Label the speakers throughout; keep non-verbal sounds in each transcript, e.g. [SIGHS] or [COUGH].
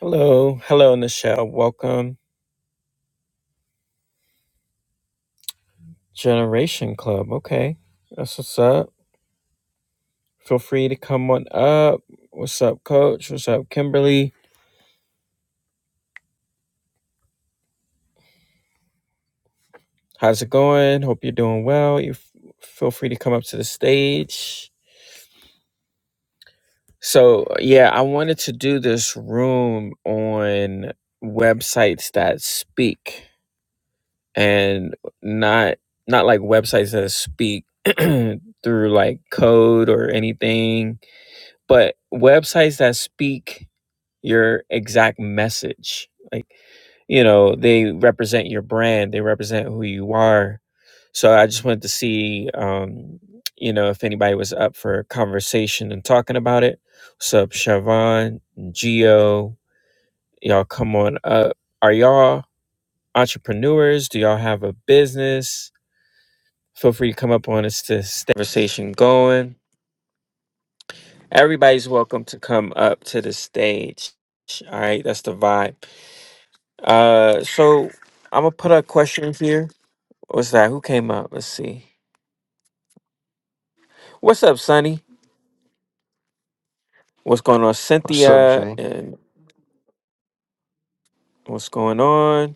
Speaker 1: Hello, hello, Nichelle. Welcome, Generation Club. Okay, that's what's up. Feel free to come on up. What's up, Coach? What's up, Kimberly? How's it going? Hope you're doing well. You f- feel free to come up to the stage. So, yeah, I wanted to do this room on websites that speak and not not like websites that speak [CLEARS THROAT] through like code or anything, but websites that speak your exact message. Like, you know, they represent your brand, they represent who you are. So I just wanted to see, um, you know, if anybody was up for a conversation and talking about it. What's up, Siobhan, Geo? Y'all come on up. Are y'all entrepreneurs? Do y'all have a business? Feel free to come up on us to stay conversation going. Everybody's welcome to come up to the stage. All right, that's the vibe. Uh, so I'm gonna put a question here. What's that? Who came up? Let's see. What's up, Sonny? What's going on,
Speaker 2: What's up,
Speaker 1: Cynthia?
Speaker 2: Jay?
Speaker 1: And what's going on?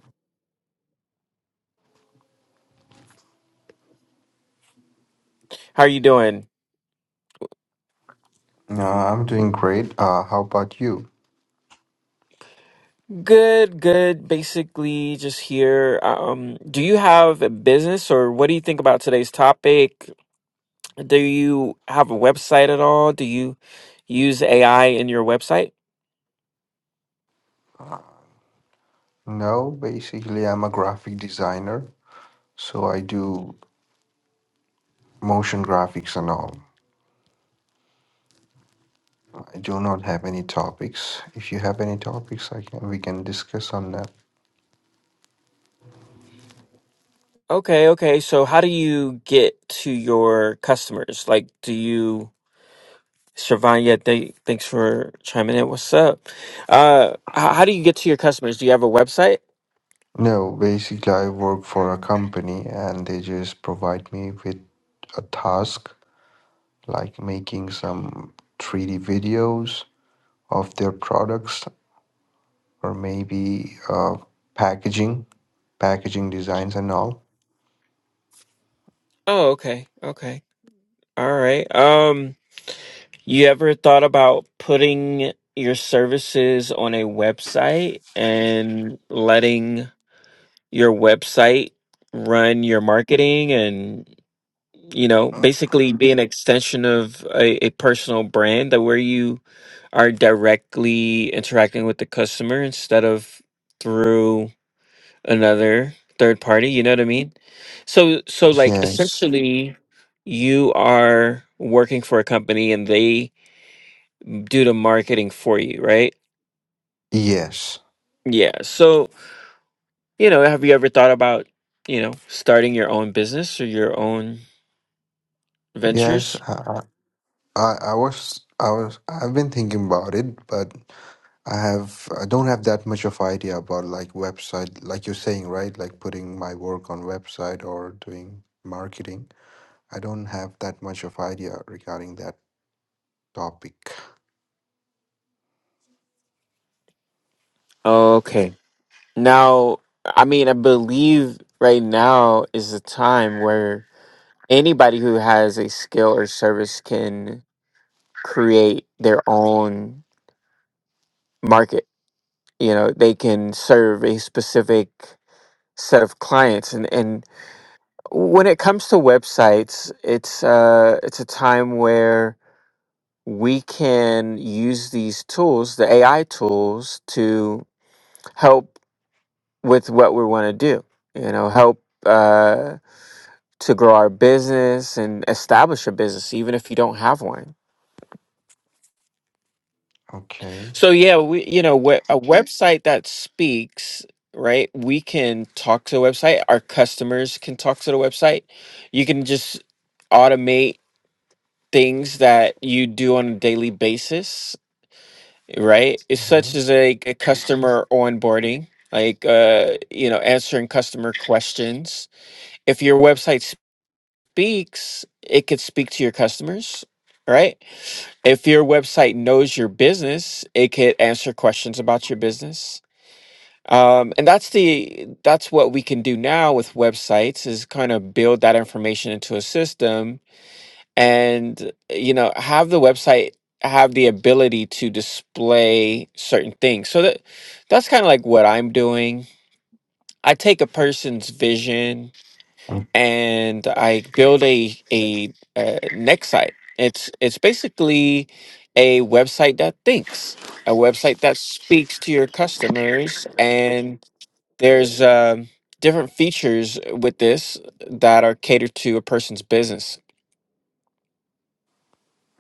Speaker 1: How are you doing?
Speaker 2: Uh, I'm doing great. Uh, how about you?
Speaker 1: Good, good. Basically, just here. Um, do you have a business, or what do you think about today's topic? Do you have a website at all? Do you use AI in your website?
Speaker 2: No, basically, I'm a graphic designer, so I do motion graphics and all. I do not have any topics. If you have any topics, I can we can discuss on that.
Speaker 1: Okay, okay. So, how do you get to your customers? Like, do you? Siobhan, yeah, th- thanks for chiming in. What's up? Uh, how, how do you get to your customers? Do you have a website?
Speaker 2: No, basically, I work for a company, and they just provide me with a task like making some 3D videos of their products or maybe uh, packaging, packaging designs and all.
Speaker 1: Oh, okay, okay, all right. Um, you ever thought about putting your services on a website and letting your website run your marketing and you know basically be an extension of a, a personal brand that where you are directly interacting with the customer instead of through another third party you know what i mean so so like
Speaker 2: Yes,
Speaker 1: essentially you are working for a company and they do the marketing for you right
Speaker 2: yes,
Speaker 1: yeah so you know have you ever thought about you know starting your own business or your own
Speaker 2: yes.
Speaker 1: ventures
Speaker 2: I, I, I was, I was, I've been thinking about it, but I have, I don't have that much of idea about like website, like you're saying, right? Like putting my work on website or doing marketing. I don't have that much of idea regarding that topic.
Speaker 1: okay now i mean i believe right now is the time where anybody who has a skill or service can create their own market you know they can serve a specific set of clients and and when it comes to websites it's uh it's a time where we can use these tools the ai tools to help with what we want to do you know help uh to grow our business and establish a business even if you don't have one
Speaker 2: Okay.
Speaker 1: So yeah, we you know we- a website that speaks right. We can talk to the website. Our customers can talk to the website. You can just automate things that you do on a daily basis, right? It's such
Speaker 2: Mhm.
Speaker 1: as a, a customer onboarding, like uh, you know answering customer questions. If your website speaks, it could speak to your customers, right? If your website knows your business, it could answer questions about your business Um, and that's the that's what we can do now with websites is kind of build that information into a system and you know have the website have the ability to display certain things. So that that's kind of like what I'm doing. I take a person's vision and I build a a, uh next site. It's it's basically a website that thinks, a website that speaks to your customers and there's um different features with this that are catered to a person's business.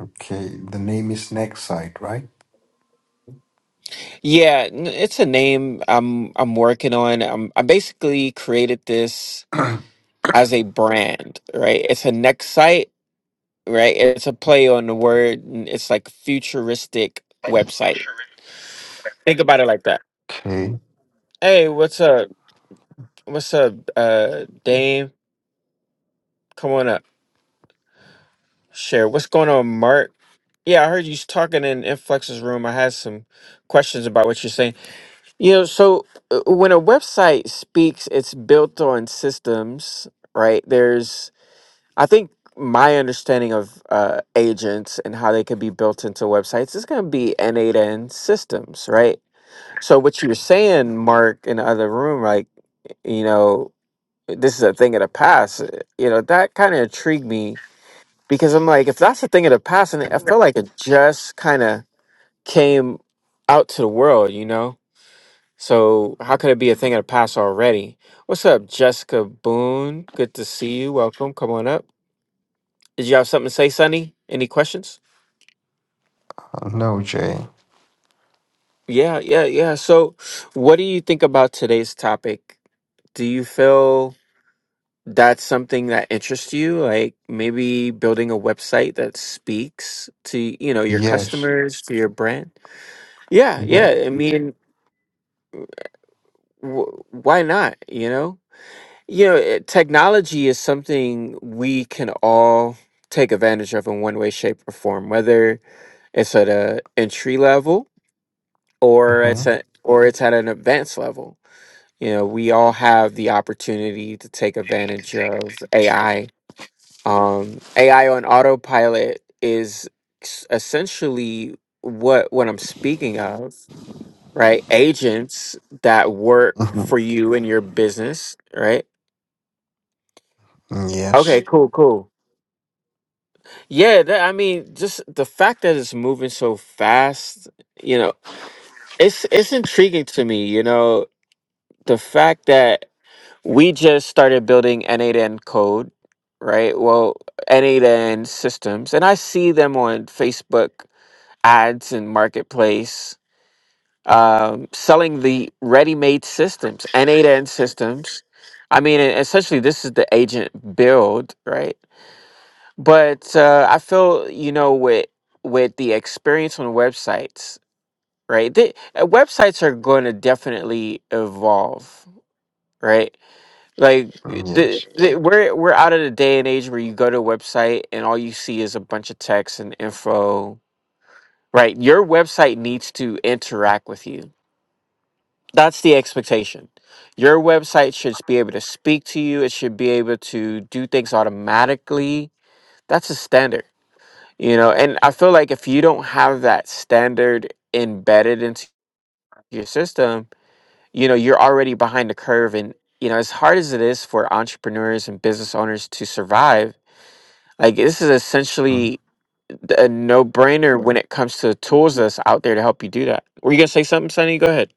Speaker 2: Okay. The name is Next Site, right?
Speaker 1: Yeah, n- it's a name I'm I'm working on. i I basically created this as a brand, right? It's a next site, right? It's a play on the word. and It's like futuristic website. Think about it like that.
Speaker 2: Okay.
Speaker 1: Hey, what's up? What's up, uh, Dame? Come on up. Share. What's going on, Mark? Yeah, I heard you was talking in Inflex's room. I had some questions about what you're saying. You know, so uh, when a website speaks, it's built on systems, right? There's, I think, my understanding of uh, agents and how they can be built into websites is going to be innate in systems, right? So what you are saying, Mark, in the other room, like, you know, this is a thing of the past. uh, You know, that kind of intrigued me because I'm like, if that's a thing of the past, and I feel like it just kind of came out to the world, you know? So how could it be a thing of the past already? What's up, Jessica Boone? Good to see you. Welcome. Come on up. Did you have something to say, Sunny? Any questions?
Speaker 2: Uh, No, Jay.
Speaker 1: Yeah, yeah, yeah. So what do you think about today's topic? Do you feel that's something that interests you? Like maybe building a website that speaks to, you know, your
Speaker 2: Yes.
Speaker 1: customers, to your brand? Yeah,
Speaker 2: Yeah.
Speaker 1: yeah. I mean, wh- why not? You know? You know, it, technology is something we can all take advantage of in one way, shape, or form, whether it's at a entry level or
Speaker 2: Mm-hmm.
Speaker 1: it's at or it's at an advanced level. You know, we all have the opportunity to take advantage of AI. Um, AI on autopilot is s- essentially what what I'm speaking of, right? Agents that work for
Speaker 2: Mm-hmm.
Speaker 1: you in your business, right?
Speaker 2: Yes.
Speaker 1: Okay, cool, cool. Yeah, that, I mean, just the fact that it's moving so fast, you know, it's it's intriguing to me, you know, the fact that we just started building N8N code, right? Well, N8N systems, and I see them on Facebook ads and marketplace um, selling the ready-made systems, N8N systems. I mean, e- essentially, this is the agent build, right? But uh, I feel you know with with the experience on websites, right? They, uh, websites are going to definitely evolve, right? Like eh, the,
Speaker 2: Yes.
Speaker 1: the we're we're out of the day and age where you go to a website and all you see is a bunch of text and info, right? Your website needs to interact with you. That's the expectation. Your website should be able to speak to you. It should be able to do things automatically. That's a standard You know, and I feel like if you don't have that standard embedded into your system, you know, you're already behind the curve. And, you know, as hard as it is for entrepreneurs and business owners to survive, like this is
Speaker 2: Mm-hmm.
Speaker 1: essentially a no brainer when it comes to the tools that's out there to help you do that. Were you going to say something, Sonny? Go ahead.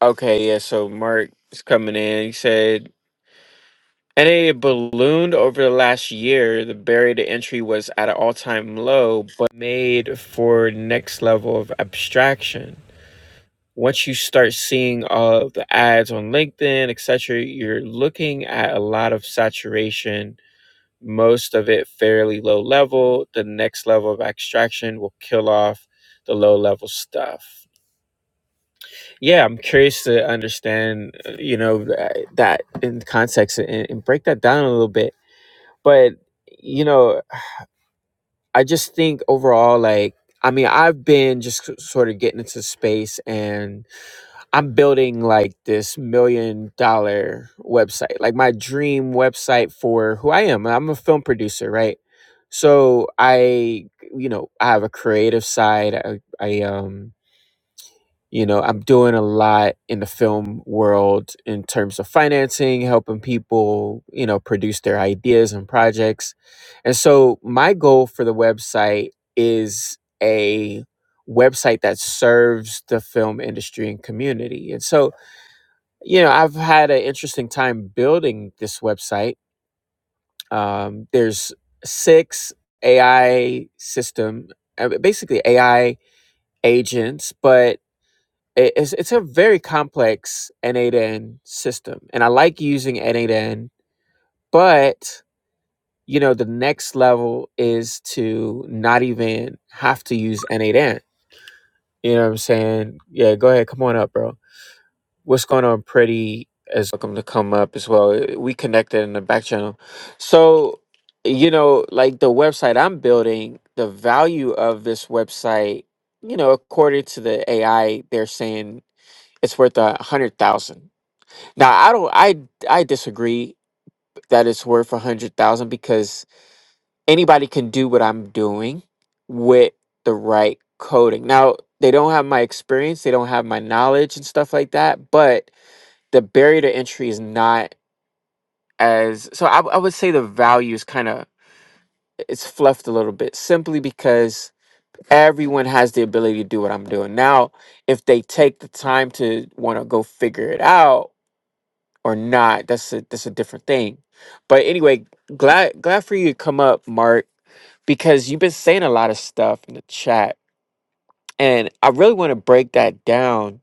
Speaker 1: Okay. Yeah. So Mark is coming in. He said, And ballooned over the last year. The barrier to entry was at an all time low, but made for next level of abstraction. Once you start seeing all of the ads on LinkedIn, etc., you're looking at a lot of saturation, most of it fairly low level. The next level of abstraction will kill off the low level stuff. Yeah, I'm curious to understand, uh, you know, that, that in context and, and break that down a little bit but you know i just think overall like i mean i've been just s- sort of getting into space and i'm building like this million dollar website like my dream website for who i am i'm a film producer right so i you know i have a creative side i, I um you know i'm doing a lot in the film world in terms of financing helping people you know produce their ideas and projects and so my goal for the website is a website that serves the film industry and community and so you know i've had an interesting time building this website um, there's six ai system uh, basically ai agents but it- it's it's a very complex N8N system, and I like using N8N, but you know the next level is to not even have to use N8N. You know what I'm saying? Yeah, go ahead, come on up, bro. What's going on, pretty? As welcome to come up as well. We connected in the back channel, so you know, like the website I'm building, the value of this website, you know, according to the AI, they're saying it's worth a hundred thousand Now, I don't I I disagree that it's worth a hundred thousand because anybody can do what I'm doing with the right coding. Now, they don't have my experience, they don't have my knowledge and stuff like that, but the barrier to entry is not as so I, I would say the value is kind of it's fluffed a little bit simply because everyone has the ability to do what I'm doing. Now, if they take the time to want to go figure it out or not. That's a that's a different thing. But anyway, glad glad for you to come up, Mark, because you've been saying a lot of stuff in the chat, and I really want to break that down,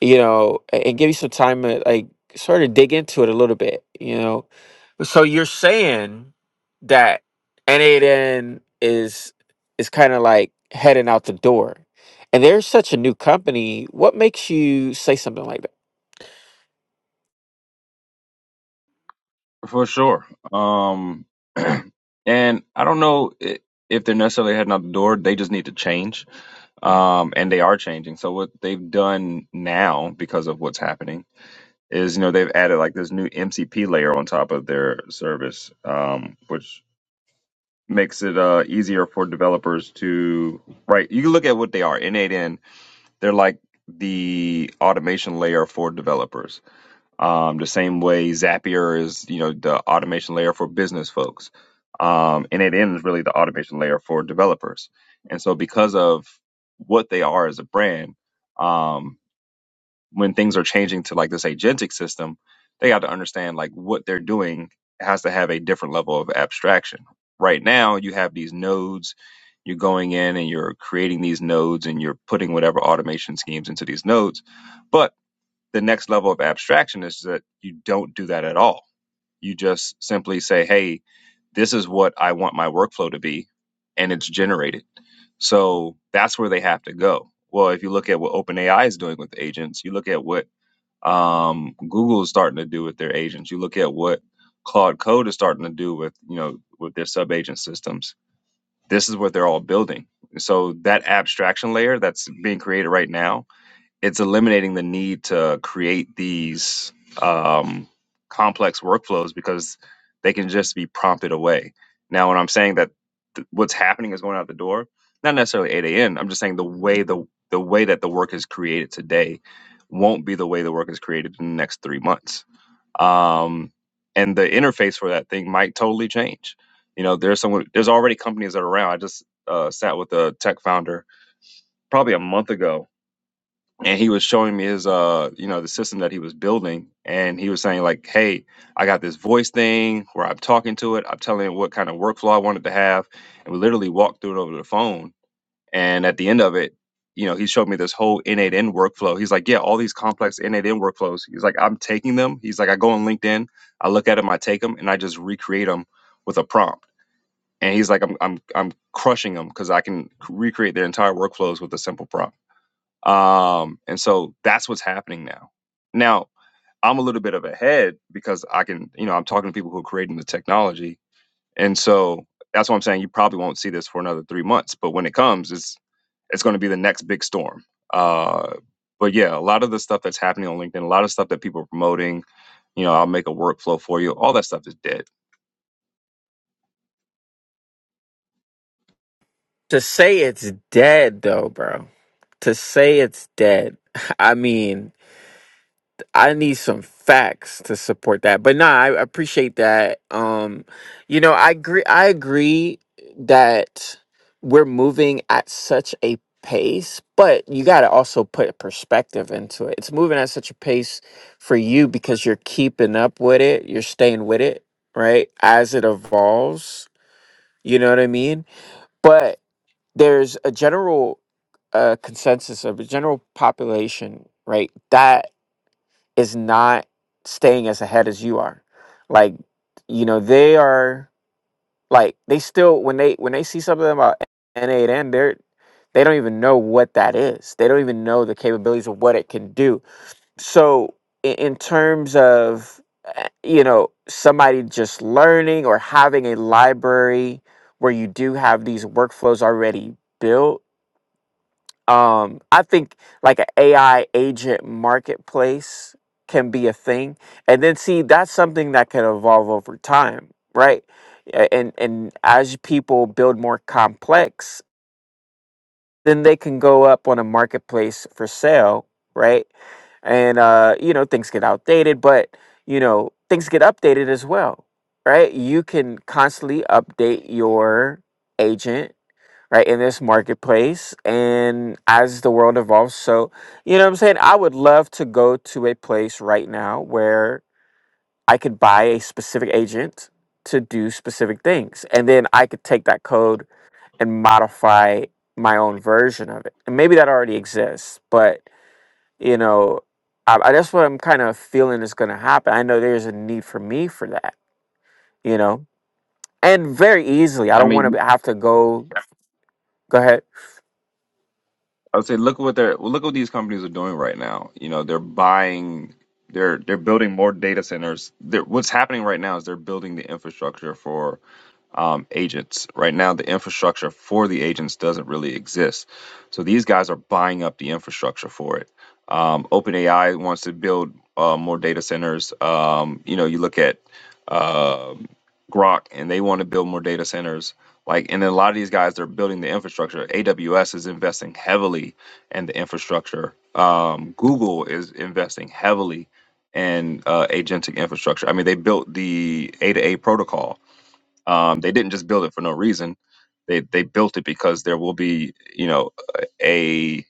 Speaker 1: you know, a- and give you some time to like sort of dig into it a little bit, you know so you're saying that N8N is is kind of like heading out the door, and they're such a new company. What makes you say something like that?
Speaker 3: For sure. Um, [CLEARS THROAT] and I don't know i- if they're necessarily heading out the door. They just need to change. Um, and they are changing. So what they've done now because of what's happening is, you know, they've added like this new MCP layer on top of their service, um, which makes it uh, easier for developers to right. You can look at what they are. In 8N, they're like the automation layer for developers um, the same way Zapier is, you know, the automation layer for business folks. Um, and it is really the automation layer for developers. And so because of what they are as a brand, um, when things are changing to like this agentic system, they got to understand like what they're doing has to have a different level of abstraction. Right now, you have these nodes. You're going in and you're creating these nodes and you're putting whatever automation schemes into these nodes. but the next level of abstraction is that you don't do that at all. You just simply say, hey, this is what I want my workflow to be, and it's generated. So that's where they have to go. Well, if you look at what OpenAI is doing with agents, you look at what um, Google is starting to do with their agents, you look at what Claude Code is starting to do with you know with their sub agent systems. This is what they're all building. So that abstraction layer that's being created right now it's eliminating the need to create these um, complex workflows because they can just be prompted away. Now, when I'm saying that th- what's happening is going out the door, not necessarily 8 a.m. I'm just saying the way the the way that the work is created today won't be the way the work is created in the next three months. Um, and the interface for that thing might totally change. You know, there's someone, there's already companies that are around. I just uh, sat with a tech founder probably a month ago and he was showing me his uh you know the system that he was building and he was saying like hey i got this voice thing where i'm talking to it i'm telling it what kind of workflow i wanted to have and we literally walked through it over the phone and at the end of it you know he showed me this whole n8n workflow he's like yeah all these complex n8n workflows he's like i'm taking them he's like i go on linkedin i look at them i take them and i just recreate them with a prompt and he's like i'm i'm, I'm crushing them because i can c- recreate their entire workflows with a simple prompt um, and so that's what's happening now. Now, I'm a little bit of ahead because I can, you know, I'm talking to people who are creating the technology. And so that's what I'm saying. You probably won't see this for another three months, but when it comes, it's it's going to be the next big storm. Uh, but yeah, a lot of the stuff that's happening on LinkedIn, a lot of stuff that people are promoting, you know, I'll make a workflow for you. All that stuff is dead.
Speaker 1: To say it's dead, though, bro. To say it's dead. [LAUGHS] I mean, I need some facts to support that. But nah, I appreciate that. Um, you know, I agree I agree that we're moving at such a pace, but you gotta also put perspective into it. It's moving at such a pace for you because you're keeping up with it, you're staying with it, right? As it evolves. You know what I mean? But there's a general uh, consensus of a general population, right? That is not staying as ahead as you are. Like, you know, they are like they still when they when they see something about N8N, they're they don't even know what that is. They don't even know the capabilities of what it can do. So in, in terms of eh, you know, somebody just learning or having a library where you do have these workflows already built um i think like an ai agent marketplace can be a thing and then see that's something that can evolve over time right A- and and as people build more complex then they can go up on a marketplace for sale right and uh you know things get outdated but you know things get updated as well right you can constantly update your agent right in this marketplace and as the world evolves so you know what i'm saying i would love to go to a place right now where i could buy a specific agent to do specific things and then i could take that code and modify my own version of it and maybe that already exists but you know I, I, that's what i'm kind of feeling is going to happen i know there's a need for me for that you know and very easily i
Speaker 3: I
Speaker 1: don't
Speaker 3: mean,
Speaker 1: want to have to go go ahead
Speaker 3: I would say look at what they're look at what these companies are doing right now. You know, they're buying, they're they're building more data centers. They're, what's happening right now is they're building the infrastructure for um, agents. Right now, the infrastructure for the agents doesn't really exist. So these guys are buying up the infrastructure for it. Um, OpenAI wants to build uh, more data centers. Um, you know, you look at um Grok, and they want to build more data centers. Like, and then a lot of these guys they are building the infrastructure. AWS is investing heavily in the infrastructure. Um, Google is investing heavily in uh, agentic infrastructure. I mean, they built the A to A protocol um, they didn't just build it for no reason. They they built it because there will be you know a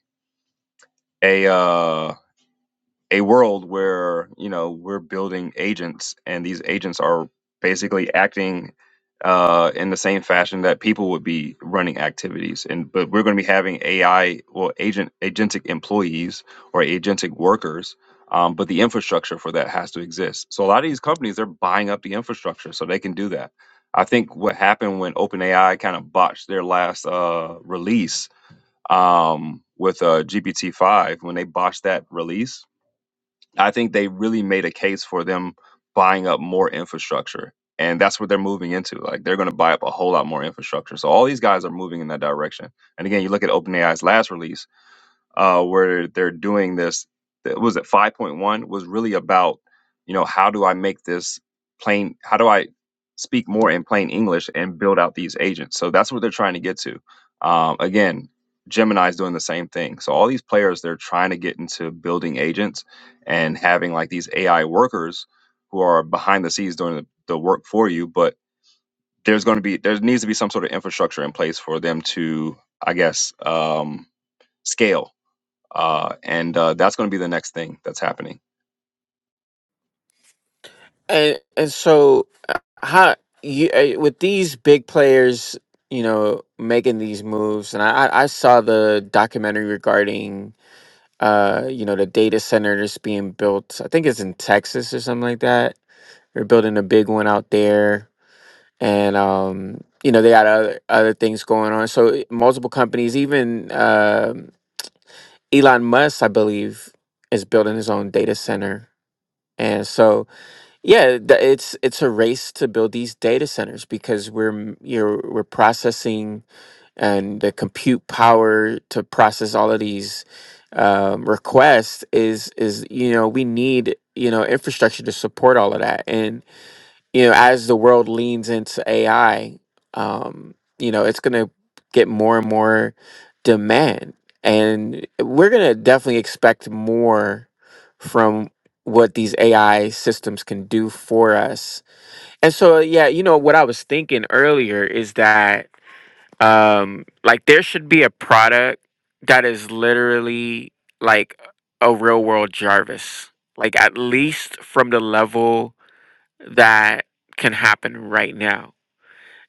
Speaker 3: a uh, a world where you know we're building agents and these agents are basically acting uh, in the same fashion that people would be running activities and but we're going to be having ai well agent agentic employees or agentic workers um, but the infrastructure for that has to exist so a lot of these companies they're buying up the infrastructure so they can do that i think what happened when openai kind of botched their last uh, release um, with uh, gpt-5 when they botched that release I think they really made a case for them buying up more infrastructure. And that's what they're moving into. Like they're going to buy up a whole lot more infrastructure. So all these guys are moving in that direction. And again, you look at OpenAI's last release uh, where they're doing this. That was at 5.1 was really about, you know, how do I make this plain? How do I speak more in plain English and build out these agents? So that's what they're trying to get to. Um, again, Gemini is doing the same thing. So all these players, they're trying to get into building agents and having like these AI workers who are behind the scenes doing the, the work for you. But there's going to be there needs to be some sort of infrastructure in place for them to, I guess, um, scale uh, and uh, that's going to be the next thing that's happening.
Speaker 1: and and so uh, how you uh, with these big players you know making these moves and i i I saw the documentary regarding uh you know the data center that's being built i think it's in texas or something like that they're building a big one out there and um you know they got other, other things going on so multiple companies even um elon musk i believe is building his own data center and so yeah, th- it's it's a race to build these data centers because we're m- you're we're processing and the compute power to process all of these um, requests is is you know we need you know infrastructure to support all of that and you know, as the world leans into AI, um, you know, it's going to get more and more demand. And we're going to definitely expect more from what these AI systems can do for us. And so, yeah, you know, what I was thinking earlier is that, um, like, there should be a product that is literally like a real world Jarvis, like, at least from the level that can happen right now.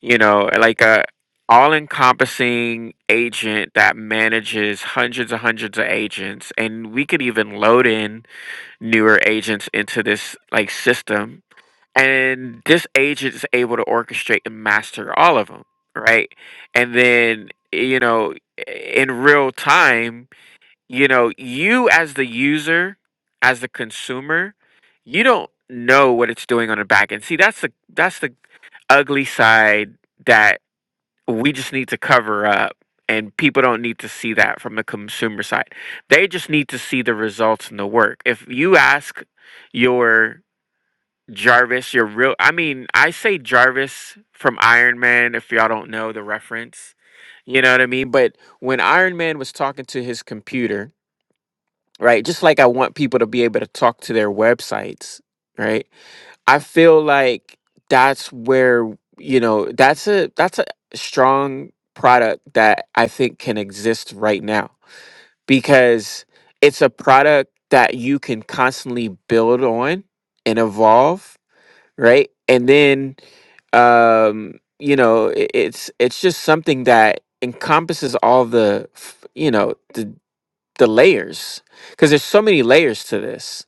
Speaker 1: You know, like a all-encompassing agent that manages hundreds and hundreds of agents, and we could even load in newer agents into this like system, and this agent is able to orchestrate and master all of them, right? And then you know, in real time you know, you as the user, as the consumer, you don't know what it's doing on the back end. See, that's the that's the ugly side that we just need to cover up and people don't need to see that from the consumer side. They just need to see the results and the work. If you ask your Jarvis, your real I mean, I say Jarvis from Iron Man if y'all don't know the reference. You know what I mean? But when Iron Man was talking to his computer, right? Just like I want people to be able to talk to their websites, right? I feel like that's where, you know, that's a that's a strong product that I think can exist right now because it's a product that you can constantly build on and evolve, right? And then um you know i- it's it's just something that encompasses all the f- you know the the layers because there's so many layers to this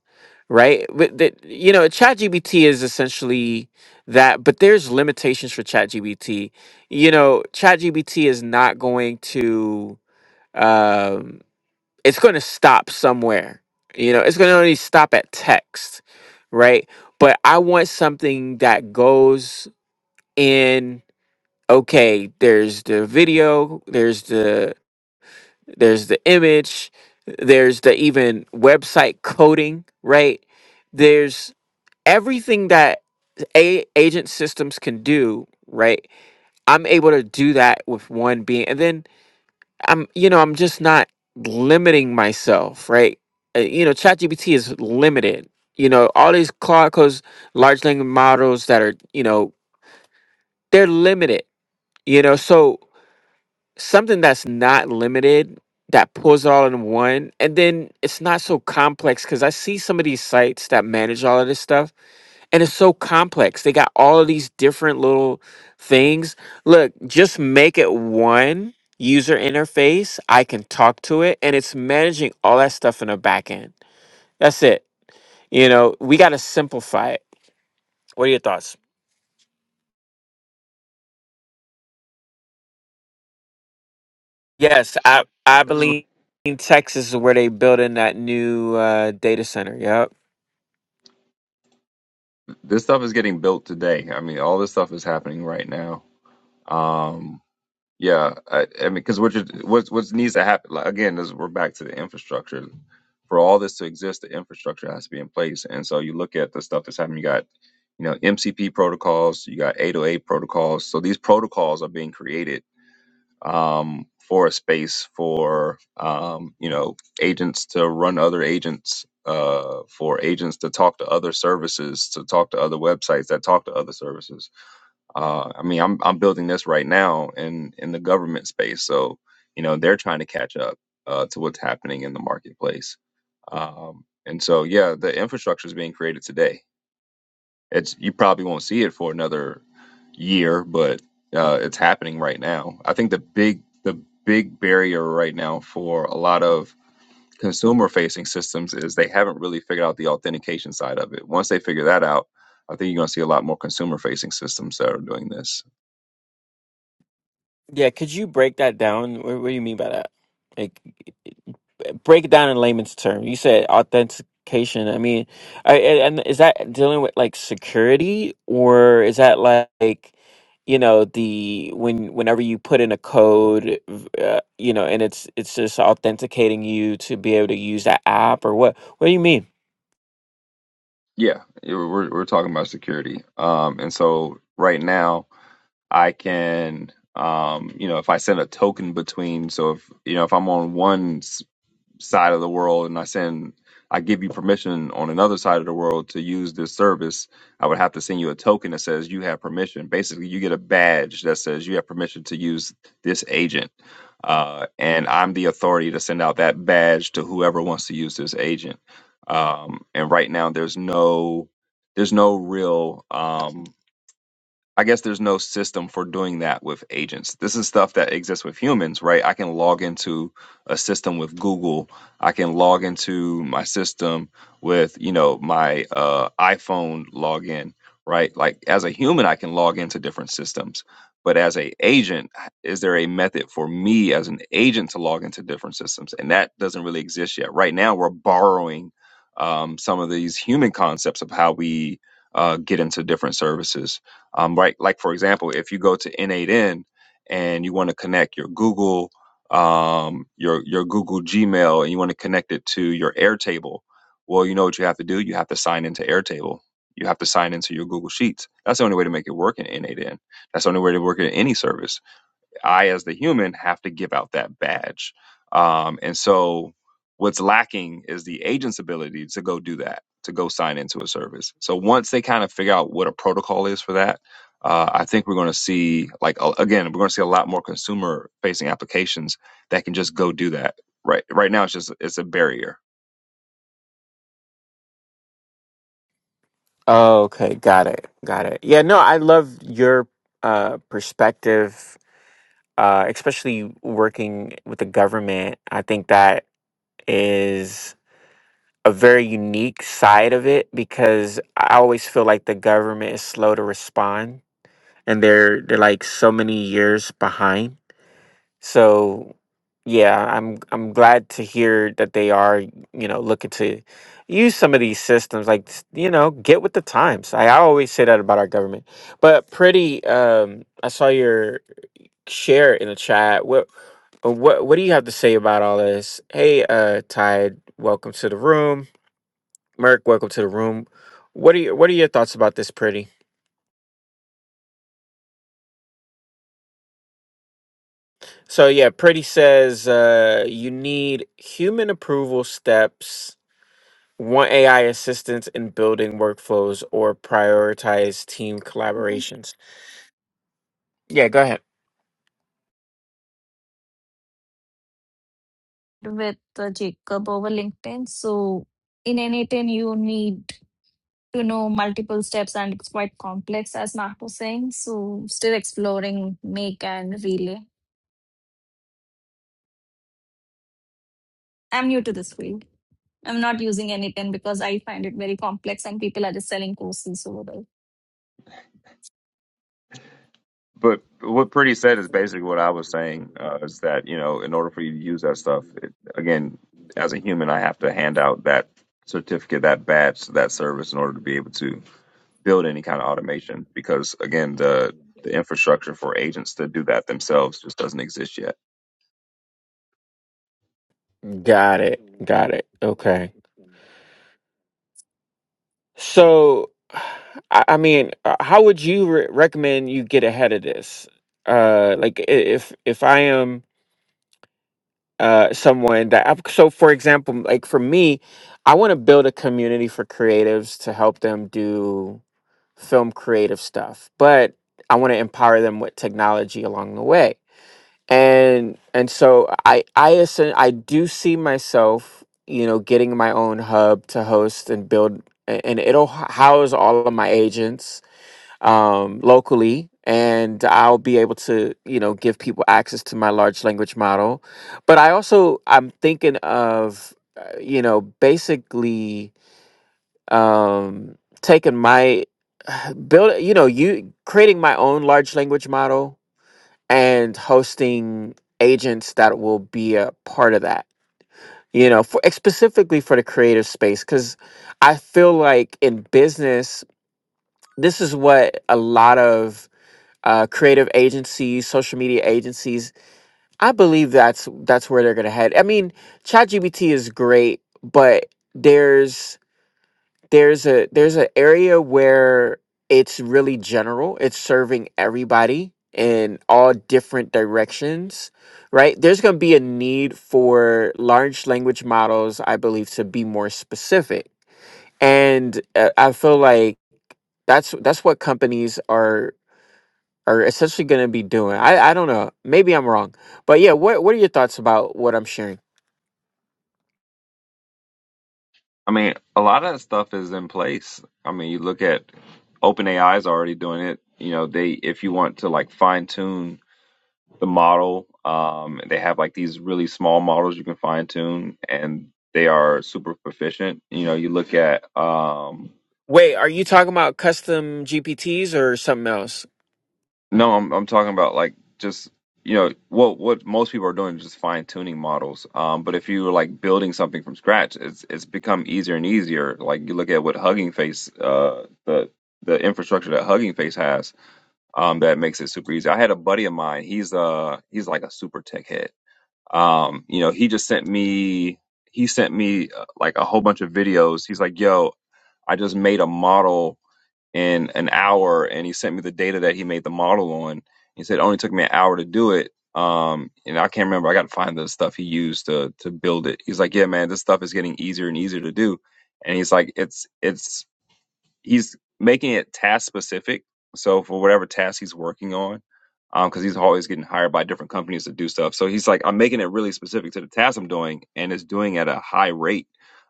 Speaker 1: right but that you know ChatGPT is essentially that but there's limitations for ChatGPT you know ChatGPT is not going to um it's going to stop somewhere you know it's going to only stop at text right but i want something that goes in okay there's the video there's the there's the image, there's the even website coding, right? There's everything that a- agent systems can do, right? I'm able to do that with one being, and then I'm, you know, I'm just not limiting myself, right? Uh, You know, ChatGPT is limited. You know, all these Claude codes, large language models that are, you know, they're limited. You know, so something that's not limited that pulls it all in one and then it's not so complex because i see some of these sites that manage all of this stuff and it's so complex they got all of these different little things look just make it one user interface i can talk to it and it's managing all that stuff in the back end that's it you know we got to simplify it what are your thoughts yes i
Speaker 3: I mean,
Speaker 1: i
Speaker 3: this is what,
Speaker 1: believe texas is where they building that new uh, data center yep
Speaker 3: this stuff is getting built today. I mean, all this stuff is happening right now. Um, yeah, I, I mean, because what you what what needs to happen like, again is we're back to the infrastructure. For all this to exist, the infrastructure has to be in place. And so you look at the stuff that's happening. You got you know MCP protocols, you got 808 protocols. So these protocols are being created um, for a space for um, you know agents to run other agents, uh, for agents to talk to other services, to talk to other websites that talk to other services. Uh, I mean, I'm I'm building this right now in in the government space, so you know they're trying to catch up uh, to what's happening in the marketplace. Um, and so, yeah, the infrastructure is being created today. It's you probably won't see it for another year, but uh, it's happening right now. I think the big the big barrier right now for a lot of consumer facing systems is they haven't really figured out the authentication side of it. Once they figure that out, I think you're going to see a lot more consumer facing systems that are doing this.
Speaker 1: Yeah, could you break that down? What, what do you mean by that? Like, break it down in layman's terms. You said authentication. I mean, I, I- and is that dealing with like security, or is that like, you know, the when whenever you put in a code, uh, you know, and it's it's just authenticating you to be able to use that app, or what? What do you mean?
Speaker 3: Yeah, it- we're we're talking about security, um, and so right now I can. Um, you know, if I send a token between, so if you know, if I'm on one side of the world and I send I give you permission on another side of the world to use this service, I would have to send you a token that says you have permission. Basically, you get a badge that says you have permission to use this agent. Uh, and I'm the authority to send out that badge to whoever wants to use this agent. Um, and right now there's no there's no real um, I guess there's no system for doing that with agents. This is stuff that exists with humans, right? I can log into a system with Google. I can log into my system with, you know, my uh, iPhone login, right? Like as a human, I can log into different systems. But as a agent, is there a method for me as an agent to log into different systems? And that doesn't really exist yet. Right now, we're borrowing um, some of these human concepts of how we uh, get into different services um, right, like for example, if you go to N8N and you want to connect your Google, um, your your Google Gmail, and you want to connect it to your Airtable, well, you know what you have to do. You have to sign into Airtable. You have to sign into your Google Sheets. That's the only way to make it work in N8N. That's the only way to work in any service. I, as the human, have to give out that badge. Um, and so, what's lacking is the agent's ability to go do that, to go sign into a service. So, once they kind of figure out what a protocol is for that, uh, I think we're going to see, like, a- again, we're going to see a lot more consumer facing applications that can just go do that. Right, right now, it's just it's a barrier
Speaker 1: Oh, okay, got it, got it. Yeah, no, I love your uh perspective uh, especially working with the government, I think that is a very unique side of it because I always feel like the government is slow to respond and they're they're like so many years behind. So yeah, I'm I'm glad to hear that they are, you know, looking to use some of these systems like s- you know, get with the times. I, I always say that about our government. But pretty um I saw your share in the chat what uh, what what do you have to say about all this? Hey, uh, Tide, welcome to the room. Merc, welcome to the room. What are your what are your thoughts about this, Pretty? So yeah, Pretty says uh, you need human approval steps, one AI assistance in building workflows, or prioritize team collaborations. Yeah, go ahead.
Speaker 4: with uh, Jacob over LinkedIn. So in anything, you need to know multiple steps and it's quite complex, as Mark was saying. So still exploring make and relay. I'm new to this field. I'm not using anything because I find it very complex and people are just selling courses over there.
Speaker 3: But what Pretty said is basically what I was saying uh, is that, you know, in order for you to use that stuff, it, again, as a human, I have to hand out that certificate, that badge that service in order to be able to build any kind of automation. Because again, the, the infrastructure for agents to do that themselves just doesn't exist yet.
Speaker 1: Got it. Got it. Okay. So, I I mean, uh, how would you re- recommend you get ahead of this? Uh, like i- if if I am uh someone that I've, so for example, like for me, I want to build a community for creatives to help them do film creative stuff, but I want to empower them with technology along the way and and so i i assen- i do see myself you know getting my own hub to host and build a- and it'll h- house all of my agents um locally and i'll be able to you know give people access to my large language model but i also i'm thinking of uh, you know basically um taking my [SIGHS] build you know you creating my own large language model and hosting agents that will be a part of that you know for specifically for the creative space because i feel like in business this is what a lot of uh, creative agencies social media agencies i believe that's that's where they're gonna head i mean ChatGPT is great but there's there's a there's an area where it's really general it's serving everybody in all different directions right there's going to be a need for large language models i believe to be more specific and uh, i feel like that's that's what companies are are essentially going to be doing i i don't know maybe i'm wrong but yeah what what are your thoughts about what i'm sharing
Speaker 3: I mean, a lot of that stuff is in place. I mean, you look at OpenAI is already doing it. You know, they if you want to like fine tune the model, um, they have like these really small models you can fine tune, and they are super proficient. You know, you look at um,
Speaker 1: wait are you talking about custom gpts or something else
Speaker 3: No, I'm I'm talking about like just you know what what most people are doing is just fine tuning models. Um, but if you're like building something from scratch, it's it's become easier and easier. Like you look at what Hugging Face, uh, the the infrastructure that Hugging Face has, um, that makes it super easy. I had a buddy of mine. He's uh he's like a super tech head. Um, you know, he just sent me he sent me uh, like a whole bunch of videos. He's like, yo, I just made a model in an hour and he sent me the data that he made the model on. He said it only took me an hour to do it. Um, and I can't remember. I got to find the stuff he used to to build it. He's like, yeah, man, this stuff is getting easier and easier to do. And he's like, it's it's he's making it task specific. So for whatever task he's working on, um, because he's always getting hired by different companies to do stuff. So he's like, I'm making it really specific to the task I'm doing, and it's doing at a high rate,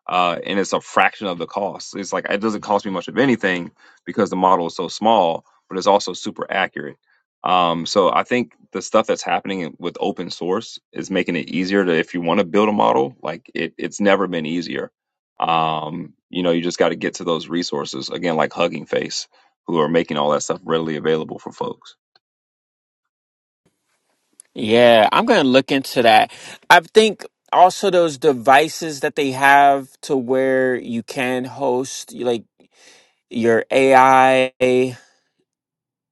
Speaker 3: uh, and it's a fraction of the cost. It's like it doesn't cost me much of anything because the model is so small, but it's also super accurate. Um, so I think the stuff that's happening with open source is making it easier to if you want to build a model, like it, it's never been easier um, you know, you just got to get to those resources again, like Hugging Face, who are making all that stuff readily available for folks.
Speaker 1: Yeah, I'm going to look into that. I think also those devices that they have to where you can host like your AI.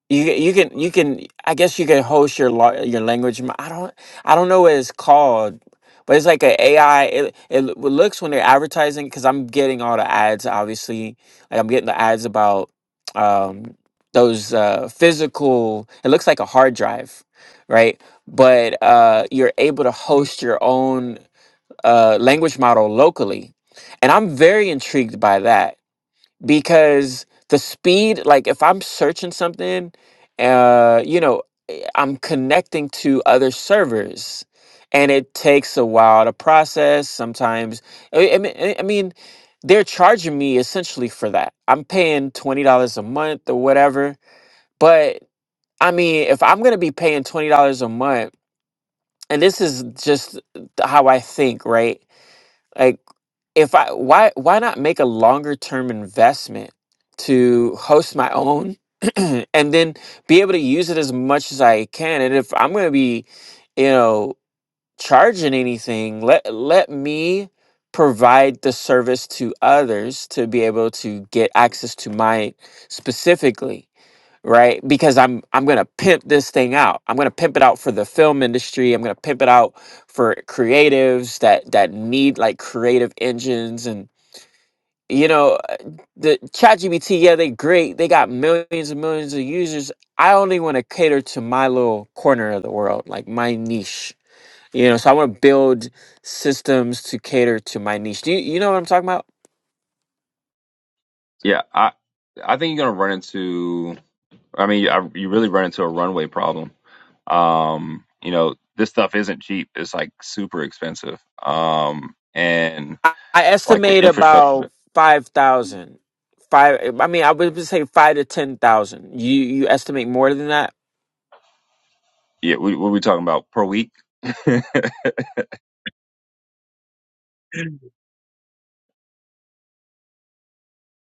Speaker 1: You you can you can I guess you can host your la- your language. mo- I don't I don't know what it's called, but it's like an AI. It it l- what looks when they're advertising because I'm getting all the ads. Obviously, like I'm getting the ads about um those uh physical. It looks like a hard drive, right? But uh you're able to host your own uh language model locally, and I'm very intrigued by that because the speed like if i'm searching something uh you know eh, i'm connecting to other servers and it takes a while to process sometimes i, I mean I I mean, they're charging me essentially for that i'm paying $20 a month or whatever but i mean if i'm going to be paying $20 a month and this is just how i think right like if I why why not make a longer term investment to host my own [CLEARS THROAT] and then be able to use it as much as I can. And if I'm gonna be, you know, charging anything, let let me provide the service to others to be able to get access to mine specifically right because i'm i'm gonna pimp this thing out i'm gonna pimp it out for the film industry i'm gonna pimp it out for creatives that that need like creative engines and you know uh, the ChatGPT, yeah they great they got millions and millions of users i only want to cater to my little corner of the world like my niche you know so i want to build systems to cater to my niche do you, you know what i'm talking about
Speaker 3: Yeah, I I think you're gonna run into. I mean, I, you really run into a runway problem. Um, you know, this stuff isn't cheap. It's like super expensive. Um, and
Speaker 1: I, I
Speaker 3: like the
Speaker 1: estimate
Speaker 3: infrastructure.
Speaker 1: about 5,000. Five, I mean, I would just say five to 10,000. You, you estimate more than that?
Speaker 3: Yeah, we, what are we talking about per week? [LAUGHS] it's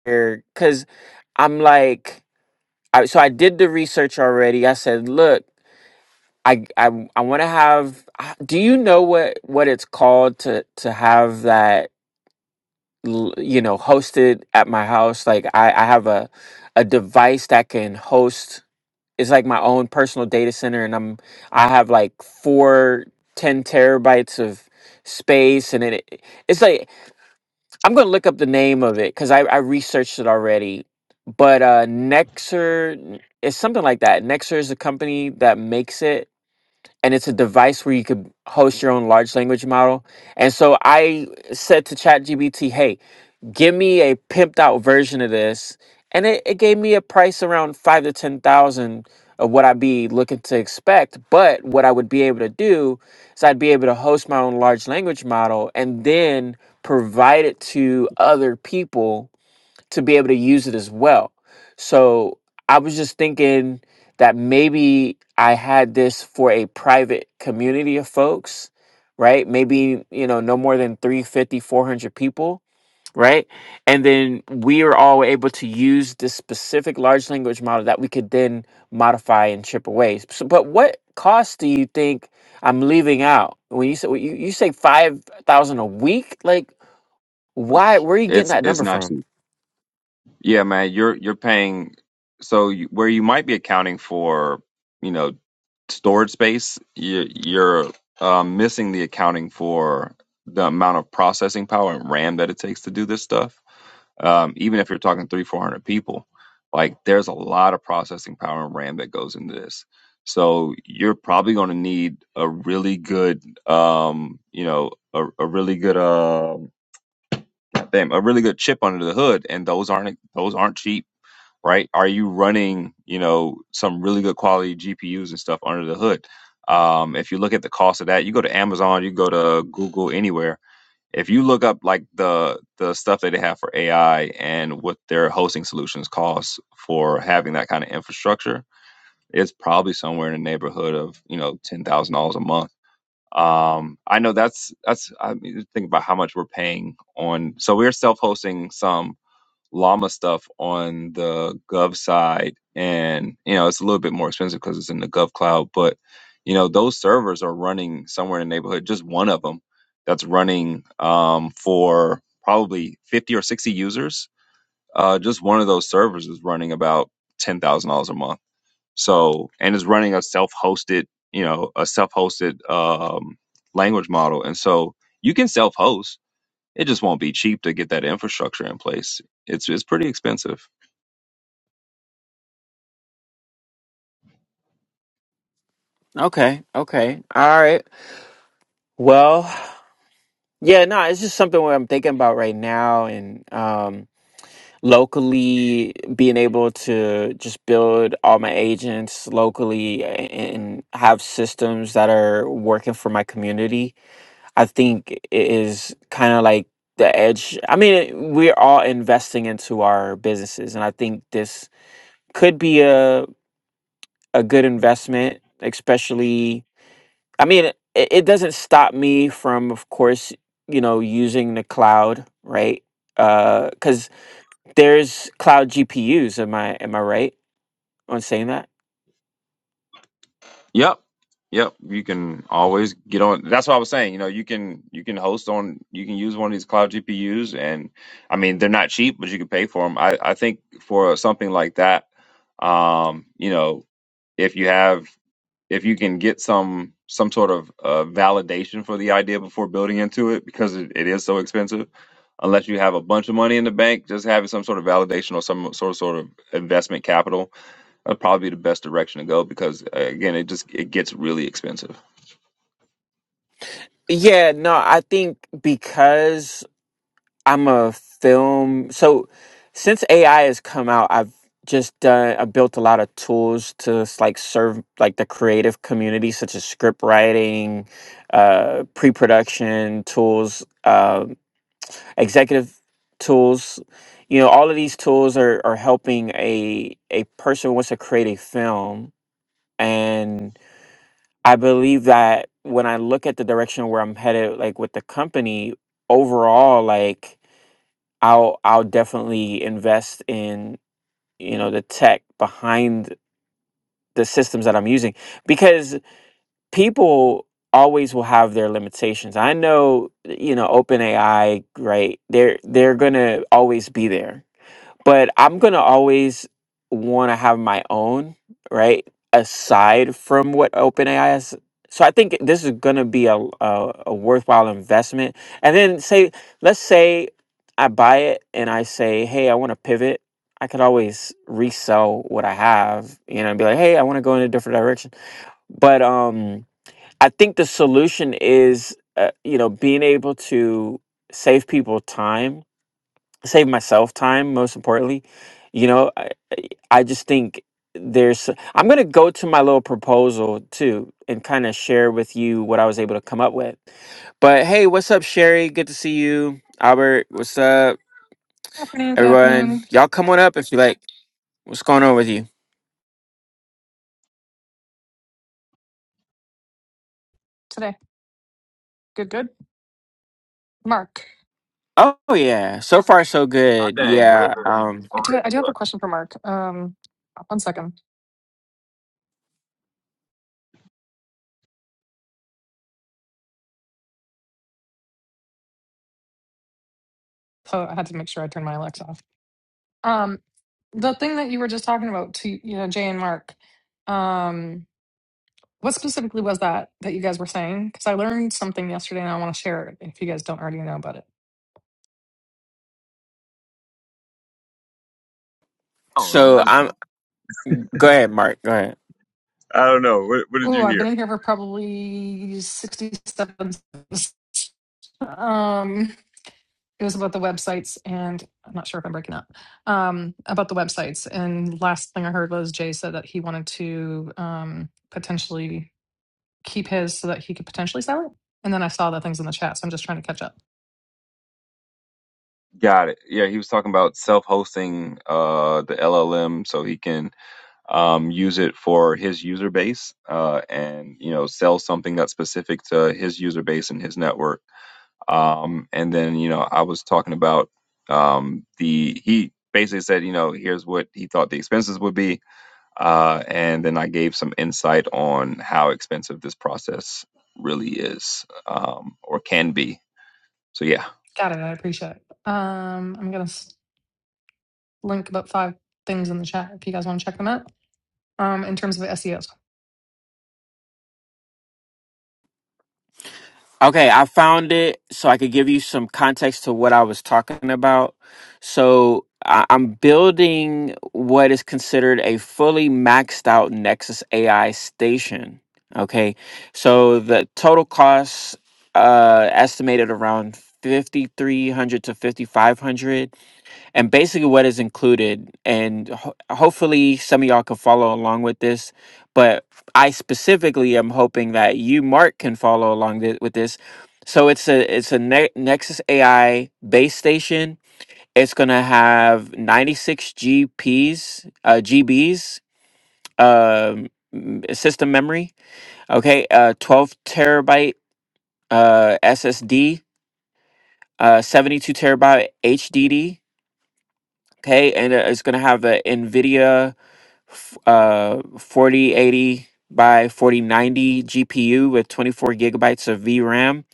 Speaker 1: Because I'm like, I, so I did the research already. I said, look, I, I, I want to have, do you know what, what it's called to, to have that, l- you know, hosted at my house? Like I, I have a, a device that can host it's like my own personal data center and i'm i have like four ten terabytes of space and it it's like i'm gonna look up the name of it because I, I researched it already but uh nexer it's something like that nexer is a company that makes it and it's a device where you could host your own large language model and so i said to chatgpt hey give me a pimped out version of this and it, it gave me a price around five to ten thousand of what i'd be looking to expect but what i would be able to do is i'd be able to host my own large language model and then provide it to other people to be able to use it as well so i was just thinking that maybe i had this for a private community of folks right maybe you know no more than 350, 400 people right? And then we are all able to use this specific large language model that we could then modify and chip away. So, but what costs do you think I'm leaving out when you say when you, you say five thousand a week? Like, why? Where are you getting that
Speaker 3: it's
Speaker 1: number
Speaker 3: not
Speaker 1: from?
Speaker 3: cheap. Yeah, man, you're you're paying. So you, where you might be accounting for, you know. storage space, you, you're um, missing the accounting for the amount of processing power and RAM that it takes to do this stuff. Um, even if you're talking three, four hundred people, like there's a lot of processing power and RAM that goes into this. So you're probably going to need a really good, um, you know, a, a really good, um damn, a really good chip under the hood, and those aren't those aren't cheap right? Are you running, you know, some really good quality GPUs and stuff under the hood? Um, if you look at the cost of that, you go to Amazon, you go to Google, anywhere. If you look up like the the stuff that they have for AI and what their hosting solutions cost for having that kind of infrastructure, it's probably somewhere in the neighborhood of you know ten thousand dollars a month. Um, I know that's that's I mean, think about how much we're paying on. So we're self hosting some llama stuff on the gov side and you know it's a little bit more expensive because it's in the gov cloud but you know those servers are running somewhere in the neighborhood just one of them that's running um, for probably 50 or 60 users uh, just one of those servers is running about $10000 a month so and it's running a self-hosted you know a self-hosted um, language model and so you can self-host it just won't be cheap to get that infrastructure in place. It's it's pretty expensive.
Speaker 1: Okay, okay, all right. Well, yeah, no, it's just something what I'm thinking about right now, and um, locally being able to just build all my agents locally and have systems that are working for my community i think i- is kind of like the edge i mean we're all investing into our businesses and i think this could be a, a good investment especially i mean it, it doesn't stop me from of course you know using the cloud right because there's cloud GPUs. Am I am I right on saying that?
Speaker 3: Yep. Yep. You can always get on that's what I was saying. You know, you can you can host on you can use one of these cloud GPUs and I mean they're not cheap, but you can pay for them. I, I think for something like that, um, you know, if you have if you can get some some sort of uh, validation for the idea before building into it because it, it is so expensive unless you have a bunch of money in the bank just having some sort of validation or some sort of, sort of investment capital That'd probably be the best direction to go because uh, again, it just it gets really expensive.
Speaker 1: Yeah, no, I think because I'm a film, so since AI has come out, I've just done, I built a lot of tools to s- like serve like the creative community, such as script writing, uh, pre-production tools, um, executive tools. You know, all of these tools are are helping a a person who wants to create a film and. I believe that when I look at the direction where I'm headed, like with the company overall, like I'll I'll definitely invest in you know the tech behind the systems that I'm using because people always will have their limitations. I know you know OpenAI, right? They're they're gonna always be there but I'm gonna always want to have my own, right? Aside from what OpenAI is. So I think this is gonna be a, a a worthwhile investment. And then say, let's say I buy it and I say, hey, I want to pivot. I could always resell what I have, you know, and be like, hey, I want to go in a different direction. But um, I think the solution is, uh, you know, being able to save people time save myself time most importantly you know i, I just think there's i'm going to go to my little proposal too and kind of share with you what i was able to come up with but hey what's up sherry good to see you albert what's up
Speaker 5: afternoon. Good
Speaker 1: everyone
Speaker 5: afternoon.
Speaker 1: y'all come on up if you like what's going on with you
Speaker 5: Today, good, good. Mark,
Speaker 1: oh yeah so far so
Speaker 3: My
Speaker 1: good
Speaker 3: dang, real
Speaker 1: yeah
Speaker 3: good.
Speaker 1: um
Speaker 5: I do. I
Speaker 3: Okay.
Speaker 5: do have a question for Mark. Um, one second. So I had to make sure I turned my Alexa off. Um, the thing that you were just talking about, to you know, Jay and Mark. Um, what specifically was that that you guys were saying? Because I learned something yesterday, and I want to share it if you guys don't already know about it.
Speaker 3: I don't know. I
Speaker 1: so
Speaker 3: just be
Speaker 1: i'm go ahead mark go ahead
Speaker 3: I don't know. What, what did you
Speaker 5: Oh, I've
Speaker 3: hear?
Speaker 5: been in here for probably sixty-seven. seconds. Um. it was about the websites and i'm not sure if i'm breaking up um, about the websites and last thing i heard was jay said that he wanted to um, potentially keep his so that he could potentially sell it and then i saw the things in the chat so i'm just trying to catch up
Speaker 3: Got it. Yeah, he was talking about self-hosting uh the LLM so he can um use it for his user base uh and you know sell something that's specific to his user base and his network. Um, and then, you know, I was talking about um, the, he basically said, you know, here's what he thought the expenses would be. Uh, and then I gave some insight on how expensive this process really is um, or can be. So, yeah,
Speaker 5: got it i appreciate it um, i'm gonna s- link about five things in the chat if you guys want to check them out. Um, in terms of SEOs,
Speaker 1: Okay, I found it so I could give you some context to what I was talking about. So I- I'm building what is considered a fully maxed out Nexus AI station. Okay, so the total cost uh, estimated around 5300 to 5500 and basically what is included and ho- hopefully some of y'all can follow along with this but i specifically am hoping that you mark can follow along thi- with this so it's a it's a ne- nexus ai base station it's going to have 96 gps uh, gbs um, m- system memory okay uh, 12 terabyte uh, ssd uh, 72 terabyte hdd okay and uh, it's going to have the nvidia f- uh 4080 by 4090 GPU with 24 gigabytes of VRAM.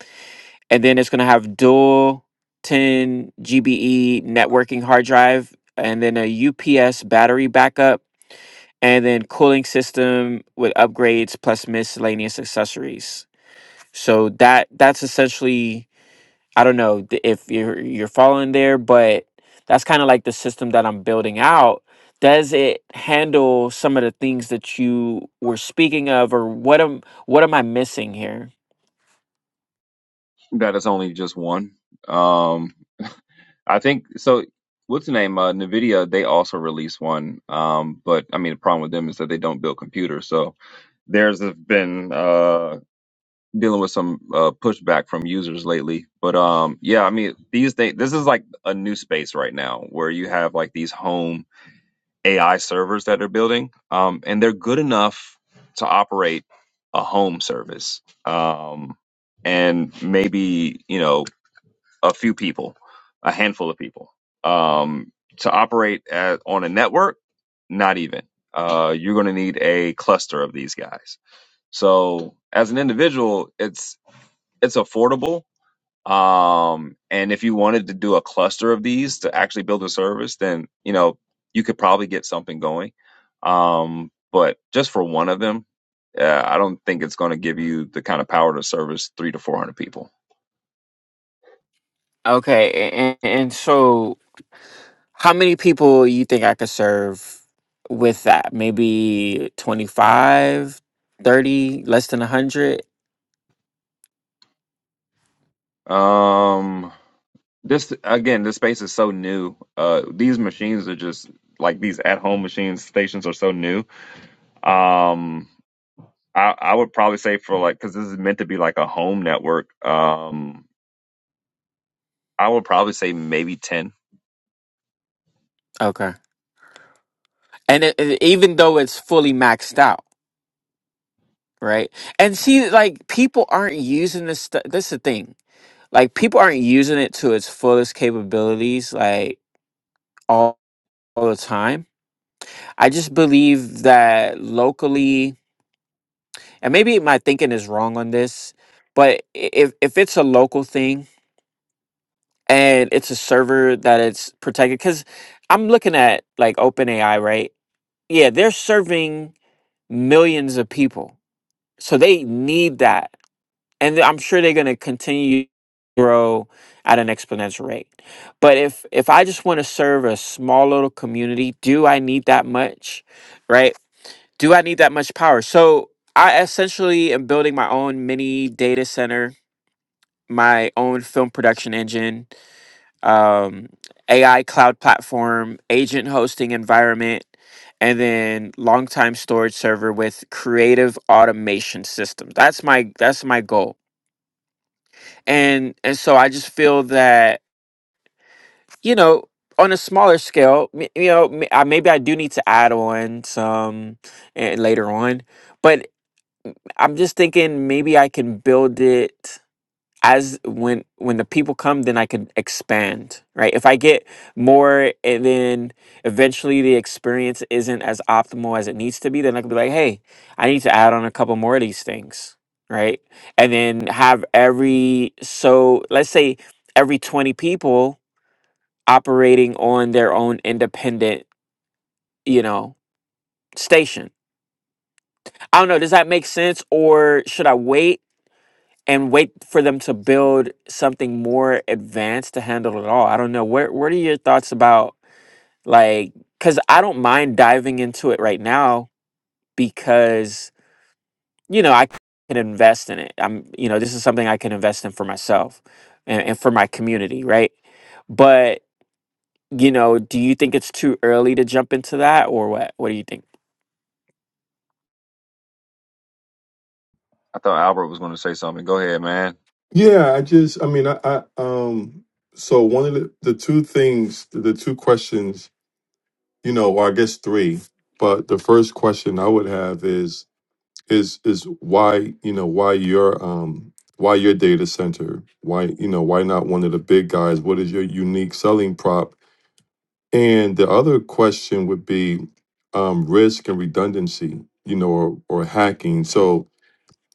Speaker 1: And then it's going to have dual 10 GBE networking hard drive and then a UPS battery backup and then cooling system with upgrades plus miscellaneous accessories. So that that's essentially I don't know th- if you're you're following there, but that's kind of like the system that I'm building out. Does it handle some of the things that you were speaking of, or what am what am I missing here?
Speaker 3: that is only just one. Um, I think so. What's the name? Uh, NVIDIA, they also released one. Um, but I mean, the problem with them is that they don't build computers. So, theirs have been. Uh, dealing with some uh, pushback from users lately. But um, yeah, I mean, these days, this is like a new space right now where you have like these home AI servers that they're building, um, and they're good enough to operate a home service, um, and maybe you know a few people, a handful of people, um, to operate at, on a network. Not even. Uh, you're going to need a cluster of these guys. So as an individual, it's it's affordable. Um, and if you wanted to do a cluster of these to actually build a service, then you know you could probably get something going. Um, but just for one of them, uh, I don't think it's going to give you the kind of power to service three to four hundred people.
Speaker 1: Okay, and, and so how many people you think I could serve with that? Maybe 25, 30, less than 100?
Speaker 3: Um, This again, this space is so new. Uh, these machines are just like these at-home machines. Stations are so new. Um, I I would probably say for like because this is meant to be like a home network. Um, I would probably say maybe ten.
Speaker 1: Okay. And it, it- even though it's fully maxed out, right? And see, like people aren't using this. Stu- this is the thing. Like people aren't using it to its fullest capabilities, like all, all the time. I just believe that locally, and maybe my thinking is wrong on this, but i- if if it's a local thing and it's a server that it's protected, because I'm looking at like OpenAI, right? Yeah, they're serving millions of people. So they need that. And I'm sure they're going to continue to grow at an exponential rate. But if if I just want to serve a small little community, do I need that much? Right? Do I need that much power? So I essentially am building my own mini data center, my own film production engine, um, AI cloud platform, agent hosting environment, and then longtime storage server with creative automation system. That's my that's my goal. And and so I just feel that you know on a smaller scale, m- you know m- I- maybe I do need to add on some eh, later on, but I'm just thinking maybe I can build it as when when the people come then i could expand right if i get more and then eventually the experience isn't as optimal as it needs to be then i could be like hey i need to add on a couple more of these things right and then have every so let's say every 20 people operating on their own independent you know station i don't know does that make sense or should i wait and wait for them to build something more advanced to handle it all. I don't know. Where what are your thoughts about like cuz I don't mind diving into it right now because you know, I can invest in it. I'm you know, this is something I can invest in for myself and, and for my community, right? But you know, do you think it's too early to jump into that or what? What do you think?
Speaker 3: I thought Albert was going to say something. Go ahead, man.
Speaker 6: Yeah, I just, I mean, I, I um, so one of the, the two things, the two questions, you know, or I guess three, but the first question I would have is, is, is why, you know, why your, um, why your data center? Why, you know, why not one of the big guys? What is your unique selling prop? And the other question would be, um, risk and redundancy, you know, or, or hacking. So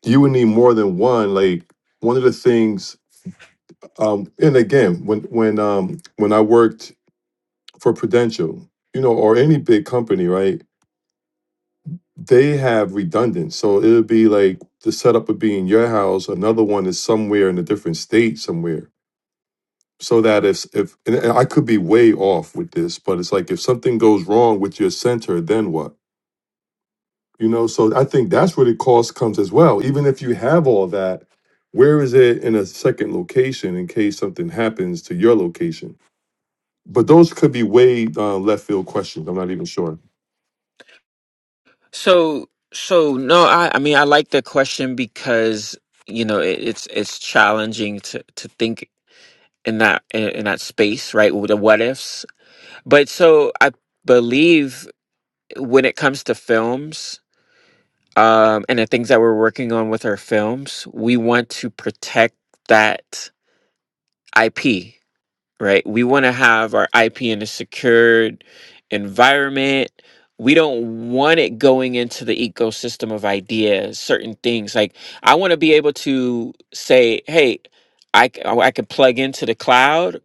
Speaker 6: you would need more than one, like, one of the things Um, and again, when when um, when I worked for Prudential, you know, or any big company, right? They have redundant, so it'll be like the setup would be in your house, another one is somewhere in a different state somewhere, so that if if and and I could be way off with this, but it's like if something goes wrong with your center, then what? You know, so I think that's where the cost comes as well. Even if you have all that, where is it in a second location in case something happens to your location? But those could be way uh, left field questions. I'm not even sure.
Speaker 1: So, so no, I, I mean, I like the question because you know it, it's it's challenging to to think in that in, in that space, right? with The what ifs. But so I believe when it comes to films um, and the things that we're working on with our films, we want to protect that IP, right? We want to have our IP in a secured environment. We don't want it going into the ecosystem of ideas, certain things. Like I want to be able to say, "Hey, I c- I can plug into the cloud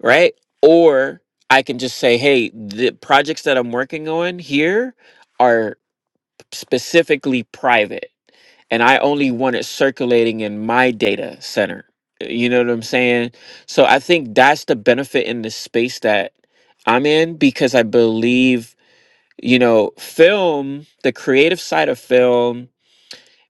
Speaker 1: right? Or I can just say, hey, the projects that I'm working on here are specifically private, and I only want it circulating in my data center. Uh, You know what I'm saying? So I think that's the benefit in the space that I'm in because I believe, you know, film, the creative side of film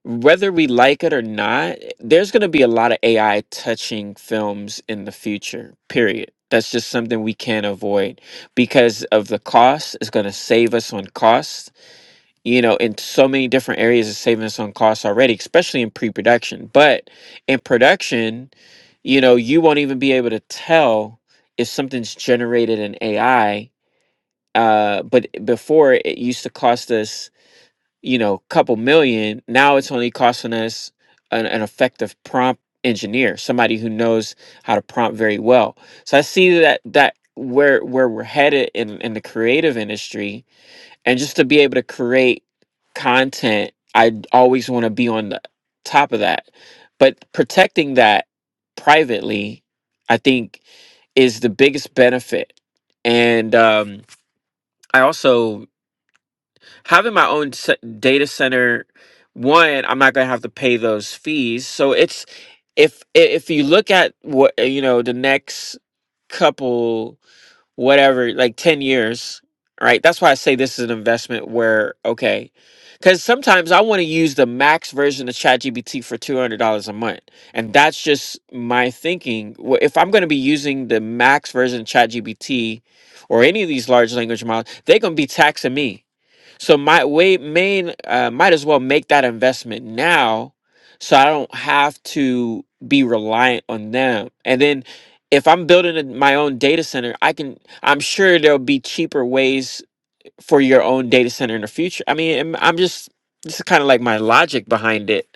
Speaker 1: whether we like it or not, there's going to be a lot of AI touching films in the future, period. That's just something we can't avoid because of the cost. It's going to save us on costs. You know, in so many different areas, it's saving us on costs already, especially in pre production. But in production, you know, you won't even be able to tell if something's generated in AI. Uh, but before, it used to cost us you know, couple million, now it's only costing us an, an effective prompt engineer, somebody who knows how to prompt very well. So I see that that where where we're headed in, in the creative industry and just to be able to create content, I always want to be on the top of that. But protecting that privately, I think is the biggest benefit. And um I also having my own se- data center one i'm not going to have to pay those fees so it's if i- if you look at what uh, you know the next couple whatever like 10 years right that's why i say this is an investment where okay because sometimes i want to use the max version of chatgpt for $200 a month and that's just my thinking Wh- if i'm going to be using the max version of chatgpt or any of these large language models they're going to be taxing me so my way main uh, might as well make that investment now, so I don't have to be reliant on them. And then if I'm building a, my own data center, I can. I'm sure there'll be cheaper ways for your own data center in the future. I mean, I'm, I'm just this is kind of like my logic behind it.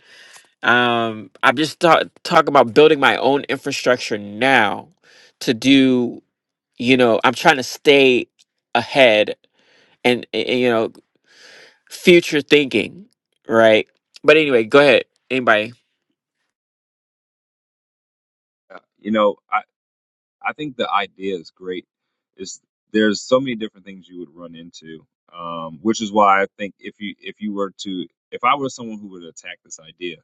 Speaker 1: Um, I'm just ta- talking about building my own infrastructure now to do. You know, I'm trying to stay ahead and and you know future thinking, right? But anyway, go ahead. Anybody?
Speaker 3: Uh, You know, I I think the idea is great. Is there's so many different things you would run into, um, which is why I think if you if you were to if I were someone who would attack this idea.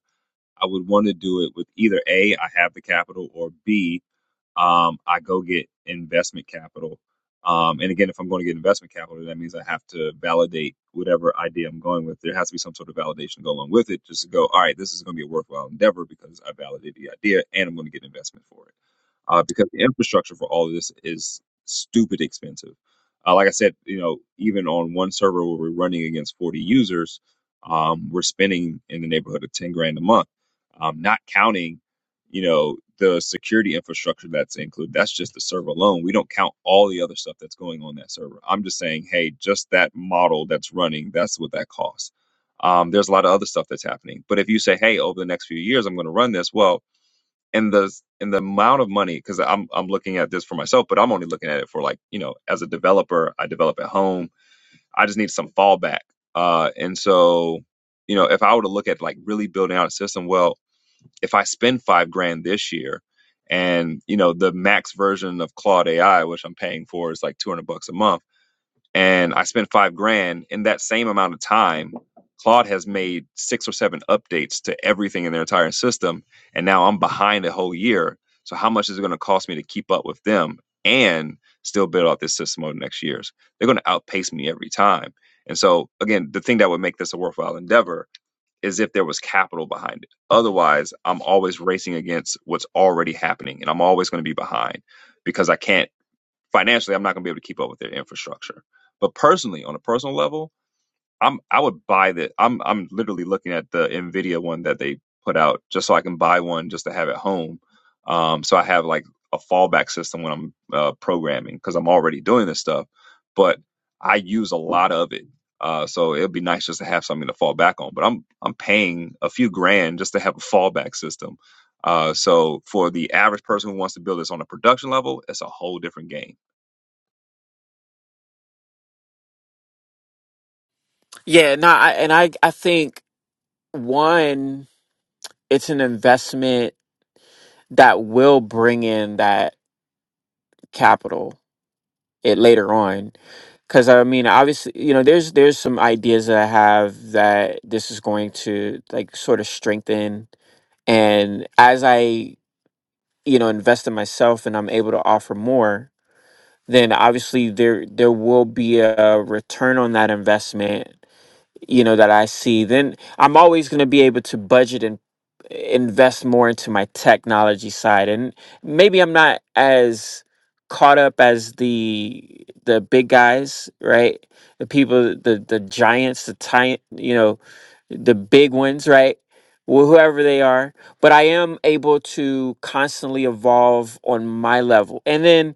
Speaker 3: I would want to do it with either A, I have the capital, or B, um, I go get investment capital. Um, and again, if I'm going to get investment capital, that means I have to validate whatever idea I'm going with. There has to be some sort of validation to go along with it just to go, all right, this is going to be a worthwhile endeavor because I validated the idea and I'm going to get investment for it uh, because the infrastructure for all of this is stupid expensive. Uh, like I said, you know, even on one server where we're running against 40 users, um, we're spending in the neighborhood of 10 grand a month, um, not counting, you know, the security infrastructure that's included. That's just the server alone. We don't count all the other stuff that's going on that server. I'm just saying, hey, just that model that's running, that's what that costs. Um, there's a lot of other stuff that's happening. But if you say, hey, over the next few years, I'm going to run this, well, and the and the amount of money because I'm I'm looking at this for myself, but I'm only looking at it for like you know as a developer, I develop at home. I just need some fallback, uh, and so you know if I were to look at like really building out a system, well, if I spend five grand this year, and you know the max version of Claude AI, which I'm paying for, is like 200 bucks a month and I spent five grand in that same amount of time. Claude has made six or seven updates to everything in their entire system, and now I'm behind a whole year. So how much is it going to cost me to keep up with them and still build out this system over the next years? They're going to outpace me every time. And so again, the thing that would make this a worthwhile endeavor is if there was capital behind it. Otherwise, I'm always racing against what's already happening, and I'm always going to be behind because I can't financially I'm not going to be able to keep up with their infrastructure. But personally, on a personal level, I'm I would buy that. I'm I'm literally looking at the Nvidia one that they put out just so I can buy one just to have at home. Um, so I have like a fallback system when I'm uh, programming because I'm already doing this stuff, but I use a lot of it. Uh, so it'd be nice just to have something to fall back on. But I'm I'm paying a few grand just to have a fallback system. Uh, so for the average person who wants to build this on a production level, it's a whole different game
Speaker 1: Yeah, no, I, and I I think one, it's an investment that will bring in that capital it later on because i mean obviously you know there's there's some ideas that i have that this is going to like sort of strengthen and as i you know invest in myself and i'm able to offer more then obviously there there will be a return on that investment you know that I see, then I'm always going to be able to budget and invest more into my technology side. And maybe I'm not as caught up as the the big guys, right? The people, the the giants, the ti- you know, the big ones, right? Wh- Whoever they are, but I am able to constantly evolve on my level, and then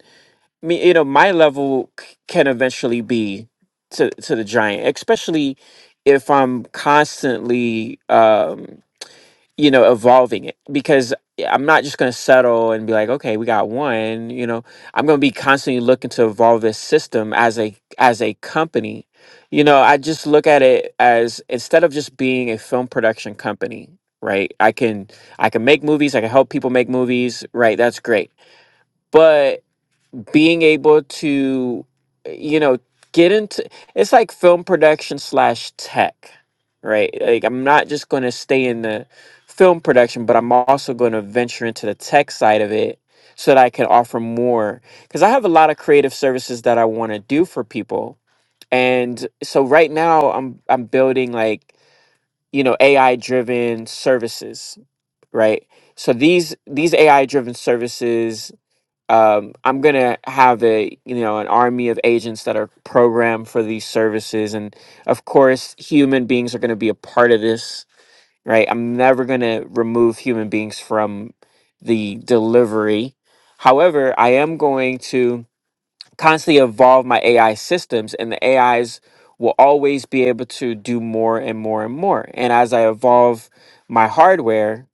Speaker 1: me you know my level c- can eventually be to to the giant especially if i'm constantly um you know evolving it because yeah, i'm not just going to settle and be like okay we got one you know i'm going to be constantly looking to evolve this system as a as a company you know i just look at it as instead of just being a film production company right i can i can make movies i can help people make movies right that's great but being able to you know get into it's like film production slash tech right like i'm not just going to stay in the film production but i'm also going to venture into the tech side of it so that i can offer more because i have a lot of creative services that i want to do for people and so right now i'm i'm building like you know ai driven services right so these these ai driven services um, I'm gonna have a you know an army of agents that are programmed for these services, and of course, human beings are gonna be a part of this, right? I'm never gonna remove human beings from the delivery. However, I am going to constantly evolve my AI systems, and the AIs will always be able to do more and more and more. And as I evolve my hardware,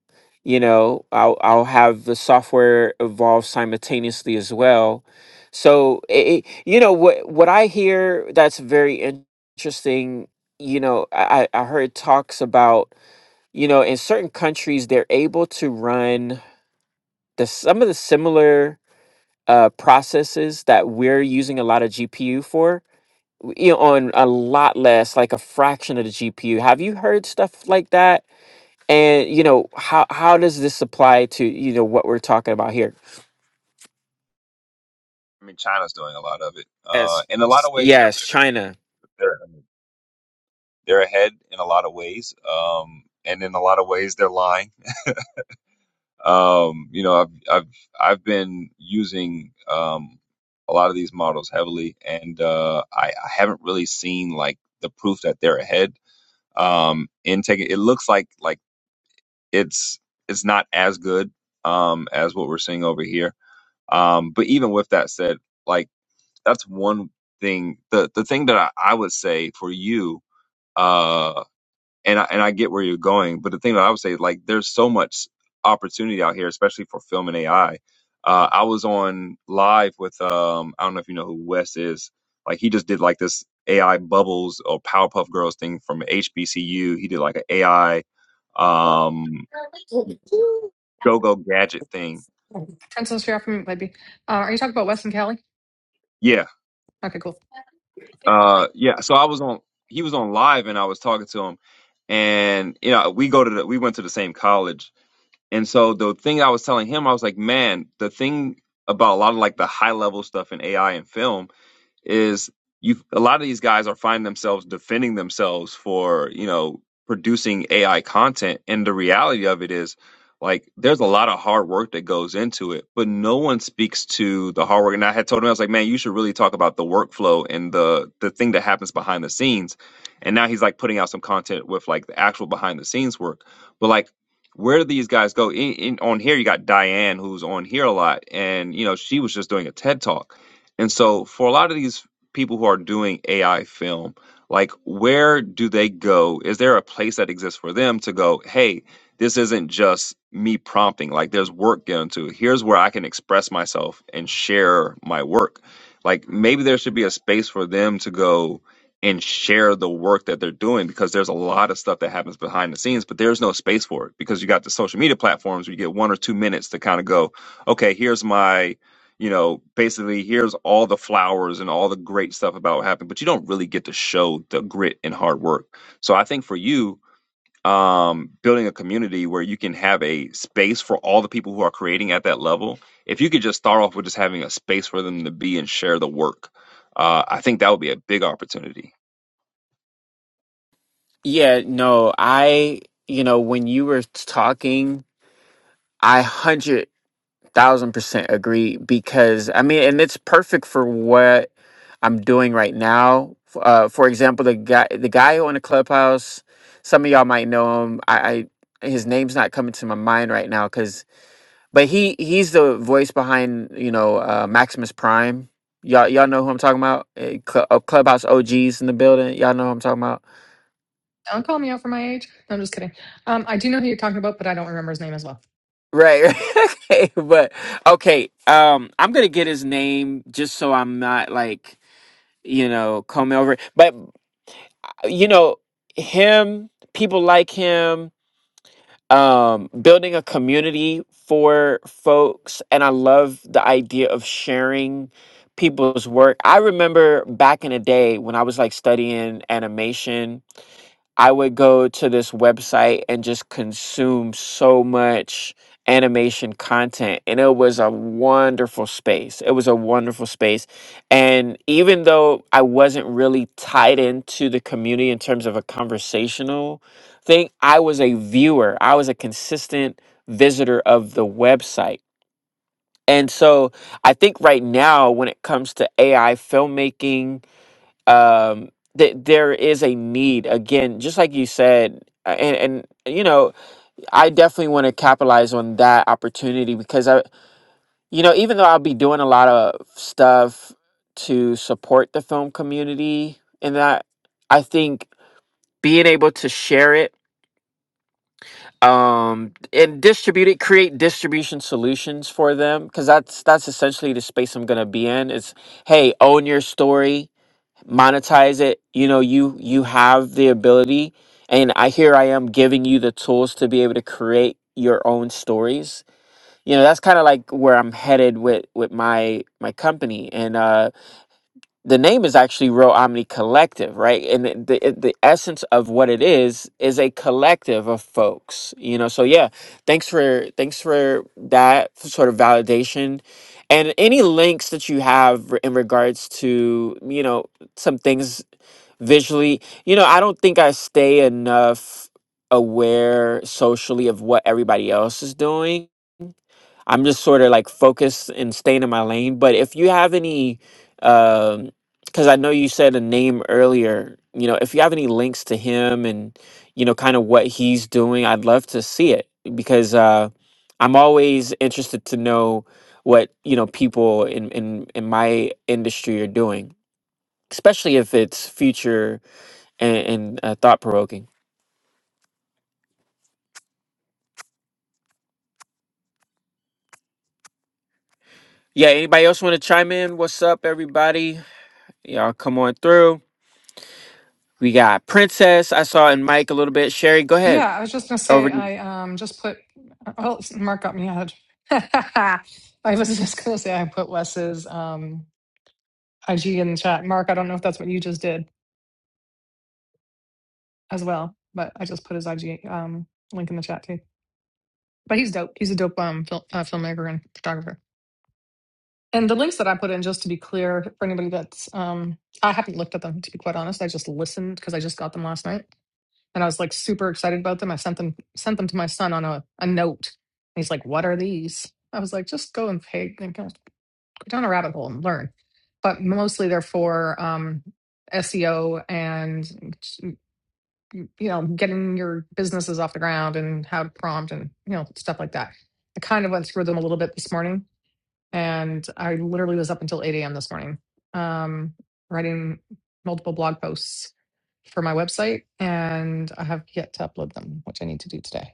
Speaker 1: you know, I'll, I'll have the software evolve simultaneously as well. So, it, it- you know, what what I hear that's very in- interesting. You know, I, I I heard talks about you know in certain countries they're able to run the some of the similar uh, processes that we're using a lot of GPU for, you know, on a lot less, like a fraction of the GPU. Have you heard stuff like that? And you know, how how does this apply to you know what we're talking about here?
Speaker 3: I mean, China's doing a lot of it. Uh,
Speaker 1: Yes,
Speaker 3: in a lot of ways, they're
Speaker 1: yes,
Speaker 3: they're
Speaker 1: China.
Speaker 3: they're I mean, they're ahead in a lot of ways. Um, and in a lot of ways, they're lying. Um, you know, I've I've I've been using um a lot of these models heavily, and uh, I, I haven't really seen like the proof that they're ahead. Um, in taking it looks like like it's it's not as good um as what we're seeing over here. Um, but even with that said, like that's one thing. The the thing that I, I would say for you, uh, and I, and I get where you're going, but the thing that I would say, like, there's so much opportunity out here, especially for film and AI. Uh, I was on live with um, I don't know if you know who Wes is. Like, he just did like this AI bubbles or Powerpuff Girls thing from HBCU. He did like an AI um, go go gadget thing.
Speaker 5: Princess Fear from maybe. Uh, are you talking about Wes and Callie?
Speaker 3: Yeah,
Speaker 5: Okay, cool.
Speaker 3: Uh, yeah. So I was on. He was on live, and I was talking to him, and you know, we go to the, we went to the same college, and so the thing I was telling him, I was like, man, the thing about a lot of like the high level stuff in AI and film is you a lot of these guys are finding themselves defending themselves for you know producing AI content and the reality of it is like there's a lot of hard work that goes into it but no one speaks to the hard work and I had told him I was like man you should really talk about the workflow and the the thing that happens behind the scenes and now he's like putting out some content with like the actual behind the scenes work but like where do these guys go in, in on here you got Diane who's on here a lot and you know she was just doing a TED talk and so, for a lot of these people who are doing AI film, like where do they go? Is there a place that exists for them to go, hey, this isn't just me prompting, like there's work going to. it. Here's where I can express myself and share my work. Like maybe there should be a space for them to go and share the work that they're doing because there's a lot of stuff that happens behind the scenes, but there's no space for it because you got the social media platforms where you get one or two minutes to kind of go, okay, here's my you know, basically here's all the flowers and all the great stuff about what happened, but you don't really get to show the grit and hard work. So I think for you, um, building a community where you can have a space for all the people who are creating at that level, if you could just start off with just having a space for them to be and share the work, uh, I think that would be a big opportunity.
Speaker 1: Yeah, no, I you know when you were talking, I hundred. Thousand percent agree because I mean, and it's perfect for what I'm doing right now. F- Uh, for example, the guy, the guy who owned the clubhouse, some of y'all might know him. I, I his name's not coming to my mind right now because, but he he's the voice behind you know uh, Maximus Prime. Y'all y'all know who I'm talking about? Eh, Cl- uh, clubhouse OGs in the building. Y'all know who I'm talking about,
Speaker 5: Don't call me out for my age. No, I'm just kidding. Um, I do know who you're talking about, but I don't remember his name as well.
Speaker 1: right? [LAUGHS] right. okay, but okay. Um, I'm gonna get his name just so I'm not like you know, coming over. But you know, him, people like him, um, building a community for folks, and I love the idea of sharing people's work. I remember back in the day when I was like studying animation I would go to this website and just consume so much animation content. And it was a wonderful space. It was a wonderful space. And even though I wasn't really tied into the community in terms of a conversational thing, I was a viewer, I was a consistent visitor of the website. And so I think right now, when it comes to AI filmmaking, um that there is a need again just like you said a- and and you know i definitely want to capitalize on that opportunity because i you know even though i'll be doing a lot of stuff to support the film community and that i think being able to share it um and distribute it create distribution solutions for them because that's that's essentially the space i'm going to be in is hey own your story monetize it you know you you have the ability and i here i am giving you the tools to be able to create your own stories you know that's kind of like where i'm headed with with my my company and uh the name is actually Real Omni Collective, right? And the, the it- the essence of what it is is a collective of folks, you know. So yeah, thanks for thanks for that sort of validation, and any links that you have re- in regards to you know some things visually. You know, I don't think I stay enough aware socially of what everybody else is doing I'm just sort of like focused and staying in my lane. But if you have any, because I know you said a name earlier, you know, if you have any links to him and, you know, kind of what he's doing, I'd love to see it because uh, I'm always interested to know what, you know, people in, in, in my industry are doing, especially if it's future and, and uh, thought provoking. Yeah, anybody else want to chime in? What's up, everybody? Y'all come on through. We got Princess. I saw in Mike a little bit. Sherry, go ahead.
Speaker 5: Yeah, I was just gonna say
Speaker 1: Over. to you.
Speaker 5: I um just put. Well, Mark got me out. [LAUGHS] I was just gonna say I put Wes's um IG in the chat. Mark, I don't know if that's what you just did as well, but I just put his IG um link in the chat too. But he's dope. He's a dope um fil- uh, filmmaker and photographer. And the links that I put in, just to be clear, for anybody that's, um, I haven't looked at them to be quite honest. I just listened because I just got them last night, and I was like super excited about them. I sent them sent them to my son on a, a note. And he's like, "What are these?" I was like, "Just go and pay, and go go down a rabbit hole and learn." But mostly they're for um, SEO and you know getting your businesses off the ground and how to prompt and you know stuff like that. I kind of went through them a little bit this morning and I literally was up until 8 a.m. this morning, um, writing multiple blog posts for my website, and I have yet to upload them, which I need to do today.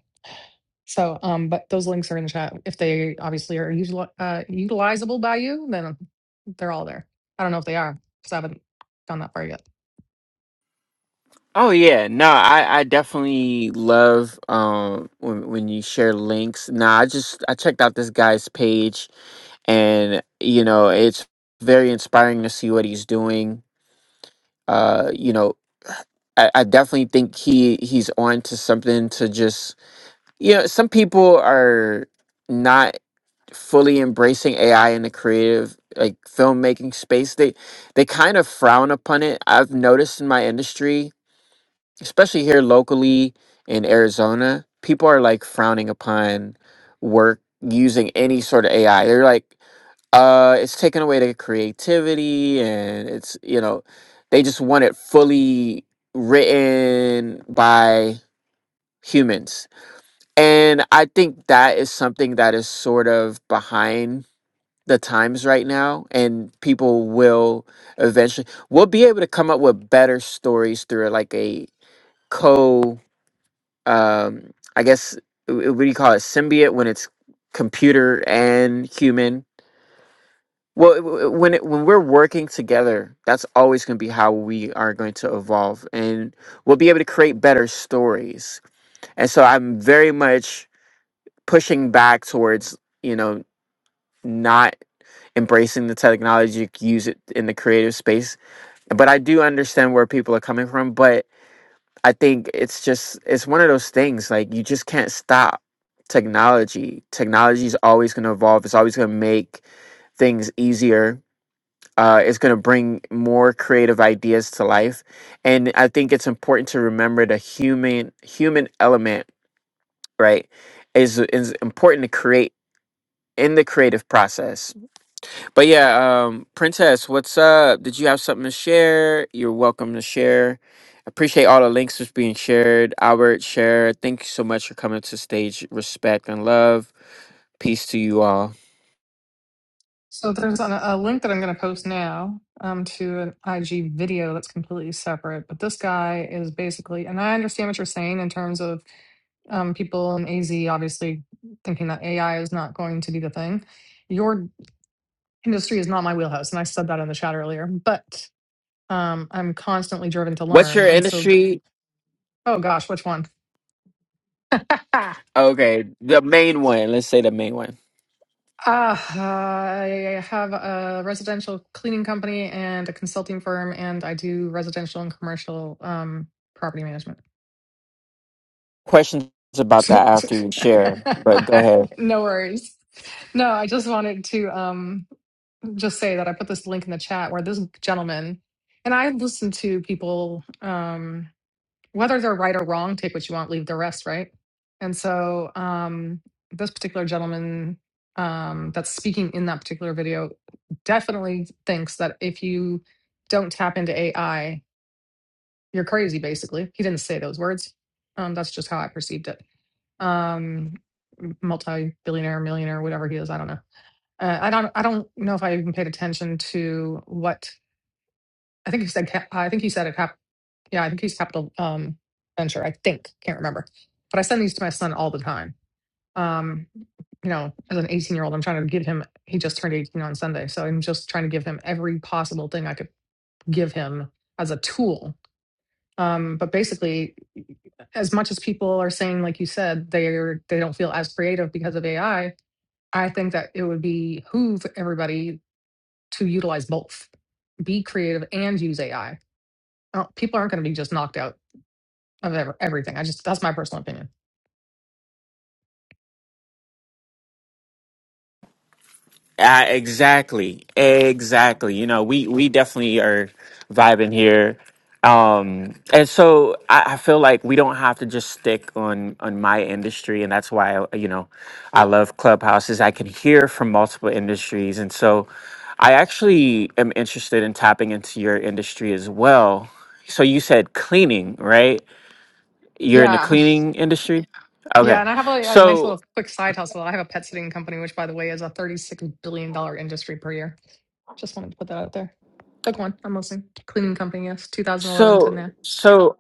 Speaker 5: So, um, but those links are in the chat. If they obviously are usual, uh, utilizable by you, then they're all there. I don't know if they are because I haven't gone that far yet.
Speaker 1: Oh yeah, no, I, I definitely love um when when you share links. Nah, I just I checked out this guy's page and you know it's very inspiring to see what he's doing. Uh, you know, I, I definitely think he he's on to something to just you know some people are not fully embracing AI in the creative like filmmaking space. They they kind of frown upon it. I've noticed in my industry, especially here locally in Arizona, people are like frowning upon work using any sort of AI. They're like, uh, it's taking away the creativity and it's you know, they just want it fully written by humans. And I think that is something that is sort of behind the times right now and people will eventually we'll be able to come up with better stories through like a co um i guess uh, what do you call it symbiote when it's computer and human well w- w- when it, when we're working together that's always going to be how we are going to evolve and we'll be able to create better stories and so i'm very much pushing back towards you know not embracing the technology, use it in the creative space. But I do understand where people are coming from. But I think it's just it's one of those things like you just can't stop technology. Technology is always going to evolve. It's always going to make things easier. Uh, it's going to bring more creative ideas to life, and I think it's important to remember the human human element. Right, is is important to create in the creative process But yeah, um, Princess, what's up? Did you have something to share? You're welcome to share. Appreciate all the links that's being shared. Albert, share. Thank you so much for coming to stage. Respect and love. Peace to you all.
Speaker 5: So there's an, a link that I'm going to post now um, to an IG video that's completely separate. But this guy is basically, and I understand what you're saying in terms of um, people in AZ obviously thinking that AI is not going to be the thing. Your industry is not my wheelhouse, and I said that in the chat earlier. But um, I'm constantly driven to
Speaker 1: What's
Speaker 5: learn,
Speaker 1: your
Speaker 5: and so th-
Speaker 1: industry?
Speaker 5: oh gosh, which one? [LAUGHS]
Speaker 1: Okay, the main one. Let's say the main one.
Speaker 5: Uh, I have a residential cleaning company and a consulting firm, and I do residential and commercial um, property management.
Speaker 1: Questions about that after you share, but go ahead.
Speaker 5: [LAUGHS] no worries. No, I just wanted to um, just say that I put this link in the chat where this gentleman and I listen to people. Um, whether they're right or wrong, take what you want, leave the rest, right? And so um, this particular gentleman um, that's speaking in that particular video definitely thinks that if you don't tap into AI, you're crazy, basically. He didn't say those words. Um, that's just how I perceived it. Um, multi billionaire, millionaire, whatever he is, I don't know. Uh, I don't. I don't know if I even paid attention to what I think he said. ca- I think he said it happened yeah, I think he's Capital um, Venture. I think can't remember, but I send these to my son all the time. Um, you know, as an 18 year old, I'm trying to give him. He just turned 18 on Sunday, so I'm just trying to give him every possible thing I could give him as a tool. Um, but basically, as much as people are saying, like you said, they are they don't feel as creative because of AI. I I think that it would behoove everybody to utilize both, be creative and use AI. Uh, People aren't going to be just knocked out of ev- everything. I just that's my personal opinion.
Speaker 1: Uh, exactly, exactly. You know, we we definitely are vibing here, um, and so I, I feel like we don't have to just stick on on my industry, and that's why you know I love clubhouses. I can hear from multiple industries, and so I actually am interested in tapping into your industry as well. So you said cleaning, right? You're in the
Speaker 5: Yeah. [LAUGHS]
Speaker 1: cleaning industry.
Speaker 5: Yeah,
Speaker 1: Okay,
Speaker 5: and I have a, a nice
Speaker 1: so
Speaker 5: little quick side hustle. I have a pet sitting company, which by the way is a thirty-six billion dollar industry per year. Just wanted to put that out there. Book one, I'm listening. Cleaning company, yes, 2011
Speaker 1: so
Speaker 5: to
Speaker 1: so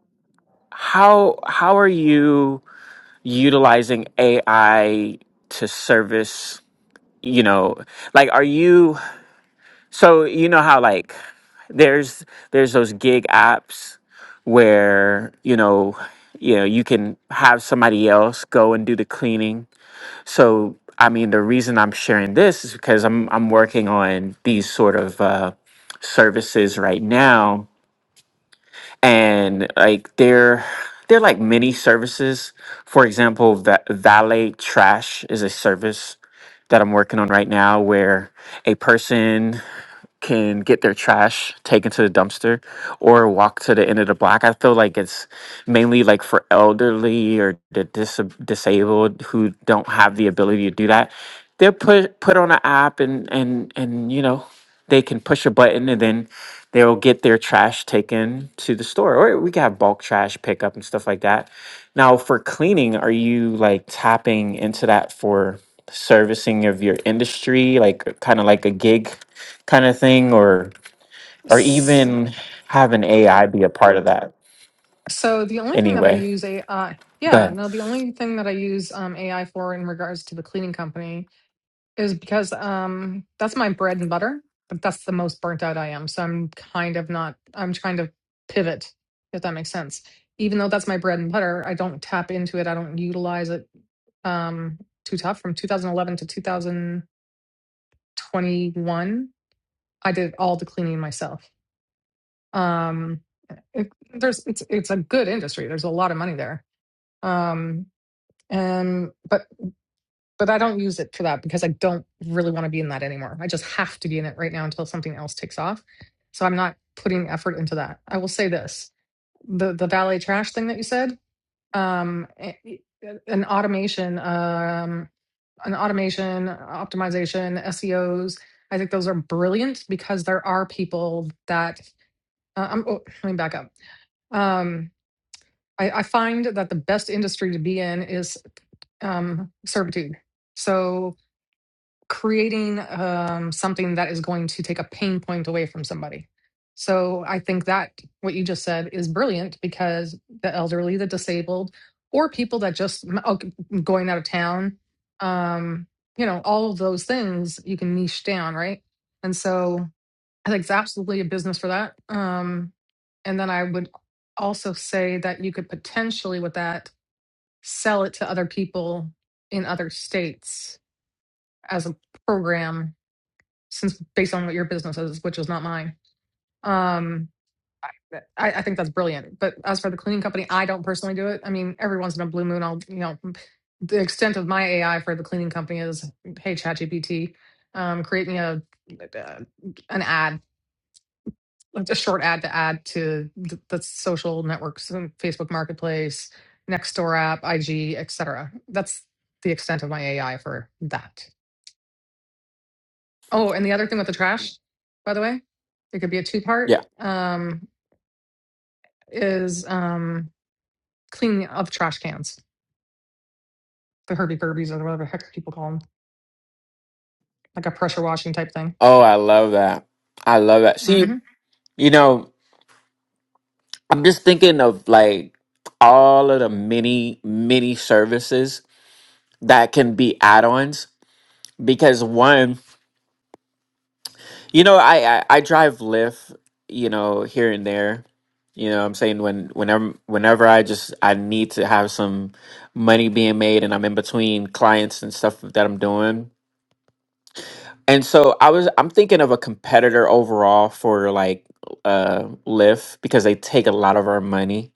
Speaker 1: how how are you? utilizing AI to service, you know, like are you so you know how like there's there's those gig apps where, you know, you know, you can have somebody else go and do the cleaning. So I mean the reason I'm sharing this is because I'm I'm working on these sort of uh services right now and like they're they're like mini services. For example, Va- valet trash is a service that I'm working on right now, where a person can get their trash taken to the dumpster or walk to the end of the block. I feel like it's mainly like for elderly or the dis- disabled who don't have the ability to do that. They're put put on an app and and and you know they can push a button and then they'll get their trash taken to the store or we can have bulk trash pickup and stuff like that. Now for cleaning, are you like tapping into that for servicing of your industry, like kind of like a gig? kind of thing, or or
Speaker 5: now.
Speaker 1: even have an AI be a part of that
Speaker 5: So the only thing that I
Speaker 1: anyway.
Speaker 5: use AI,
Speaker 1: Go
Speaker 5: yeah,
Speaker 1: ahead.
Speaker 5: no, the only thing that I use um, AI for in regards to the cleaning company is because um, that's my bread and butter, but that's the most burnt out I am. So I'm kind of not, I'm trying to pivot, if that makes sense. Even though that's my bread and butter, I don't tap into it. I don't utilize it um, too tough. From 2011 to 2021, I did all the cleaning myself. Um, it, there's, it's, it's a good industry. There's a lot of money there um and but but i don't use it for that because i don't really want to be in that anymore i just have to be in it right now until something else takes off so i'm not putting effort into that i will say this the the valet trash thing that you said um a- an automation um an automation optimization seos i think those are brilliant because there are people that uh, i'm oh, let me back up um I, I find that the best industry to be in is. um, servitude. So creating um, something that is going to take a pain point away from somebody. So I think that what you just said is brilliant because the elderly, the disabled, or people that just oh, going out of town, um, you know, all of those things you can niche down, right? And so I think it's absolutely a business for that. Um, and then I would also say that you could potentially with that sell it to other people in other states as a program since based on what your business is which is not mine um I, I think that's brilliant but as for the cleaning company i don't personally do it i mean every once in a blue moon i'll you know the extent of my ai for the cleaning company is hey ChatGPT, um, create me a a an ad a short ad to add to the, the social networks and Facebook Marketplace, Nextdoor app, IG, etc. That's the extent of my AI for that. Oh, and the other thing with the trash, by the way, it could be a two part,
Speaker 1: Yeah.
Speaker 5: um, is um, cleaning up trash cans, the Herbie Burbies or whatever the heck people call them, like a pressure washing type thing.
Speaker 1: Oh, I love that. I love that. See,
Speaker 5: Mm-hmm.
Speaker 1: you know, I'm just thinking of like all of the many, many services that can be add-ons because one, you know, I I, I drive Lyft, you know, here and there. You know, what I'm saying when whenever whenever I just I need to have some money being made and I'm in between clients and stuff that I'm doing And so I was I'm thinking of a competitor overall for like uh Lyft because they take a lot of our money.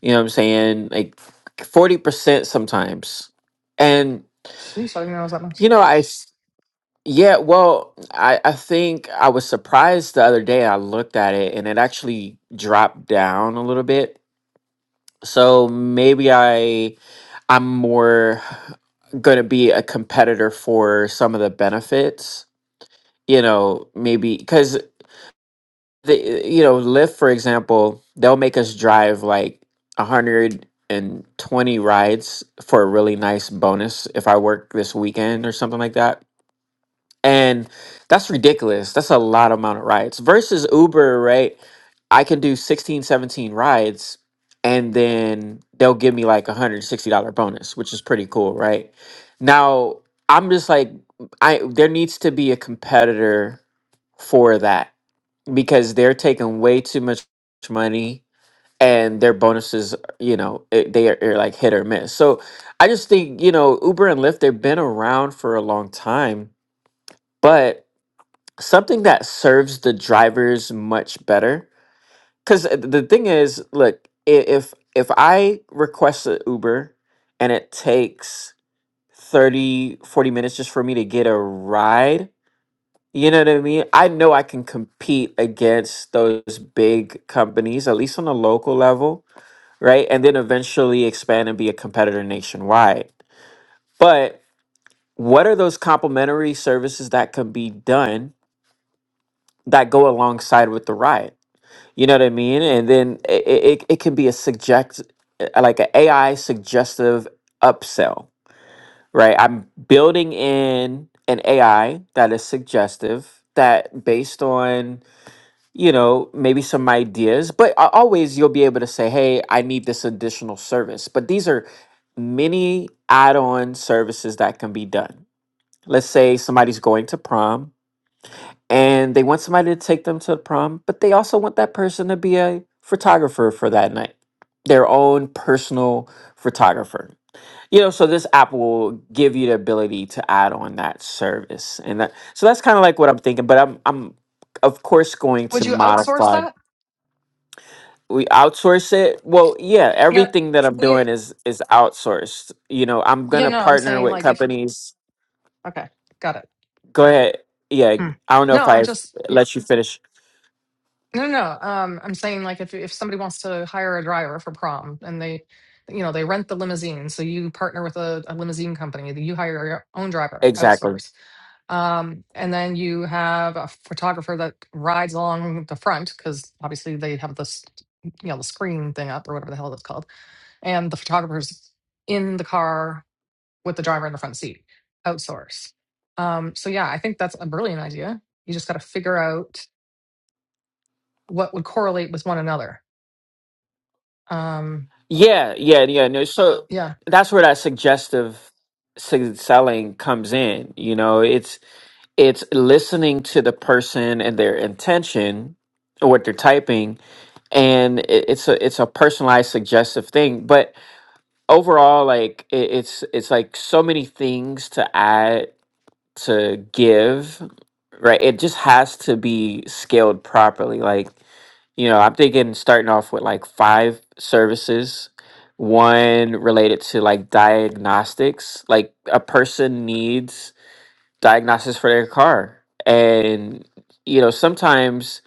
Speaker 1: You know what I'm saying? Like 40% sometimes. And
Speaker 5: Jeez, I didn't know it was that much.
Speaker 1: you know, I s- yeah, well, I I think I was surprised the other day I looked at it and it actually dropped down a little bit. So maybe I I'm more going to be a competitor for some of the benefits. You know, maybe because the you know lyft for example they'll make us drive like 120 rides for a really nice bonus if i work this weekend or something like that and that's ridiculous that's a lot amount of rides versus uber right i can do 16, 17 rides and then they'll give me like a $160 bonus which is pretty cool right now i'm just like i there needs to be a competitor for that because they're taking way too much money and their bonuses you know it, they are, are like hit or miss so i just think you know uber and lyft they've been around for a long time but something that serves the drivers much better because the thing is look i- if if i request an uber and it takes 30, 40 minutes just for me to get a ride you know what I mean? I know I can compete against those big companies, at least on a local level, right? And then eventually expand and be a competitor nationwide. But what are those complementary services that can be done that go alongside with the ride? You know what I mean? And then it, it, it can be a subject, uh, like an AI suggestive upsell, right? I'm building in an AI that is suggestive that based on you know, maybe some ideas, but a- always you'll be able to say, hey, I need this additional service. But these are many add on services that can be done. Let's say somebody's going to prom and they want somebody to take them to the prom, but they also want that person to be a photographer for that night, their own personal photographer. You know, so this app will give you the ability to add on that service. And that, so that's kind of like what I'm thinking, but I'm, I'm, of course, going
Speaker 5: Would
Speaker 1: to
Speaker 5: you outsource
Speaker 1: modify
Speaker 5: that?
Speaker 1: we outsource it well yeah
Speaker 5: No.
Speaker 1: everything that i'm
Speaker 5: Yeah,
Speaker 1: doing is is outsourced you know i'm
Speaker 5: yeah,
Speaker 1: gonna
Speaker 5: no, I'm
Speaker 1: partner
Speaker 5: saying
Speaker 1: with
Speaker 5: like if,
Speaker 1: companies
Speaker 5: okay, got it.
Speaker 1: go ahead yeah
Speaker 5: Hmm.
Speaker 1: i don't know
Speaker 5: No,
Speaker 1: if I
Speaker 5: I'm just,
Speaker 1: let you finish
Speaker 5: No, no. no. Um, I'm saying like if if somebody wants to hire a driver for prom and they, you know, they rent the limousine, so you partner with a, a limousine company, that you hire your own driver,
Speaker 1: exactly
Speaker 5: outsource, um, and then you have a photographer that rides along the front because obviously they have this, you know, the screen thing up or whatever the hell it's called, and the photographer's in the car with the driver in the front seat, outsource. Um, so yeah, I think that's a brilliant idea. You just got to figure out what would correlate with one another Um,
Speaker 1: yeah yeah yeah no so
Speaker 5: yeah.
Speaker 1: that's where that suggestive sig- selling comes in you know it's it's listening to the person and their intention or what they're typing and it, it's a it's a personalized suggestive thing but overall like it, it's it's like so many things to add to give right it just has to be scaled properly like you know i'm thinking starting off with like five services one related to like diagnostics like a person needs diagnostics for their car and you know sometimes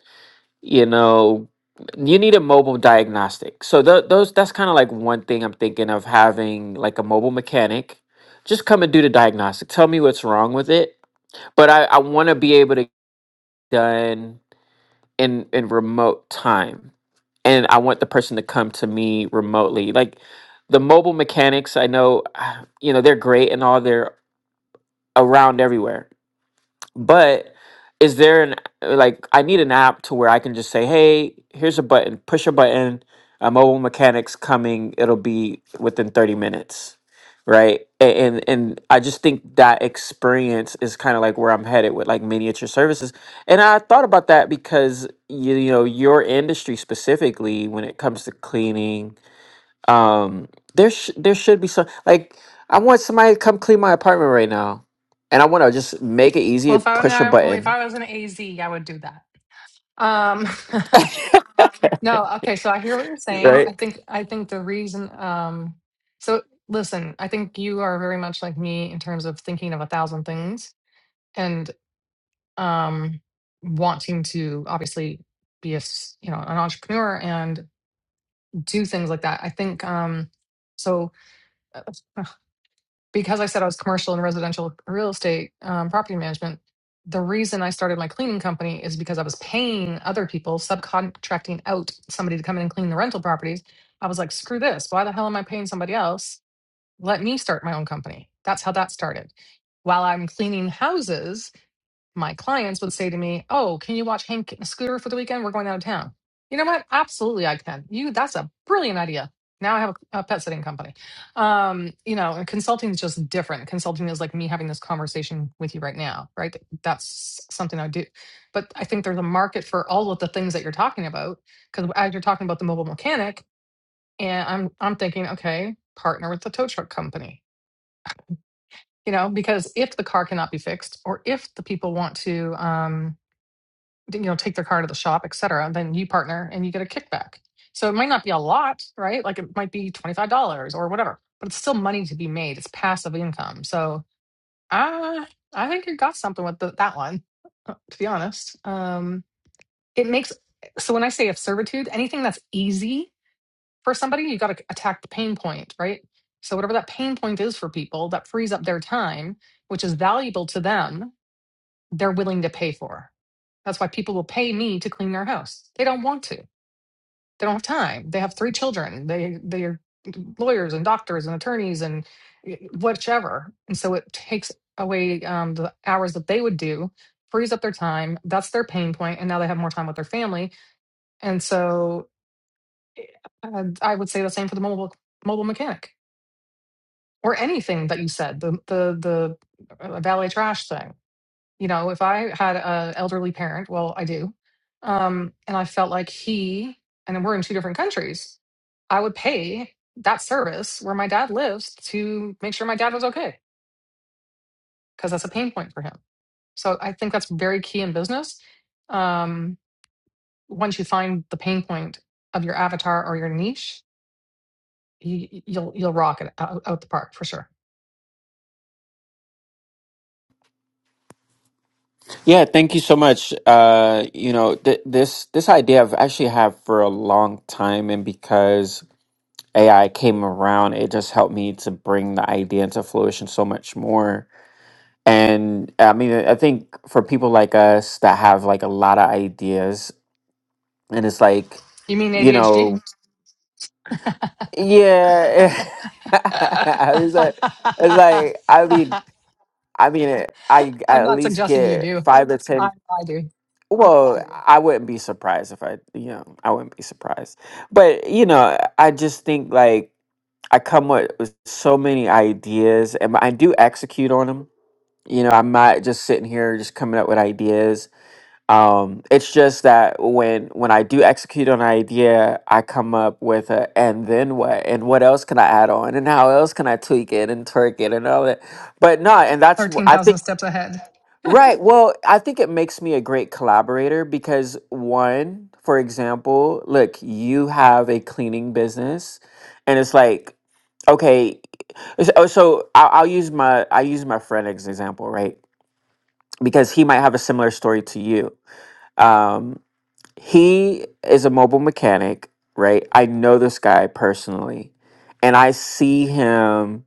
Speaker 1: you know you need a mobile diagnostic so tho- those that's kind of like one thing i'm thinking of having like a mobile mechanic just come and do the diagnostic tell me what's wrong with it but i, I want to be able to get done in in remote time and i want the person to come to me remotely like the mobile mechanics i know [SIGHS] you know they're great and all they're around everywhere but is there an like I need an app to where I can just say, "Hey, here's a button. Push a button. A mobile mechanic's coming. It'll be within 30 minutes." Right? A- And and I just think that experience is kind of like where I'm headed with like miniature services. And I thought about that because you, you know, your industry specifically when it comes to cleaning um, there sh- there should be some like I want somebody to come clean my apartment right now, and I want to just make it easy.
Speaker 5: Well, if I were
Speaker 1: Push a
Speaker 5: if
Speaker 1: button,
Speaker 5: I was an AZ, I would do that. Um, [LAUGHS] no, okay. So I hear what you're saying.
Speaker 1: right?
Speaker 5: I think I think the reason. Um, so listen, I think you are very much like me in terms of thinking of a thousand things and um, wanting to obviously be a s- you know an entrepreneur and do things like that. I think um, so. uh, because I said I was commercial and residential real estate um, property management, the reason I started my cleaning company is because I was paying other people, subcontracting out somebody to come in and clean the rental properties. I was like, screw this. Why the hell am I paying somebody else? Let me start my own company. That's how that started. While I'm cleaning houses, my clients would say to me, "Oh, can you watch Hank Scooter for the weekend? We're going out of town." You know what? Absolutely, I can. You, that's a brilliant idea. Now I have a, a pet sitting company. Um, you know, and consulting is just different. Consulting is like me having this conversation with you right now, right? That's something I do. But I think there's a market for all of the things that you're talking about. Because as you're talking about the mobile mechanic, and I'm I'm thinking, okay, partner with the tow truck company. You know, because if the car cannot be fixed, or if the people want to. um, you know take their car to the shop et cetera and then you partner and you get a kickback so it might not be a lot right like it might be $25 or whatever but it's still money to be made it's passive income so uh, i think you got something with the, that one [LAUGHS] to be honest um, it makes so when i say of servitude anything that's easy for somebody you got to attack the pain point right so whatever that pain point is for people that frees up their time which is valuable to them they're willing to pay for that's why people will pay me to clean their house. They don't want to. They don't have time. They have three children. They they are lawyers and doctors and attorneys and eh, whichever. And so it takes away um, the hours that they would do, frees up their time. That's their pain point, and now they have more time with their family. And so uh, I would say the same for the mobile mobile mechanic or anything that you said the the the uh, valet trash thing You know, if I had an elderly parent, well, I do, um, and I felt like he, and then we're in two different countries, I would pay that service where my dad lives to make sure my dad was okay because that's a pain point for him. So I think that's very key in business. Um, once you find the pain point of your avatar or your niche, you, you'll you'll rock it out, out the park for sure.
Speaker 1: Yeah, thank you so much. Uh, you know, th- this this idea I've actually had for a long time, and because AI came around, it just helped me to bring the idea into fruition so much more. And I mean, I think for people like us that have like a lot of ideas, and it's like,
Speaker 5: You mean
Speaker 1: you know.
Speaker 5: ADHD?
Speaker 1: Yeah, [LAUGHS]
Speaker 5: [LAUGHS] I'm
Speaker 1: I was like, it's like I mean, I mean, it, I at
Speaker 5: not
Speaker 1: least
Speaker 5: suggesting you
Speaker 1: get
Speaker 5: do.
Speaker 1: five to
Speaker 5: I,
Speaker 1: ten.
Speaker 5: I do.
Speaker 1: Well, I wouldn't be surprised if I, you know, I wouldn't be surprised. But you know, I just think like I come with, with so many ideas, and I do execute on them. You know, I'm not just sitting here just coming up with ideas um, it's just that when when I do execute on an idea, I come up with a and then what and what else can I add on and how else can I tweak it and twerk it and all that. But no, and that's wh- I
Speaker 5: 13,000
Speaker 1: think
Speaker 5: steps ahead.
Speaker 1: right. Well, I think it makes me a great collaborator because one, for example, look, you have a cleaning business, and it's like, okay, so oh, so I'll, I'll use my I use my friend as an example, right? Because he might have a similar story to you. Um, he is a mobile mechanic, right? I know this guy personally, and I see him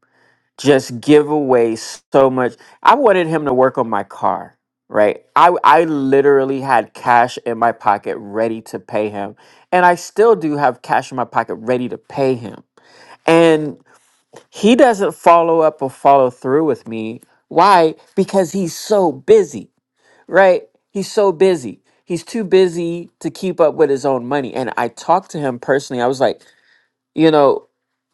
Speaker 1: just give away so much. I wanted him to work on my car, right? I I literally had cash in my pocket ready to pay him, and I still do have cash in my pocket ready to pay him. And he doesn't follow up or follow through with me. Why? Because he's so busy right? He's so busy. He's too busy to keep up with his own money. And I talked to him personally. I was like, you know,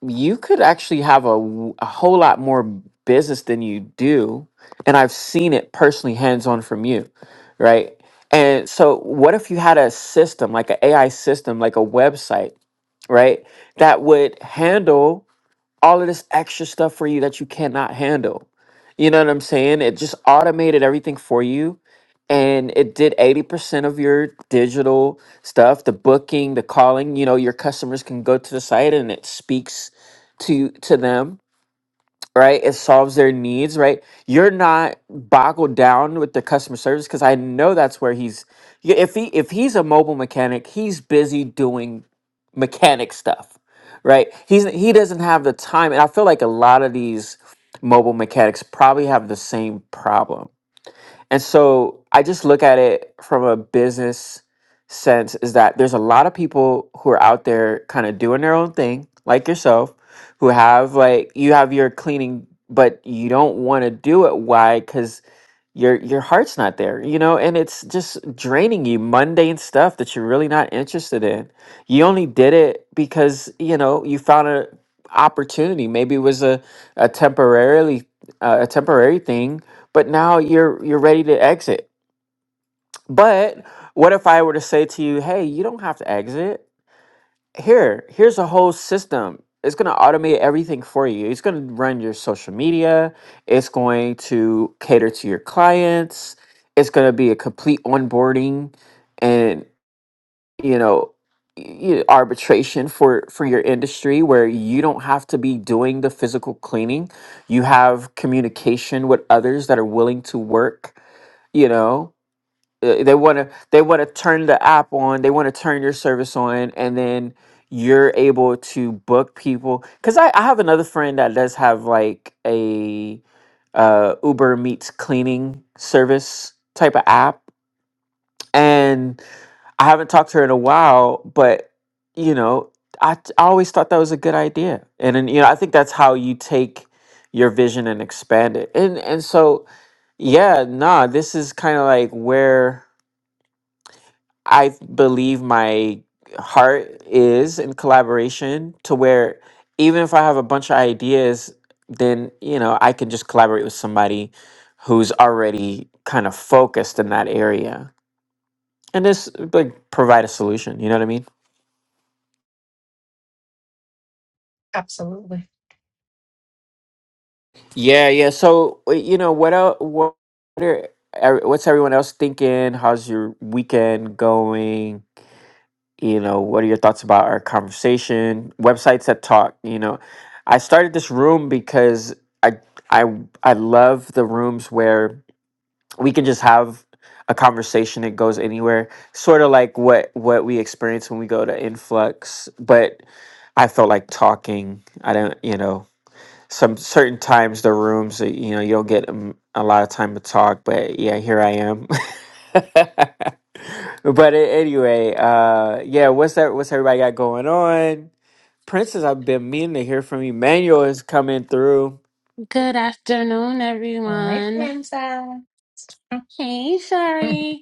Speaker 1: you could actually have a, w- a whole lot more business than you do. And I've seen it personally, hands on from you, right? And so, what if you had a system, like an AI system, like a website, right? That would handle all of this extra stuff for you that you cannot handle. You know what I'm saying? It just automated everything for you and it did 80% of your digital stuff, the booking, the calling, you know, your customers can go to the site and it speaks to to them right? It solves their needs, right? You're not boggled down with the customer service because I know that's where he's. y- If he if he's a mobile mechanic, he's busy doing mechanic stuff, right? He's he doesn't have the time, and I feel like a lot of these mobile mechanics probably have the same problem and so I just look at it from a business sense is that there's a lot of people who are out there kind of doing their own thing, like yourself, who have like you have your cleaning, but you don't want to do it. Why? Because your your heart's not there you know and it's just draining you mundane stuff that you're really not interested in you only did it because you know you found an opportunity maybe it was a a temporarily uh, a temporary thing but now you're you're ready to exit but what if i were to say to you hey you don't have to exit here, here's a whole system. It's going to automate everything for you. It's going to run your social media. It's going to cater to your clients. It's going to be a complete onboarding and, you know, y- arbitration for for your industry where you don't have to be doing the physical cleaning. You have communication with others that are willing to work, you know uh, they want to they want to turn the app on they want to turn your service on and then you're able to book people because I, I have another friend that does have like a uh, uber meets cleaning service type of app and i haven't talked to her in a while but you know i, t- I always thought that was a good idea and, and you know i think that's how you take your vision and expand it and and so yeah nah this is kind of like where I believe my heart is in collaboration to where even if I have a bunch of ideas, then you know I can just collaborate with somebody who's already kind of focused in that area and just like provide a solution. You know what I mean?
Speaker 5: Absolutely.
Speaker 1: Yeah, yeah. So uh, you know what? el- What are, er, what's everyone else thinking? How's your weekend going? you know what are your thoughts about our conversation websites that talk you know i started this room because i i i love the rooms where we can just have a conversation it goes anywhere sort of like what what we experience when we go to influx but i felt like talking i don't you know some certain times the rooms that, you know you'll get um, a lot of time to talk but yeah here i am [LAUGHS] but a- anyway uh yeah what's that what's everybody got going on princess i've been meaning to hear from you manuel is coming through
Speaker 7: Good afternoon,
Speaker 5: All right,
Speaker 7: everyone.
Speaker 5: Princess.
Speaker 7: Hey,
Speaker 5: [LAUGHS]
Speaker 7: Shari.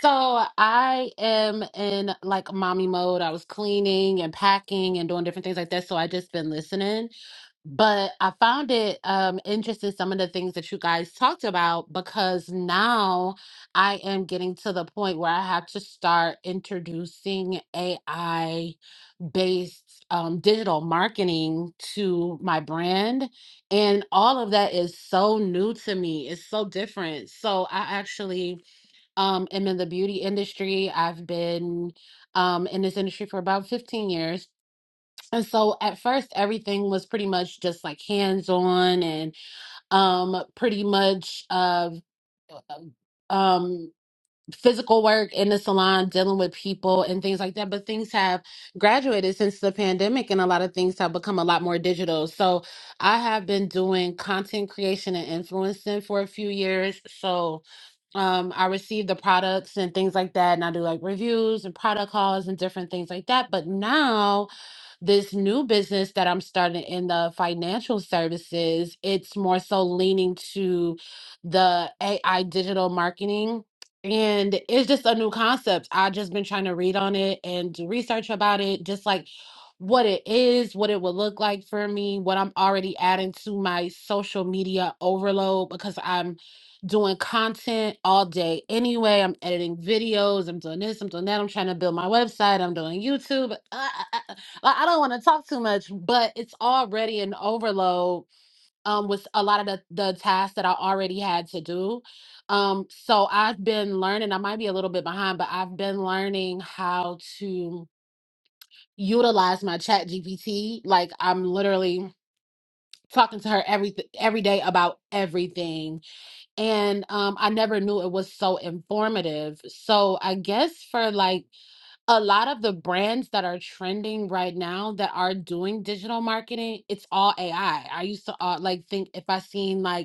Speaker 7: So I am in like mommy mode. I was cleaning and packing and doing different things like that. So I just been listening. But I found it um interesting some of the things that you guys talked about because now I am getting to the point where I have to start introducing AI based um digital marketing to my brand and all of that is so new to me it's so different so i actually um am in the beauty industry i've been um in this industry for about 15 years and so at first everything was pretty much just like hands on and um pretty much uh, um physical work in the salon, dealing with people and things like that. But things have graduated since the pandemic, and a lot of things have become a lot more digital. So I have been doing content creation and influencing for a few years. So um, I receive the products and things like that, and I do like reviews and product hauls and different things like that. But now, this new business that I'm starting in the financial services, it's more so leaning to the AI digital marketing. And it's just a new concept. I've just been trying to read on it and do research about it, just like what it is, what it would look like for me, what I'm already adding to my social media overload because I'm doing content all day anyway. I'm editing videos, I'm doing this, I'm doing that. I'm trying to build my website, I'm doing YouTube. [LAUGHS] Like I don't want to talk too much, but it's already an overload um, with a lot of the, the tasks that I already had to do. Um, so I've been learning, I might be a little bit behind, but I've been learning how to utilize my chat GPT. Like I'm literally talking to her every every day about everything and um i never knew it was so informative so i guess for like a lot of the brands that are trending right now that are doing digital marketing, it's all AI. I I used to uh, like think if I seen like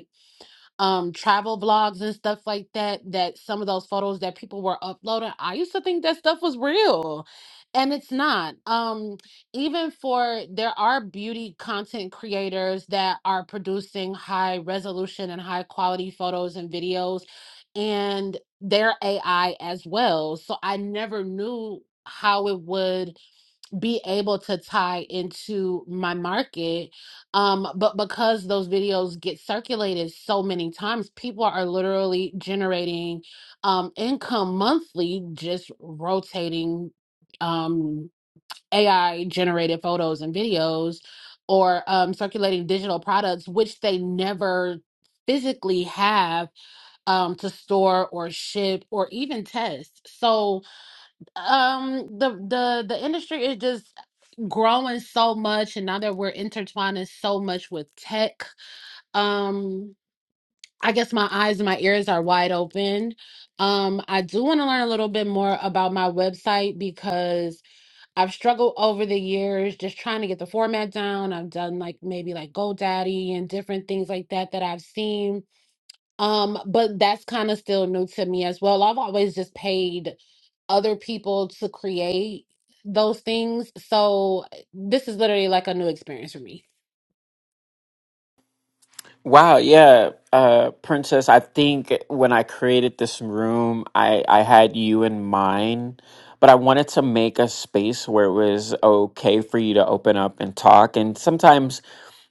Speaker 7: um travel vlogs and stuff like that that some of those photos that people were uploading i used to think that stuff was real and it's not um even for there are beauty content creators that are producing high resolution and high quality photos and videos and their ai as well so i never knew how it would be able to tie into my market um but because those videos get circulated so many times people are literally generating um income monthly just rotating um AI generated photos and videos or um circulating digital products which they never physically have um to store or ship or even test so um the the the industry is just growing so much and now that we're intertwining so much with tech um i guess my eyes and my ears are wide open um i do want to learn a little bit more about my website because i've struggled over the years just trying to get the format down i've done like maybe like godaddy and different things like that that i've seen um, but that's kind of still new to me as well. I've always just paid other people to create those things. So this is literally like a new experience for me.
Speaker 1: Wow, yeah, uh, Princess. I think when I created this room, I I had you in mind, but I wanted to make a space where it was okay for you to open up and talk. And sometimes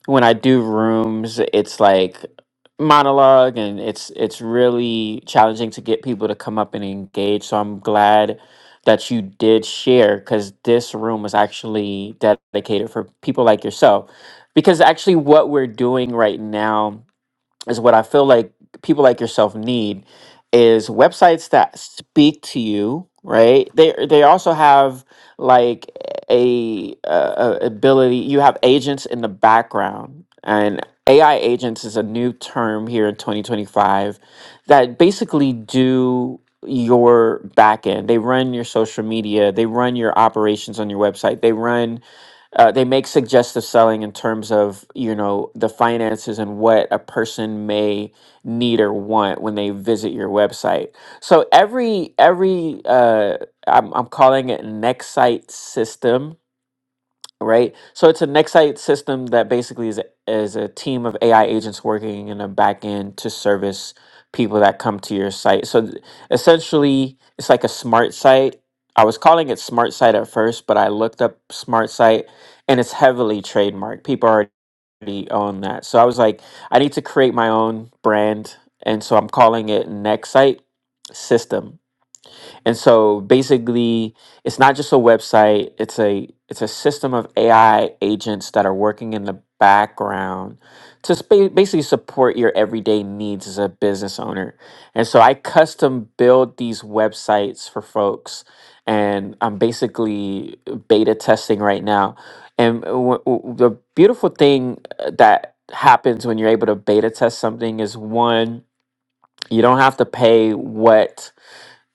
Speaker 1: when I do rooms, it's like monologue, and it's it's really challenging to get people to come up and engage. So I'm glad that you did share because this room was actually dedicated for people like yourself because actually what we're doing right now is what i feel like people like yourself need is websites that speak to you right they they also have like a, a, a ability you have agents in the background and ai agents is a new term here in 2025 that basically do your back end they run your social media they run your operations on your website they run uh, they make suggestive selling in terms of you know the finances and what a person may need or want when they visit your website so every every uh, I'm, I'm calling it next site system right? So it's a Nexite system that basically is is a team of AI agents working in the back end to service people that come to your site. So th- essentially, it's like a smart site. I was calling it smart site at first, but I looked up smart site and it's heavily trademarked. People already own that. So I was like, I need to create my own brand, and so I'm calling it Nexite system and so basically, it's not just a website, it's a it's a system of AI agents that are working in the background to spa- basically support your everyday needs as a business owner. And so I custom build these websites for folks and I'm basically beta testing right now. And w- w- the beautiful thing uh, that happens when you're able to beta test something is one, you don't have to pay what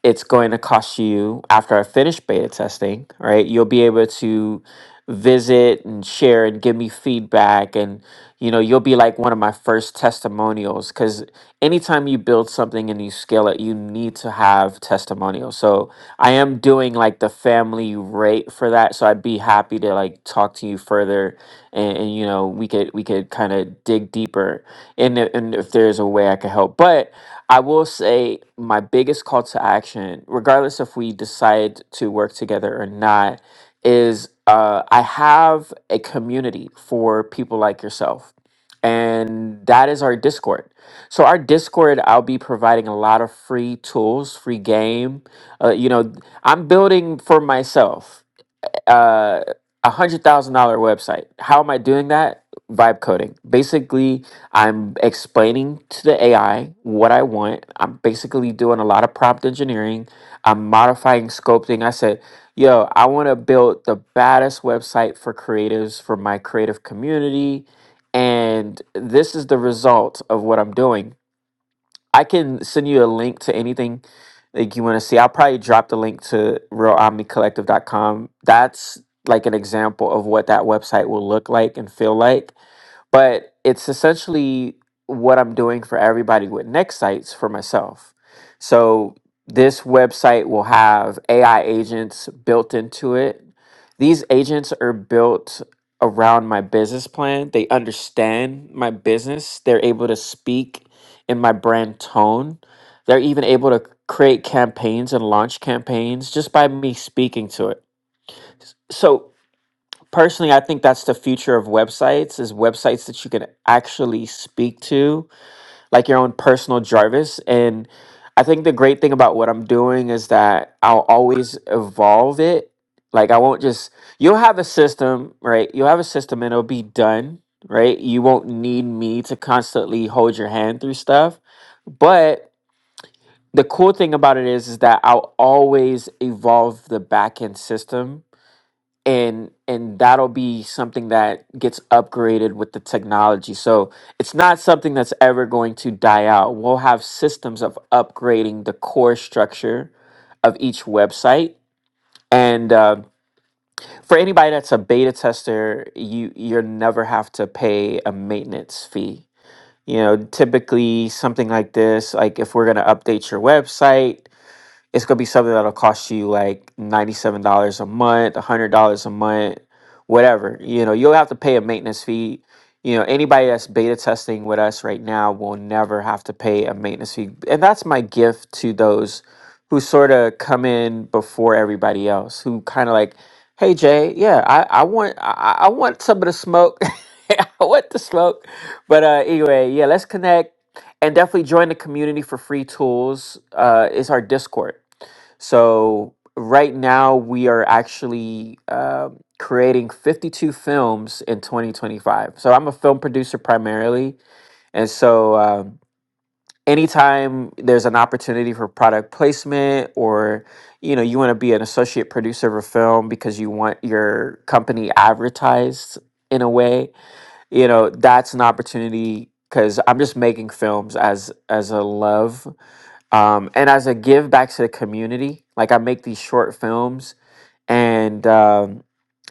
Speaker 1: it's going to cost you after I finish beta testing, right? You'll be able to visit and share and give me feedback and you know you'll be like one of my first testimonials because anytime you build something and you scale it you need to have testimonials so I am doing like the family rate for that, so I'd be happy to like talk to you further, and, and you know we could we could kind of dig deeper, and i- and if there's a way I could help. But I will say my biggest call to action, regardless if we decide to work together or not, is uh, I have a community for people like yourself, and that is our Discord. So our Discord, I'll be providing a lot of free tools, free game uh, you know, I'm building for myself uh, a hundred thousand dollar website. How am I doing that? Vibe coding. Basically, I'm explaining to the AI what I want. I'm basically doing a lot of prompt engineering. I'm modifying sculpting. I said, yo, I want to build the baddest website for creatives for my creative community. And this is the result of what I'm doing I can send you a link to anything that you want to see. I'll probably drop the link to realomnicollective.com. That's like an example of what that website will look like and feel like but it's essentially what I'm doing for everybody with next sites for myself. So this website will have AI agents built into it. These agents are built around my business plan. They understand my business. They're able to speak in my brand tone. They're even able to create campaigns and launch campaigns just by me speaking to it So personally i think that's the future of websites is websites that you can actually speak to like your own personal jarvis and i think the great thing about what i'm doing is that i'll always evolve it like i won't just you'll have a system right you'll have a system and it'll be done right you won't need me to constantly hold your hand through stuff but the cool thing about it is is that i'll always evolve the back end system and and that'll be something that gets upgraded with the technology so it's not something that's ever going to die out we'll have systems of upgrading the core structure of each website and um, for anybody that's a beta tester you you'll never have to pay a maintenance fee you know typically something like this like if we're going to update your website it's gonna be something that'll cost you like ninety-seven dollars a month, hundred dollars a month, whatever. You know, you'll have to pay a maintenance fee. You know, anybody that's beta testing with us right now will never have to pay a maintenance fee, and that's my gift to those who sort of come in before everybody else, who kind of like, hey Jay, yeah, I, I want I, I want some of the smoke. [LAUGHS] I want the smoke, but uh, anyway, yeah, let's connect and definitely join the community for free tools. Uh, is our Discord. So right now we are actually um creating 52 films in 2025. So I'm a film producer primarily, and so um, anytime there's an opportunity for product placement or you know you want to be an associate producer of a film because you want your company advertised in a way you know that's an opportunity because i'm just making films as as a love um, and as a give back to the community like i make these short films and um,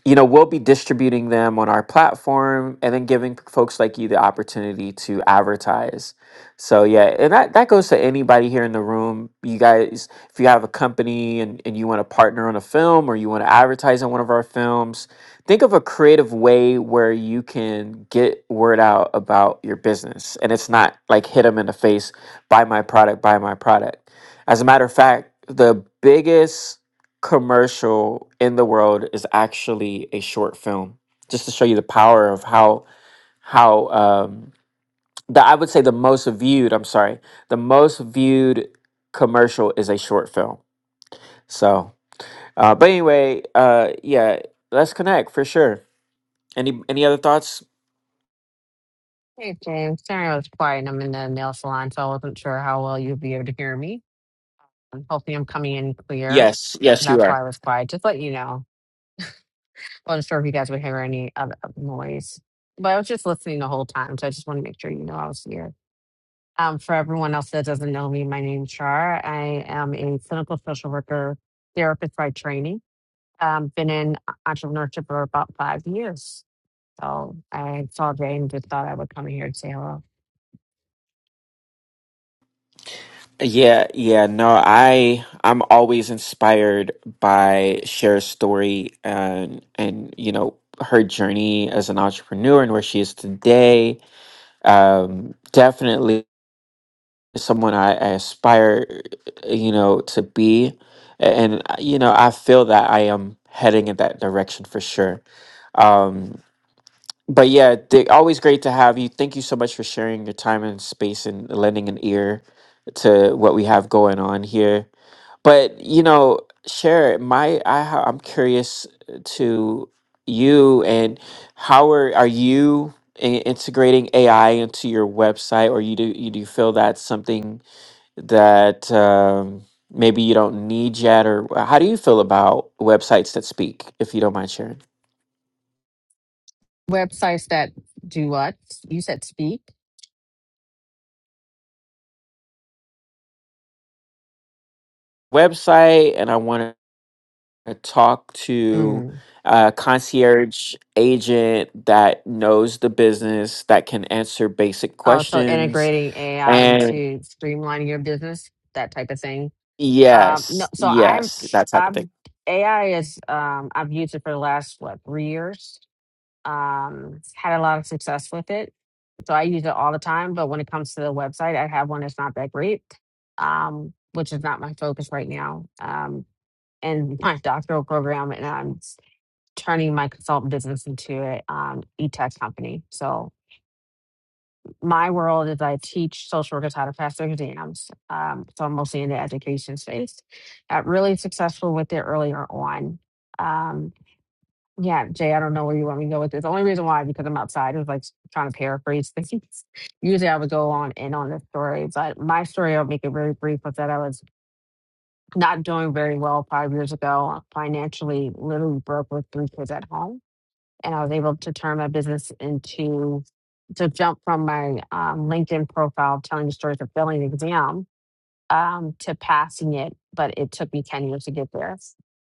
Speaker 1: you know we'll be distributing them on our platform and then giving folks like you the opportunity to advertise so yeah and that, that goes to anybody here in the room you guys if you have a company and, and you want to partner on a film or you want to advertise on one of our films think of a creative way where you can get word out about your business and it's not like hit them in the face buy my product buy my product as a matter of fact the biggest commercial in the world is actually a short film just to show you the power of how how um the i would say the most viewed i'm sorry the most viewed commercial is a short film so uh but anyway uh yeah let's connect for sure any any other thoughts
Speaker 8: Hey, James. Sorry I was quiet. I'm in the nail salon, so I wasn't sure how well you'd be able to hear me. I'm hoping I'm coming in clear.
Speaker 1: yes yes you
Speaker 8: That's
Speaker 1: are
Speaker 8: why I was quiet. Just let you know. I wasn't sure if you guys would hear any other noise, but I was just listening the whole time, so I just want to make sure you know I was here. Um, for everyone else that doesn't know me, my name's Char. I am a clinical social worker therapist by training. Um, been in entrepreneurship for about five years. So I saw Jane and just thought I would come here and say hello.
Speaker 1: Yeah, yeah, no, I I'm always inspired by Cher's story and and you know her journey as an entrepreneur and where she is today. Um, definitely someone I, I aspire, you know, to be, and uh, you know I feel that I am heading in that direction for sure. Um, but yeah, Dick, always great to have you. Thank you so much for sharing your time and space and lending an ear to what we have going on here but you know, share my I ha- I'm curious to you and how are are you in- integrating AI into your website, or you do you do you feel that's something that um, maybe you don't need yet, or how do you feel about websites that speak? If you don't mind sharing,
Speaker 8: Websites that do what? You said speak.
Speaker 1: website, and I want to talk to
Speaker 8: Mm.
Speaker 1: a concierge agent that knows the business that can answer basic
Speaker 8: Oh, so
Speaker 1: questions
Speaker 8: integrating AI
Speaker 1: And
Speaker 8: into streamlining your business, that type of thing. Um, no,
Speaker 1: yes,
Speaker 8: so I'm,
Speaker 1: yes, that type of thing.
Speaker 8: I'm AI is um, I've used it for the last what three years. Um, had a lot of success with it, so I use it all the time. But when it comes to the website, I have one that's not that great, um, which is not my focus right now. Um, in my doctoral program and I'm turning my consultant business into a um, e-tech company. So my world is I teach social workers how to pass their exams. Um, so I'm mostly in the education space. Got really successful with it earlier on. Um, yeah, Jay, I don't know where you want me to go with this. The only reason why, because I'm outside, is like trying to paraphrase things. [LAUGHS] Usually I would go on in on this story, but my story, I'll make it very brief, was that I was not doing very well five years ago, financially literally broke with three kids at home. And I was able to turn my business into to jump from my um, LinkedIn profile telling the stories of failing the exam um, to passing it, but it took me 10 years to get there.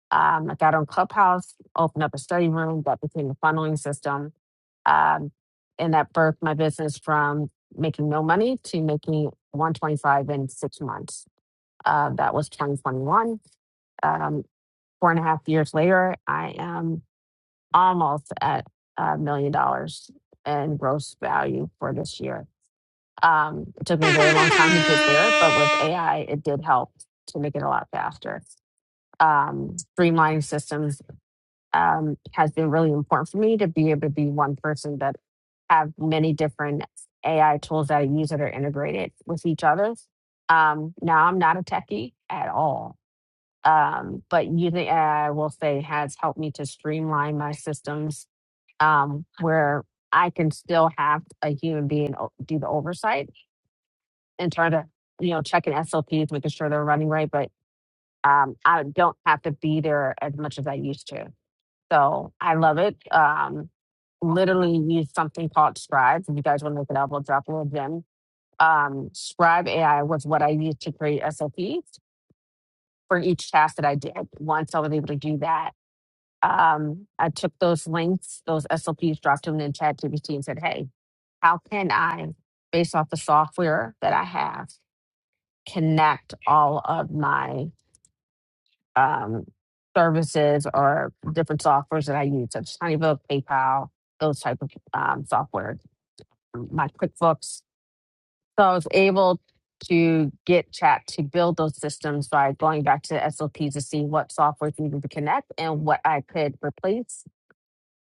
Speaker 8: Um, I got on Clubhouse, opened up a study room, that became a funneling system. Um, and that birthed my business from making no money to making 125 in six months. Uh, that was 2021 four and a half years later, I am almost at a million dollars in gross value for this year. Um, it took me a very long time to get there, but with AI, it did help to make it a lot faster. Um, streamlining systems um, has been really important for me to be able to be one person that have many different AI tools that I use that are integrated with each other. Um, now, I'm not a techie at all um, but using AI, will say, has helped me to streamline my systems um, where I can still have a human being o- do the oversight and try to, you know, checking SLPs, making sure they're running right, but um, I don't have to be there as much as I used to. So I love it. Um, literally use something called Scribe. If you guys want to look it up, we'll drop a little gem. Um, Scribe AI was what I used to create SLPs for each task that I did. Once I was able to do that, um, I took those links, those SLPs, dropped them in ChatGPT and said, hey, how can I, based off the software that I have, connect all of my um, services or different softwares that I use, such as HoneyBook, PayPal, those type of um, software, um, my QuickBooks. So I was able to get chat to build those systems by going back to the SLPs to see what software needed to connect and what I could replace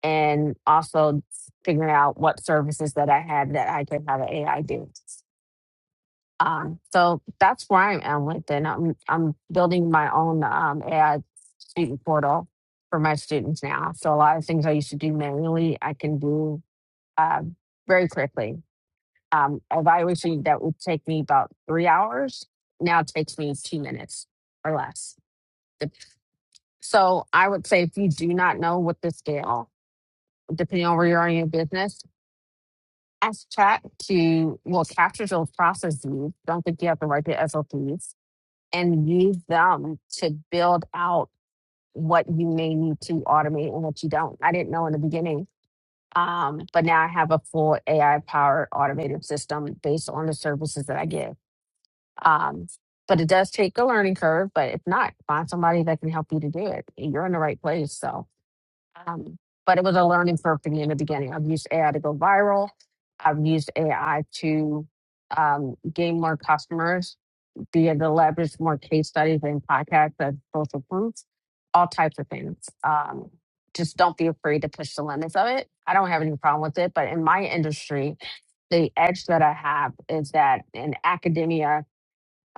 Speaker 8: and also figuring out what services that I had that I could have an AI do. Um, so that's where I am with it. I'm I'm building my own um, AI student portal for my students now. So a lot of things I used to do manually, I can do uh, very quickly. Um, evaluation that would take me about three hours now takes me two minutes or less. Dep- So I would say if you do not know what the scale, depending on where you are in your business, ask chat to well capture those processes don't think you have to write the sops and use them to build out what you may need to automate and what you don't i didn't know in the beginning um, but now i have a full ai powered automated system based on the services that i give um, but it does take a learning curve but if not find somebody that can help you to do it you're in the right place so um, but it was a learning curve for me in the beginning. I've used AI to go viral. I've used AI to um, gain more customers, be able to leverage more case studies and podcasts as social proof, all types of things. Um, just don't be afraid to push the limits of it. I don't have any problem with it, but in my industry, the edge that I have is that in academia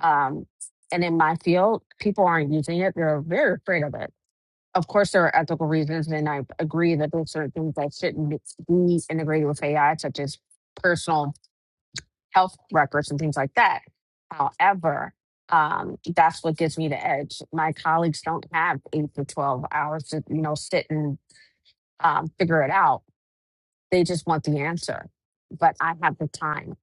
Speaker 8: um, and in my field, people aren't using it. They're very afraid of it of course, there are ethical reasons, and I agree that there's certain things that shouldn't be be integrated with AI, such as personal health records and things like that. However, um, that's what gives me the edge. My colleagues don't have eight to twelve hours to you know sit and um, figure it out. They just want the answer, but I have the time,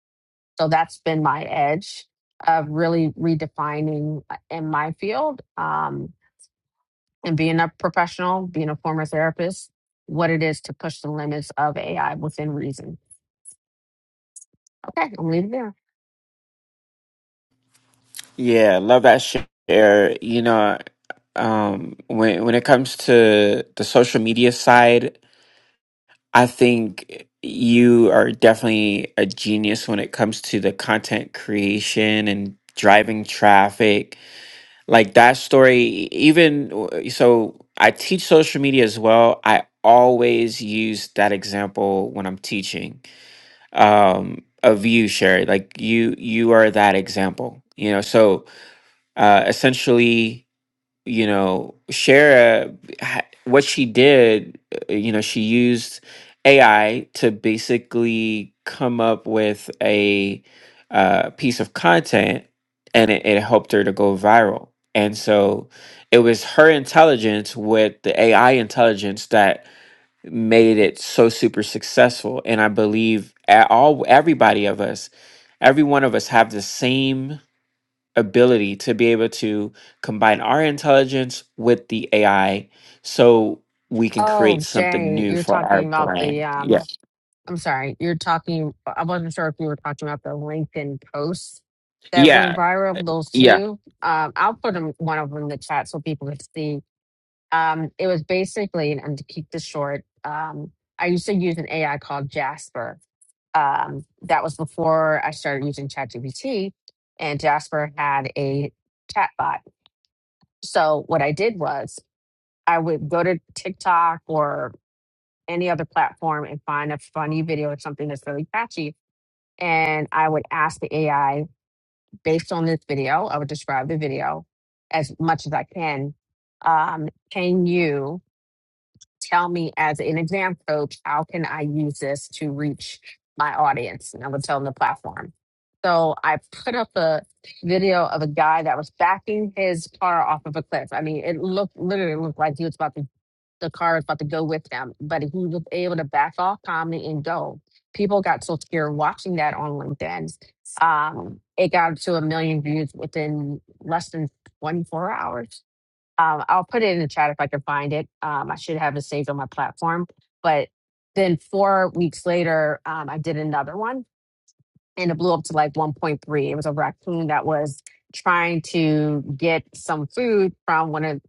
Speaker 8: so that's been my edge of really redefining uh, in my field. Um, and being a professional, being a former therapist, what it is to push the limits of AI within reason. Okay, I'm leaving there.
Speaker 1: Yeah, love that share. You know, um, when when it comes to the social media side, I think you are definitely a genius when it comes to the content creation and driving traffic. Like that story, even w- so, I teach social media as well. I always use that example when I'm teaching um, of you, Sherry. Like you, you are that example. You know, so uh, essentially, you know, Shara, ha- what she did, uh, you know, she used AI to basically come up with a uh, piece of content, and it, it helped her to go viral. And so, it was her intelligence with the AI intelligence that made it so super successful and i believe a- all everybody of us every one of us have the same ability to be able to combine our intelligence with the ai so we can create
Speaker 8: Oh,
Speaker 1: something
Speaker 8: Jay,
Speaker 1: new
Speaker 8: you're
Speaker 1: for our
Speaker 8: talking about the
Speaker 1: brand yeah
Speaker 8: um I'm sorry, you're talking I wasn't sure if you were talking about the LinkedIn posts that went
Speaker 1: yeah
Speaker 8: viral, those
Speaker 1: yeah
Speaker 8: two. Um I'll put them one of them in the chat so people can see. Um it was basically and to keep this short, um I used to use an AI called Jasper um, that was before I started using ChatGPT, and Jasper had a chatbot. So what I did was I would go to TikTok or any other platform and find a funny video or something that's really catchy, and I would ask the AI based on this video. I would describe the video as much as I can. Um, can you? tell me as an exam coach, how can I use this to reach my audience? And I would tell them the platform. So I put up a video of a guy that was backing his car off of a cliff. I mean, it looked literally looked like he was about to the car was about to go with him, but he was able to back off calmly and go. People got so scared watching that on LinkedIn. Um, it got to a million views within less than 24 hours um, I'll put it in the chat if I can find it. Um, I should have it saved on my platform. But then four weeks later, um, I did another one and it blew up to like 1.3. It was a raccoon that was trying to get some food from one of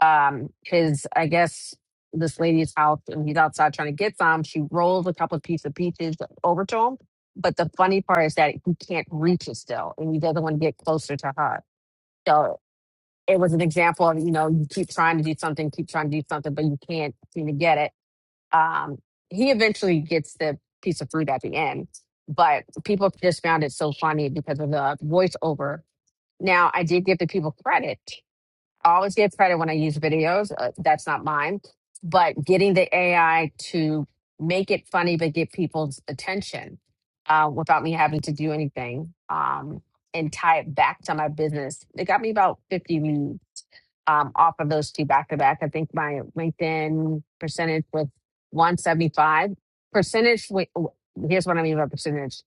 Speaker 8: um, his, I guess, this lady's house and he's outside trying to get some. She rolls a couple of pieces of peaches over to him. But the funny part is that he can't reach it still and he doesn't want to get closer to her. So it was an example of you know you keep trying to do something keep trying to do something but you can't seem to get it um he eventually gets the piece of fruit at the end but people just found it so funny because of the voiceover now i did give the people credit i always give credit when i use videos uh, that's not mine but getting the ai to make it funny but get people's attention uh, without me having to do anything um and tie it back to my business it got me about 50 leads um, off of those two back to back. I think my LinkedIn percentage was 175. Percentage, wi- here's what I mean by percentage.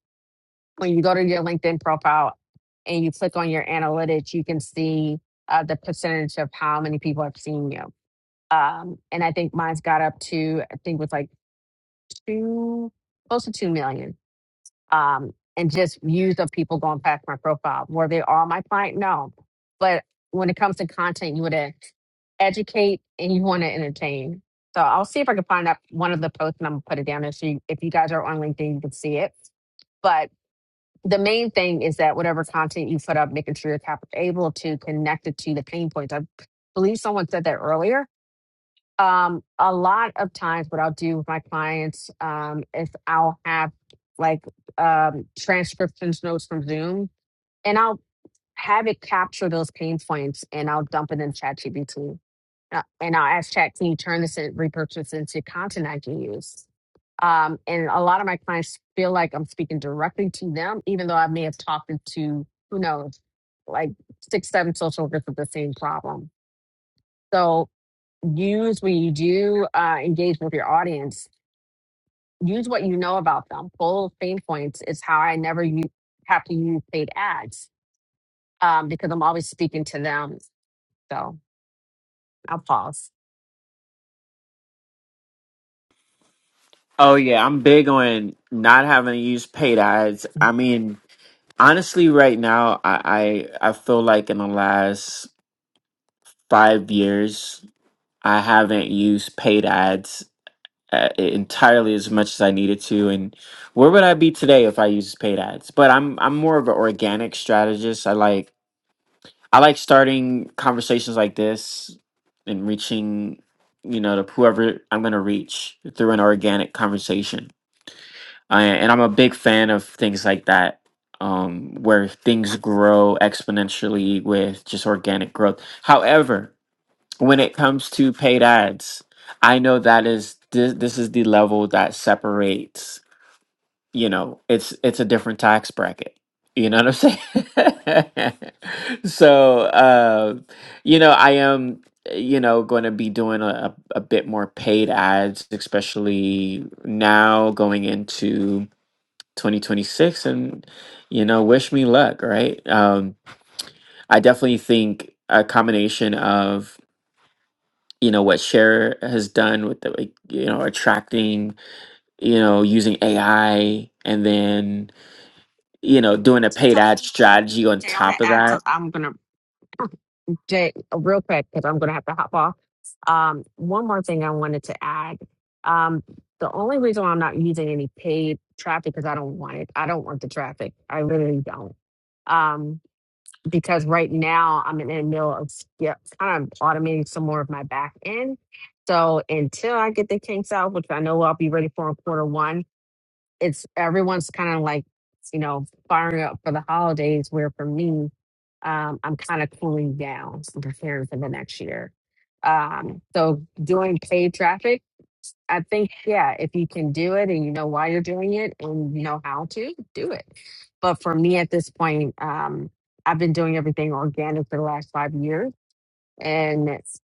Speaker 8: When you go to your LinkedIn profile and you click on your analytics, you can see uh, the percentage of how many people have seen you. Um, and I think mine's got up to, I think it was like two, close to 2 million um, and just views of people going past my profile. Were they all my client? No. But when it comes to content, you want to educate and you want to entertain. So I'll see if I can find out one of the posts and I'm gonna put it down there. So you, if you guys are on LinkedIn, you can see it. But the main thing is that whatever content you put up, making sure you're cap- able to connect it to the pain points. I believe someone said that earlier um a lot of times what i'll do with my clients um is i'll have like um transcriptions notes from zoom and i'll have it capture those pain points and i'll dump it in ChatGPT, gpt and i'll ask chat can you turn this in, repurchase into content i can use um and a lot of my clients feel like i'm speaking directly to them even though i may have talked to who knows like six seven social workers with the same problem so use when you do uh, engage with your audience, use what you know about them. Full pain points is how I never u- have to use paid ads um, because I'm always speaking to them. So I'll pause. [CLEARS THROAT]
Speaker 1: oh yeah i'm big on not having to use paid ads i mean honestly right now i i, I feel like in the last five years i haven't used paid ads uh, entirely as much as I needed to. And where would I be today if I used paid ads? But I'm I'm more of an organic strategist. I like I like starting conversations like this and reaching you know to whoever I'm going to reach through an organic conversation. I, and I'm a big fan of things like that. Um, where things grow exponentially with just organic growth. However, when it comes to paid ads, I know that is this, this is the level that separates, you know, it's it's a different tax bracket. You know what I'm saying? [LAUGHS] so, uh, you know, I am, you know, going to be doing a, a bit more paid ads, especially now going into 2026 and, you know, wish me luck, right? Um, I definitely think a combination of you know what Share has done with the like, you know attracting you know using AI and then you know doing a
Speaker 8: So
Speaker 1: paid ad
Speaker 8: Something
Speaker 1: strategy on
Speaker 8: Jay, I want to
Speaker 1: top of
Speaker 8: add. Some,
Speaker 1: that.
Speaker 8: I'm gonna Jay real quick because I'm gonna have to hop off. Um, one more thing I wanted to add. Um, the only reason why I'm not using any paid traffic is I don't want it. I don't want the traffic. I literally don't. Um, because right now I'm in the middle of yeah, kind of automating some more of my back end. So until I get the kinks out, which I know I'll be ready for in quarter one, it's everyone's kind of like, you know, firing up for the holidays, where for me, um, I'm kind of cooling down and preparing for the next year. Um, so doing paid traffic I think, yeah, if you can do it and you know why you're doing it and you know how to do it. But for me at this point, um, I've been doing everything organic for the last five years. And it's,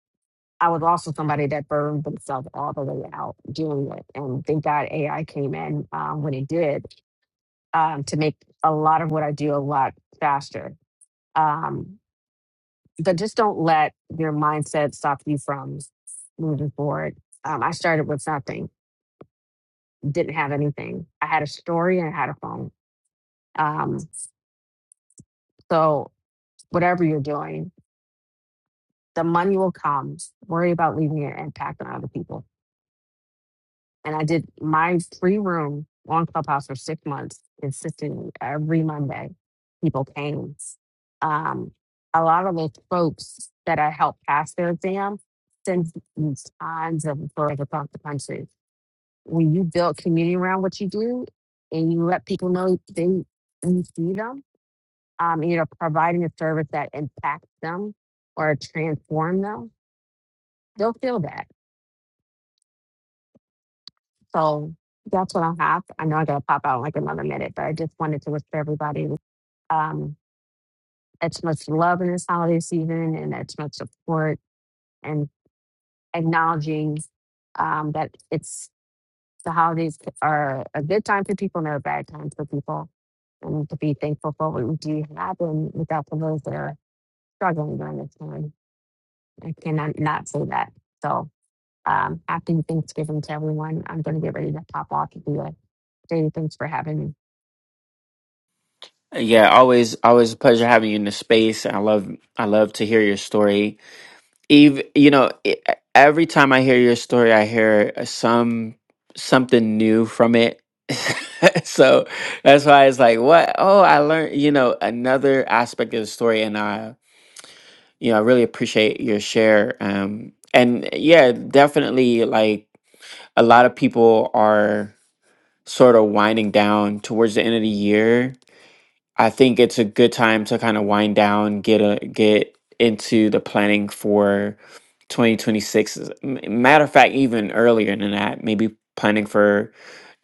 Speaker 8: I was also somebody that burned themselves all the way out doing it. And thank God AI came in um, when it did um, to make a lot of what I do a lot faster. Um, but just don't let your mindset stop you from moving forward. Um, I started with nothing didn't have anything. I had a story and I had a phone. Um, so whatever you're doing, the money will come. Worry about leaving your impact on other people. And I did my free room on Clubhouse for six months, consistently every Monday. People came. Um, a lot of those folks that I helped pass their exam sent me tons of referrals across the country. When you build community around what you do and you let people know they you see them um, you know, providing a service that impacts them or transform them, they'll feel that. So that's what I have. I know I gotta pop out in like another minute, but I just wanted to wish everybody um as much love in this holiday season and as much support and acknowledging um that it's the holidays are a good time for people and they're a bad time for people. And to be thankful for what we do have and without for those that are struggling during this time. I cannot not say that. So um, happy Thanksgiving to everyone. I'm going to get ready to pop off and do it. Jay, thanks for having me.
Speaker 1: Yeah, always always a pleasure having you in the space. I love I love to hear your story. Eve, you know, e- e, every time I hear your story, I hear uh, some something new from it. [LAUGHS] so that's why it's like, what? Oh, I learned, you know, another aspect of the story, and I you know, I really appreciate your share. Um, and yeah, definitely, like a lot of people are sort of winding down towards the end of the year. I think it's a good time to kind of wind down, get a get into the planning for 2026. As a m- Matter of fact, even earlier than that, maybe planning for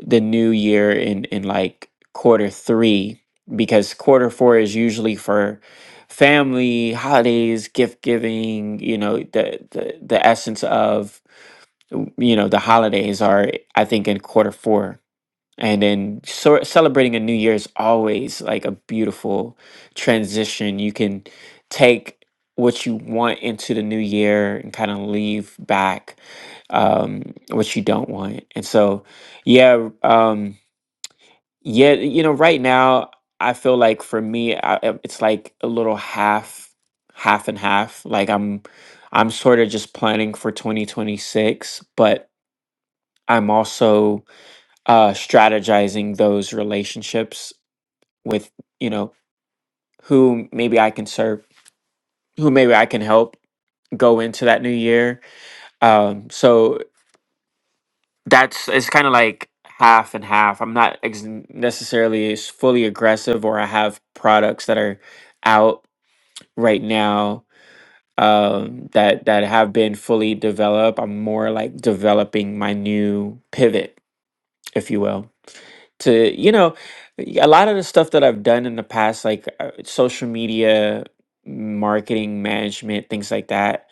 Speaker 1: the new year in in like quarter three because quarter four is usually for family holidays gift giving you know the the, the essence of w- you know the holidays are i think in quarter four and then so celebrating a new year is always like a beautiful transition. You can take what you want into the new year and kind of leave back um, what you don't want. And so, yeah, um, yeah, you know, right now I feel like for me, I, I- it's like a little half, half and half. Like I'm, I'm sort of just planning for 2026, but I'm also uh strategizing those relationships with you know who maybe i can serve who maybe i can help go into that new year um so that's it's kind of like half and half i'm not ex- necessarily as fully aggressive or i have products that are out right now um that that have been fully developed i'm more like developing my new pivot if you will to you know a lot of the stuff that i've done in the past like uh, social media marketing management things like that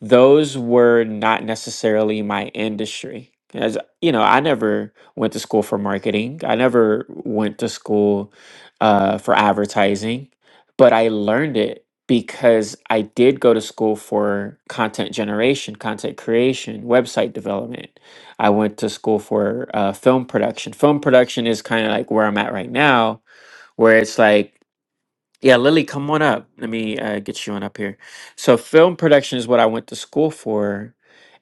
Speaker 1: those were not necessarily my industry as you know i never went to school for marketing i never went to school uh, for advertising but i learned it because i did go to school for content generation content creation website development I went to school for uh, film production. Film production is kind of like where I'm at right now, where it's like, yeah, Lily, come on up. Let me uh, get you on up here. So, film production is what I went to school for.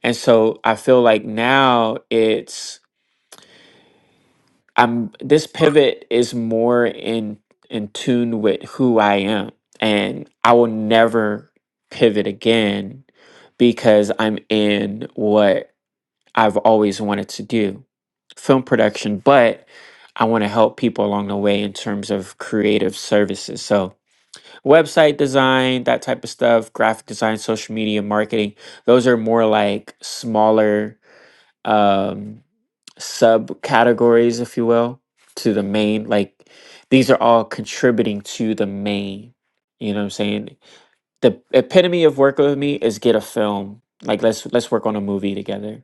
Speaker 1: And so I feel like now it's, I'm, this pivot is more in, in tune with who I am. And I will never pivot again because I'm in what I've always wanted to do film production, but I want to help people along the way in terms of creative services. So, website design, that type of stuff, graphic design, social media marketing, those are more like smaller um, subcategories, if you will, to the main. Like, these are all contributing to the main. You know what I'm saying? The epitome of work with me is get a film. Like let's let's work on a movie together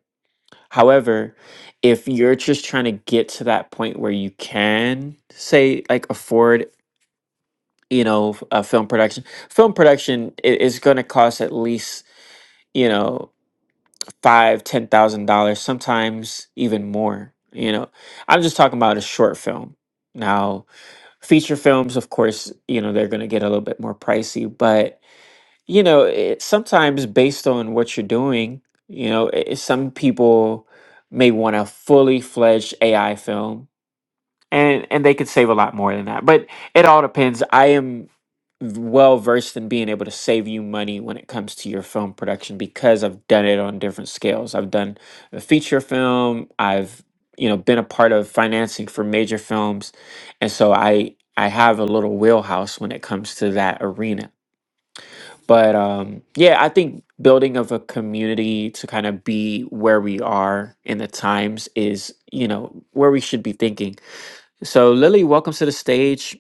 Speaker 1: However, if you're just trying to get to that point where you can say like afford, you know, f- a film production, film production i- is going to cost at least you know five, ten thousand dollars, sometimes even more. You know, I'm just talking about a short film. Now, feature films, of course, you know they're going to get a little bit more pricey, but you know it, sometimes based on what you're doing you know i some people may want a fully fledged ai film and and they could save a lot more than that but it all depends i am well versed in being able to save you money when it comes to your film production because i've done it on different scales i've done a feature film i've you know been a part of financing for major films and so i i have a little wheelhouse when it comes to that arena but um, yeah, I think building of a community to kind of be where we are in the times is, you know, where we should be thinking. So Lily, welcome to the stage.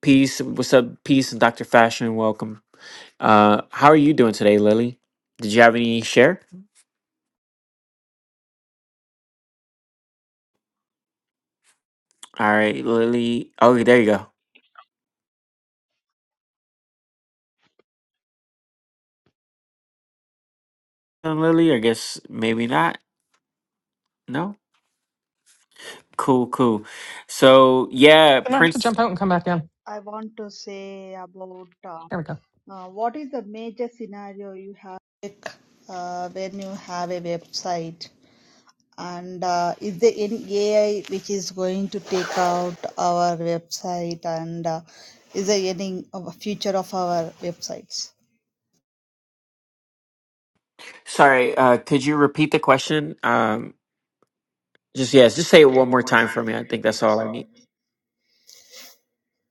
Speaker 1: Peace. What's up, Peace and Dr. Fashion? Welcome. Uh, how are you doing today, Lily? Did you have any share? All right, Lily. Oh, there you go. Uh, Lily, I guess maybe not. No? Cool, cool. So yeah,
Speaker 5: And I have to
Speaker 1: Prince.
Speaker 5: jump out and come back in.
Speaker 9: I want to say about uh,
Speaker 5: There we go.
Speaker 9: uh, what is the major scenario you have uh, when you have a website, and uh, is there any AI which is going to take out our website, and uh, is there any of a future of our websites?
Speaker 1: Sorry, uh, could you repeat the question? Um, Just yes, just say it one more time for me. I think that's all I need.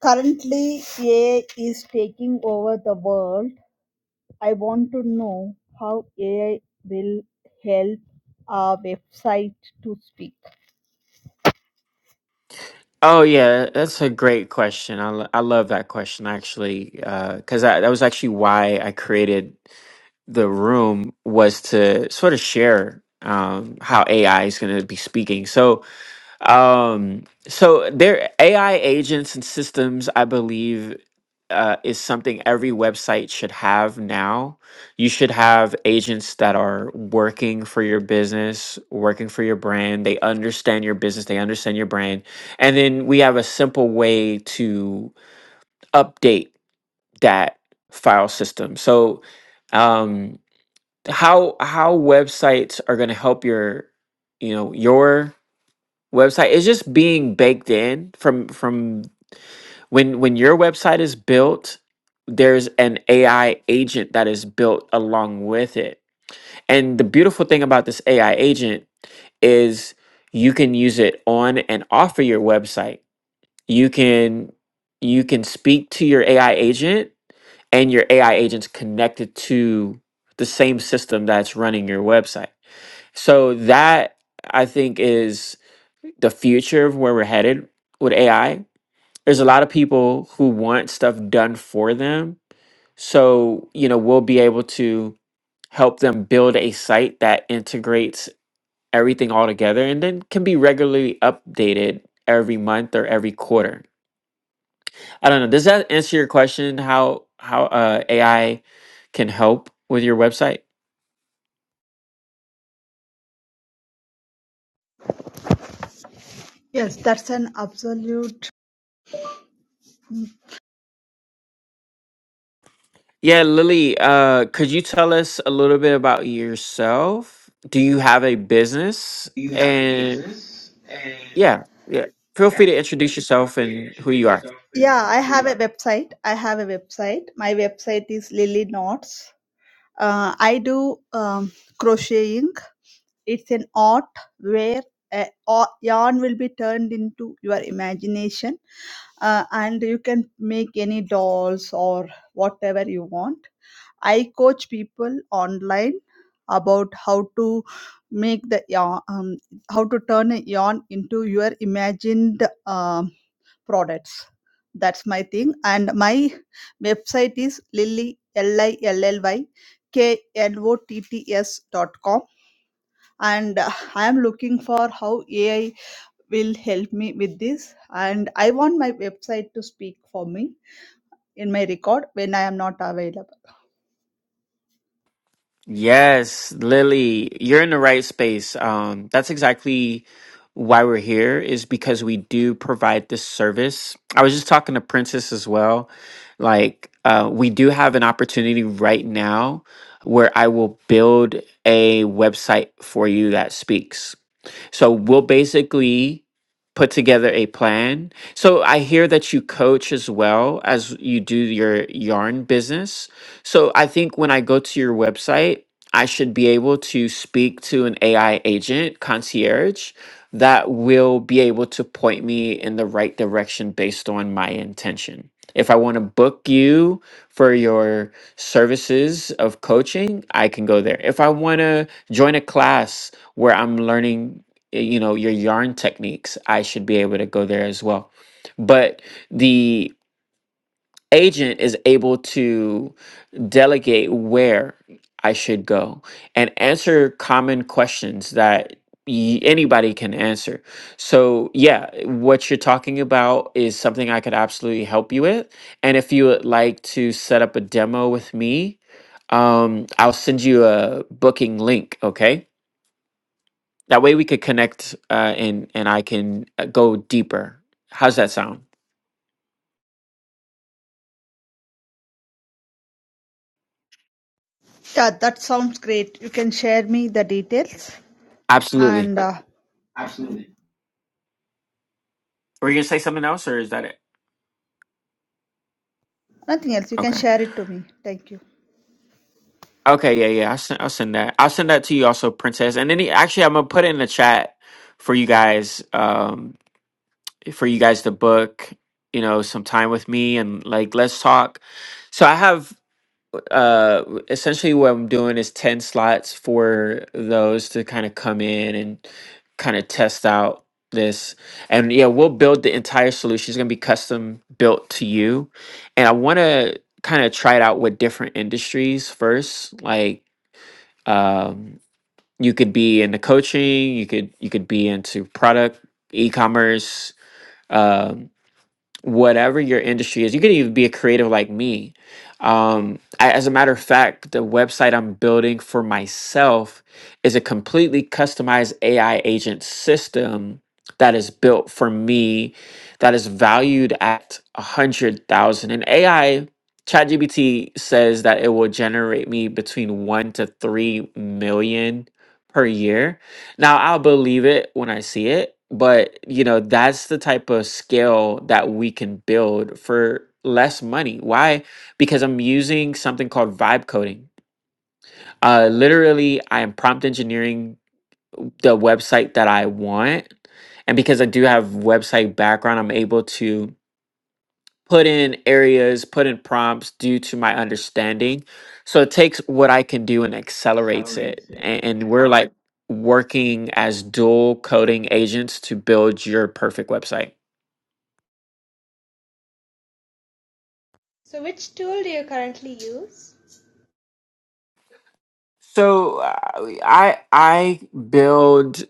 Speaker 9: Currently, AI is taking over the world. I want to know how AI will help our website to speak.
Speaker 1: Oh yeah, that's a great question. I, lo- I love that question actually, because I that was actually why I created the room was to sort of share um, how AI is going to be speaking. So Um, so there AI agents and systems, I believe, uh, is something every website should have now. You should have agents that are working for your business, working for your brand. They understand your business, they understand your brand. And then we have a simple way to update that file system. So um how how websites are going to help your you know your website is just being baked in from from when when your website is built there's an AI agent that is built along with it and the beautiful thing about this AI agent is you can use it on and off of your website you can you can speak to your AI agent and your AI agent's connected to the same system that's running your website so that I think is the future of where we're headed with AI, there's a lot of people who want stuff done for them. So, you know, we'll be able to help them build a site that integrates everything all together and then can be regularly updated every month or every quarter. I don't know. Does that answer your question how how uh, AI can help with your website?
Speaker 9: Yes, that's an absolute
Speaker 1: Yeah, Lily, uh, could you tell us a little bit about yourself? Do you have a business? Yeah, yeah. Feel free to introduce yourself and who you are.
Speaker 9: website i have a website my website is lily knots uh, i do um, crocheting it's an art where a, a- yarn will be turned into your imagination uh, and you can make any dolls or whatever you want i coach people online about how to make the yarn um, how to turn a yarn into your imagined um, products. That's my thing. And my website is lilly L-I-L-L-Y, K-N-O-T-T-S dot com. And uh, I am looking for how AI will help me with this. And I want my website to speak for me in my record when I am not available.
Speaker 1: Yes, Lily, you're in the right space. Um, that's exactly why we're here is because we do provide this service. I was just talking to Princess as well. Like, uh, we do have an opportunity right now where I will build a website for you that speaks. So we'll basically put together a plan. So I hear that you coach as well as you do your yarn business. So I think when I go to your website, I should be able to speak to an AI agent, concierge, that will be able to point me in the right direction based on my intention. If I want to book you for your services of coaching, I can go there. If I want to join a class where I'm learning eh, you know your yarn techniques i should be able to go there as well but the agent is able to delegate where i should go and answer common questions that y- anybody can answer so yeah what you're talking about is something i could absolutely help you with and if you would like to set up a demo with me um, i'll send you a booking link okay that way we could connect uh, and and I can uh, go deeper. How's that sound?
Speaker 9: Yeah, that sounds great. You can share me the details
Speaker 1: Absolutely.
Speaker 9: and uh,
Speaker 1: Were you gonna say something else, or is that it?
Speaker 9: nothing else. You can
Speaker 1: Okay.
Speaker 9: share it to me. Thank you.
Speaker 1: Okay. Yeah. Yeah. I'll send, I'll send that. I'll send that to you also, Princess. And then he- actually, I'm gonna put it in the chat for you guys. Um, for you guys to book, you know, some time with me and like let's talk. So I have uh essentially what i'm doing is 10 slots for those to kind of come in and kind of test out this and yeah we'll build the entire solution it's going to be custom built to you and i want to kind of try it out with different industries first like um you could be into coaching you could you could be into product e-commerce um, whatever your industry is. You could even be a creative like me. Um, I, as a matter of fact, the website I'm building for myself is a completely customized AI agent system that is built for me, that is valued at a hundred thousand. And AI, ChatGPT says that it will generate me between one to three million per year now I'll believe it when I see it, but you know, that's the type of scale that we can build for less money. Why? Because I'm using something called vibe coding. Uh literally I am prompt engineering the website that I want. And because I do have website background, I'm able to put in areas, put in prompts due to my understanding. So it takes what I can do and accelerates it. And, and we're like working as dual coding agents to build your perfect website.
Speaker 9: So, which tool do you currently use?
Speaker 1: So uh, I I build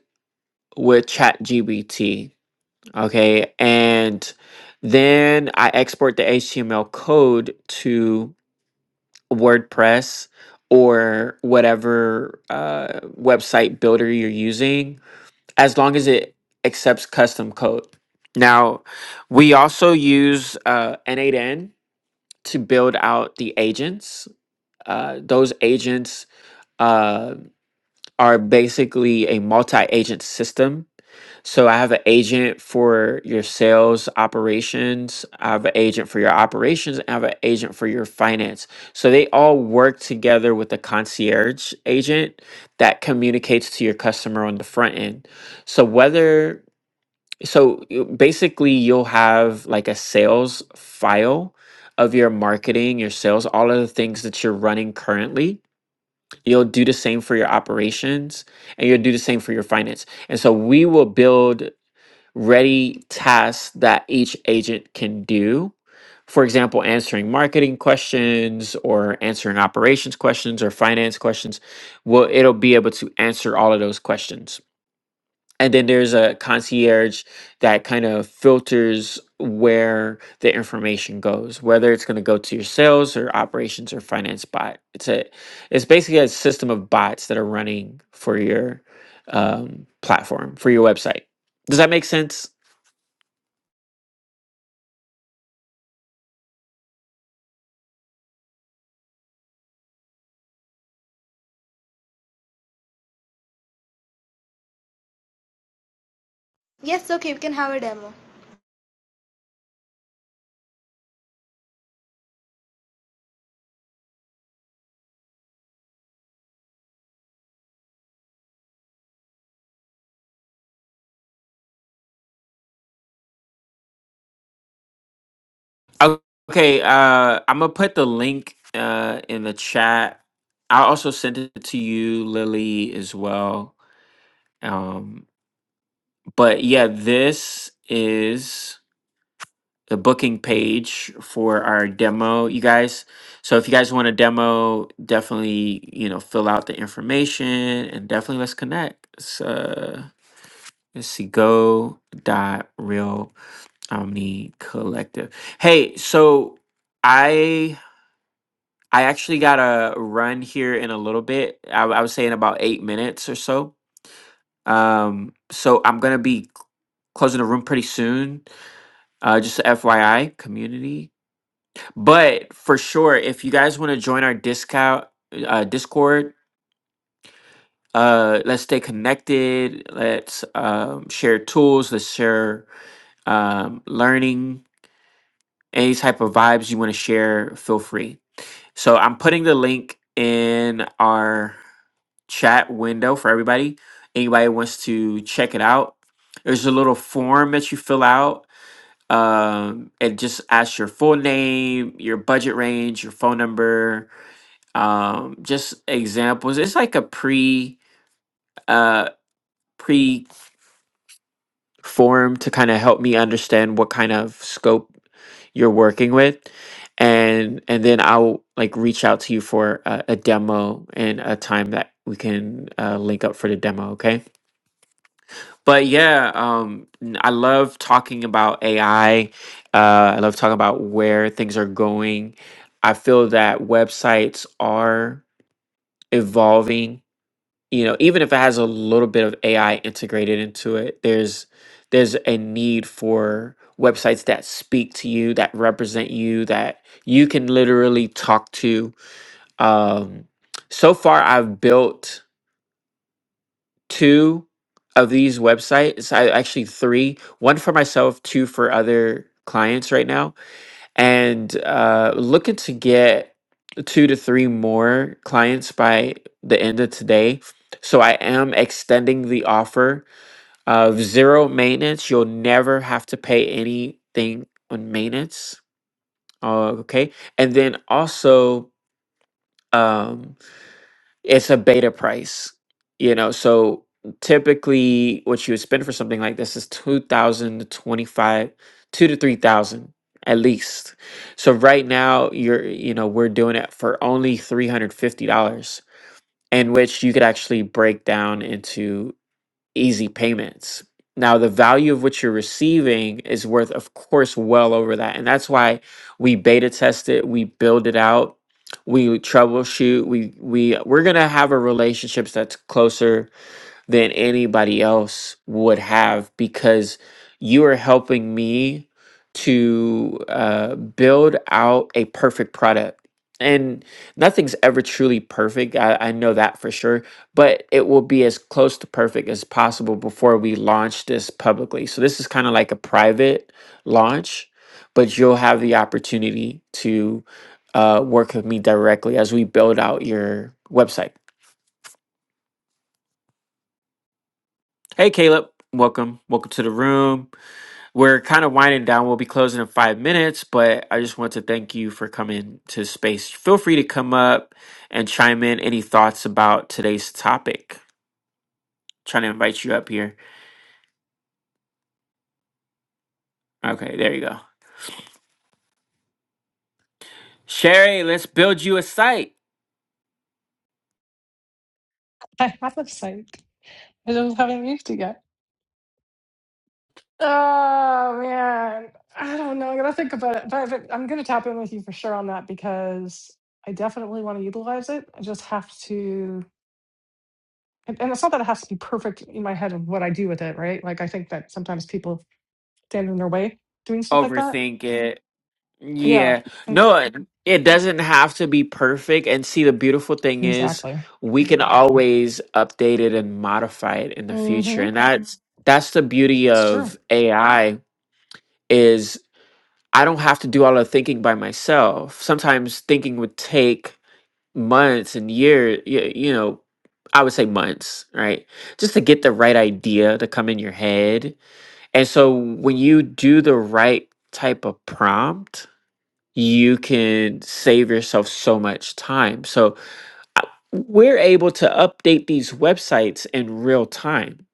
Speaker 1: with ChatGPT, okay, and then I export the HTML code to WordPress or whatever uh, website builder you're using as long as it accepts custom code. Now, we also use uh, N8N to build out the agents. Uh, those agents uh, are basically a multi agent system. So I have an agent for your sales operations, I have an agent for your operations, and I have an agent for your finance. So they all work together with the concierge agent that communicates to your customer on the front end. So whether so you- basically, you'll have like a sales file of your marketing, your sales, all of the things that you're running currently. You'll do the same for your operations and you'll do the same for your finance. And so we will build ready tasks that each agent can do. For example, answering marketing questions or answering operations questions or finance questions. Well, it'll be able to answer all of those questions and then there's a concierge that kind of filters where the information goes whether it's going to go to your sales or operations or finance bot it's a it's basically a system of bots that are running for your um, platform for your website does that make sense
Speaker 9: Yes, okay, we can have a demo.
Speaker 1: O- okay uh, i'm gonna put the link uh, in the chat i also sent it to you lily as well um, but yeah this is the booking page for our demo, you guys. So if you guys want a demo, definitely you know fill out the information and definitely let's connect. It's, uh, let's see, go dot real omni collective. Hey, so I I actually got to run here in a little bit. I, I would say in about eight minutes or so. Um, so I'm gonna be closing the room pretty soon. Uh, just FYI, community. But for sure, if you guys want to join our discount uh, Discord, uh, let's stay connected. Let's um, share tools. Let's share um, learning. Any type of vibes you want to share, feel free. So I'm putting the link in our chat window for everybody. Anybody wants to check it out. There's a little form that you fill out. Um, it just asks your full name, your budget range, your phone number, um just examples it's like a pre uh pre form to kind of help me understand what kind of scope you're working with and and then i'll like reach out to you for a, a demo and a time that we can uh, link up for the demo okay but yeah um n- i love talking about ai uh i love talking about where things are going i feel that websites are evolving you know even if it has a little bit of ai integrated into it there's there's a need for websites that speak to you that represent you that you can literally talk to um so far i've built two of these websites i actually three one for myself two for other clients right now and uh, looking to get two to three more clients by the end of today. So I am extending the offer of zero maintenance. You'll never have to pay anything on maintenance. Uh, okay, and then also. Um, it's a beta price you know so typically what you would spend for something like this is 2000 to 25 2 to 3000 at least so right now you're you know we're doing it for only $350 in which you could actually break down into easy payments. Now, the value of what you're receiving is worth, of course, well over that. And that's why we beta test it, we build it out, we troubleshoot, we we we're gonna have a relationships that's closer than anybody else would have because you are helping me to uh, build out a perfect product. And nothing's ever truly perfect. I, I know that for sure, but it will be as close to perfect as possible before we launch this publicly. So, this is kind of like a private launch, but you'll have the opportunity to uh, work with me directly as we build out your website. Hey, Caleb. Welcome. Welcome to the room. We're kind of winding down. We'll be closing in five minutes, but I just want to thank you for coming to space. Feel free to come up and chime in any thoughts about today's topic. trying to invite you up here. Okay, there you go. Sherry, let's build you a site.
Speaker 5: I have a site. I just haven't used it yet. Oh man, I don't know. I'm gonna think about it, but but I'm gonna tap in with you for sure on that because I definitely want to utilize it. I just have to, and, and it's not that it has to be perfect in my head of what I do with it, right? Like I think that sometimes people stand in their way doing stuff like that.
Speaker 1: Overthink it.
Speaker 5: Yeah,
Speaker 1: Yeah.
Speaker 5: mm,
Speaker 1: No, it it doesn't have to be perfect. And see, the beautiful thing is
Speaker 5: exactly.
Speaker 1: we can always update it and modify it in the future.
Speaker 5: hmm
Speaker 1: And that's that's the beauty
Speaker 5: It's true.
Speaker 1: of AI is I don't have to do all the thinking by myself. Sometimes thinking would take months and years, you know, I would say months, right? Just to get the right idea to come in your head. And so when you do the right type of prompt, you can save yourself so much time. So we're able to update these websites in real time.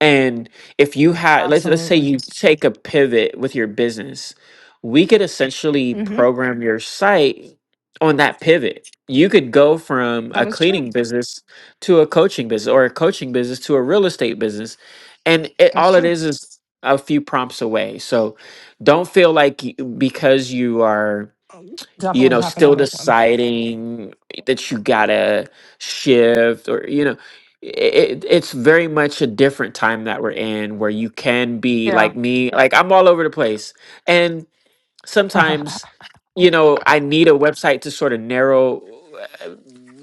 Speaker 1: And if you had let's let's say
Speaker 5: Absolutely.
Speaker 1: you take a pivot with your business, we could essentially
Speaker 5: hmm
Speaker 1: program your site on that pivot. You could go from
Speaker 5: That
Speaker 1: a
Speaker 5: is
Speaker 1: cleaning
Speaker 5: true.
Speaker 1: business to a coaching business or a coaching business to a real estate business. And it,
Speaker 5: That's
Speaker 1: all it
Speaker 5: true.
Speaker 1: is is a few prompts away. So don't feel like y- because you are
Speaker 5: Um,
Speaker 1: you
Speaker 5: Definitely
Speaker 1: know,
Speaker 5: tap in on
Speaker 1: still
Speaker 5: this one.
Speaker 1: deciding that you gotta shift or, you know, it, it's very much a different time that we're in where you can be
Speaker 5: Yeah.
Speaker 1: like me, like I'm all over the place. And
Speaker 5: [LAUGHS]
Speaker 1: sometimes, you know, I need a website to sort of narrow uh,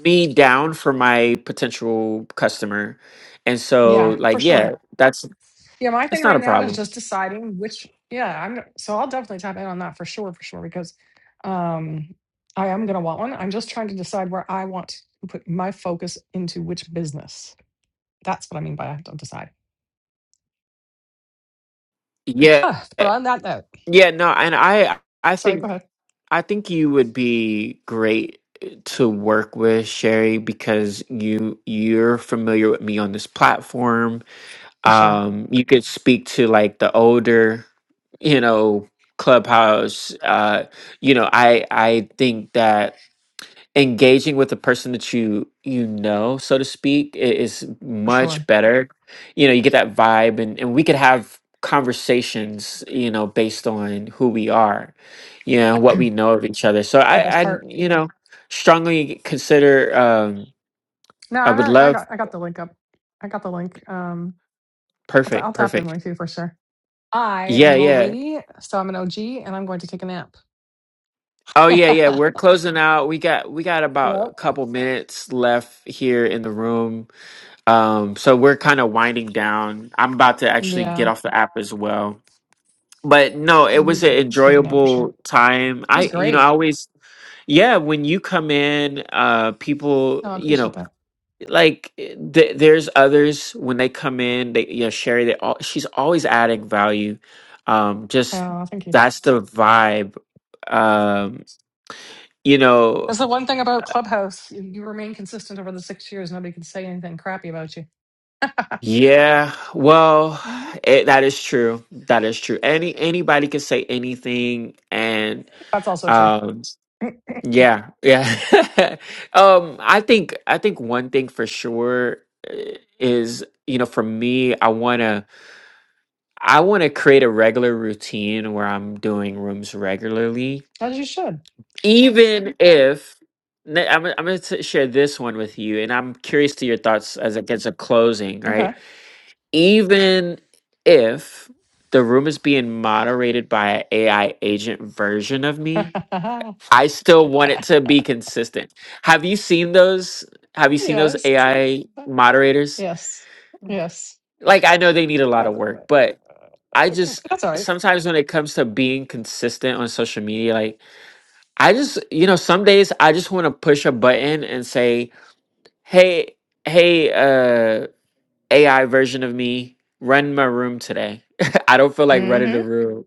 Speaker 1: me down for my potential customer. And so,
Speaker 5: yeah, for
Speaker 1: like, yeah,
Speaker 5: sure.
Speaker 1: yeah, that's,
Speaker 5: Yeah, my thing
Speaker 1: it's not
Speaker 5: right
Speaker 1: a
Speaker 5: now is
Speaker 1: problem.
Speaker 5: just deciding which yeah, I'm so I'll definitely tap in on that for sure, for sure, because um I am gonna want one. I'm just trying to decide where I want to put my focus into which business. That's what I mean by I have to decide.
Speaker 1: Yeah.
Speaker 5: Ah, but on that note,
Speaker 1: Yeah. No. And I, I
Speaker 5: sorry,
Speaker 1: think
Speaker 5: go ahead.
Speaker 1: I think you would be great eh, to work with Sherry because you you're familiar with me on this platform.
Speaker 5: For sure.
Speaker 1: Um, you could speak to like the older, you know, clubhouse. Uh, you know, I I think that engaging with a person that you you know so to speak i- is
Speaker 5: For
Speaker 1: much
Speaker 5: sure.
Speaker 1: better you know you get that vibe and, and we could have conversations you know based on who we are you know what we know of each other so
Speaker 5: It's the best
Speaker 1: i i
Speaker 5: part.
Speaker 1: you know strongly consider um
Speaker 5: No,
Speaker 1: i
Speaker 5: I,
Speaker 1: would
Speaker 5: already- I
Speaker 1: love
Speaker 5: got I got the link up. I got the link. Um I'll, t- I'll
Speaker 1: perfect
Speaker 5: tap in
Speaker 1: perfect
Speaker 5: with you for sure. I am
Speaker 1: yeah
Speaker 5: an old
Speaker 1: yeah
Speaker 5: lady, so I'm an OG, and I'm going to take a nap.
Speaker 1: oh
Speaker 5: [LAUGHS]
Speaker 1: yeah yeah we're closing out we got we got about a
Speaker 5: yep.
Speaker 1: couple minutes left here in the room Um, so we're kind of winding down. I'm about to actually get
Speaker 5: Yeah,
Speaker 1: off the app as well. But no,
Speaker 5: I
Speaker 1: it
Speaker 5: need
Speaker 1: was an
Speaker 5: to take a nap for sure.
Speaker 1: enjoyable
Speaker 5: It
Speaker 1: time.
Speaker 5: was
Speaker 1: I, you know, I
Speaker 5: great.
Speaker 1: always yeah when you come in uh people
Speaker 5: No, I
Speaker 1: you
Speaker 5: appreciate
Speaker 1: know
Speaker 5: that.
Speaker 1: like eh, th- there's others when they come in they you know sherry they all she's always adding value um just
Speaker 5: Oh, thank you.
Speaker 1: that's the vibe um you know
Speaker 5: That's the one thing about Clubhouse. You, you remain consistent over the six years. Nobody can say anything crappy about you.
Speaker 1: Yeah, well,
Speaker 5: hmm
Speaker 1: it, that is true. That is true. Any anybody can say anything, and
Speaker 5: That's also true.
Speaker 1: um, yeah, yeah. [LAUGHS] um, I think I think one thing for sure eh, is you know for me, I wanna I wanna create a regular routine where I'm doing rooms regularly,
Speaker 5: As you should.
Speaker 1: even if n- I'm I'm gonna t- share this one with you, and I'm curious to your thoughts as it gets a closing, right?
Speaker 5: Okay.
Speaker 1: even if the room is being moderated by an AI agent version of
Speaker 5: [LAUGHS]
Speaker 1: me, I still want it to be consistent. Have you seen those? Have you seen those
Speaker 5: yes.
Speaker 1: AI moderators?
Speaker 5: Yes. Yes.
Speaker 1: Like, I know they need a lot
Speaker 5: Uh,
Speaker 1: of work, but I just
Speaker 5: That's all right.
Speaker 1: sometimes when it comes to being consistent on social media, like, I just, you know, some days I just want to push a button and say, hey, hey, uh, AI version of me run my room today. [LAUGHS] I don't feel like running
Speaker 5: Mm-hmm.
Speaker 1: the room,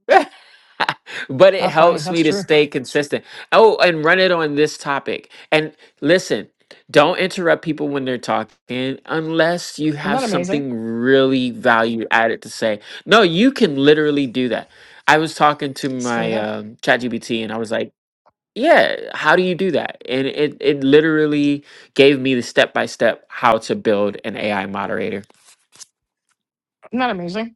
Speaker 1: [LAUGHS] but it
Speaker 5: That's funny.
Speaker 1: helps me
Speaker 5: That's
Speaker 1: to
Speaker 5: true.
Speaker 1: stay consistent. Oh, and run it on this topic. And listen, don't interrupt people when they're talking unless you
Speaker 5: Isn't
Speaker 1: have
Speaker 5: that amazing?
Speaker 1: something really value added to say. No, you can literally do that. I was talking to
Speaker 5: Swear to
Speaker 1: my
Speaker 5: God.
Speaker 1: um, ChatGPT and I was like, yeah, how do you do that? And it, it literally gave me the step by step how to build an AI moderator.
Speaker 5: Isn't that amazing?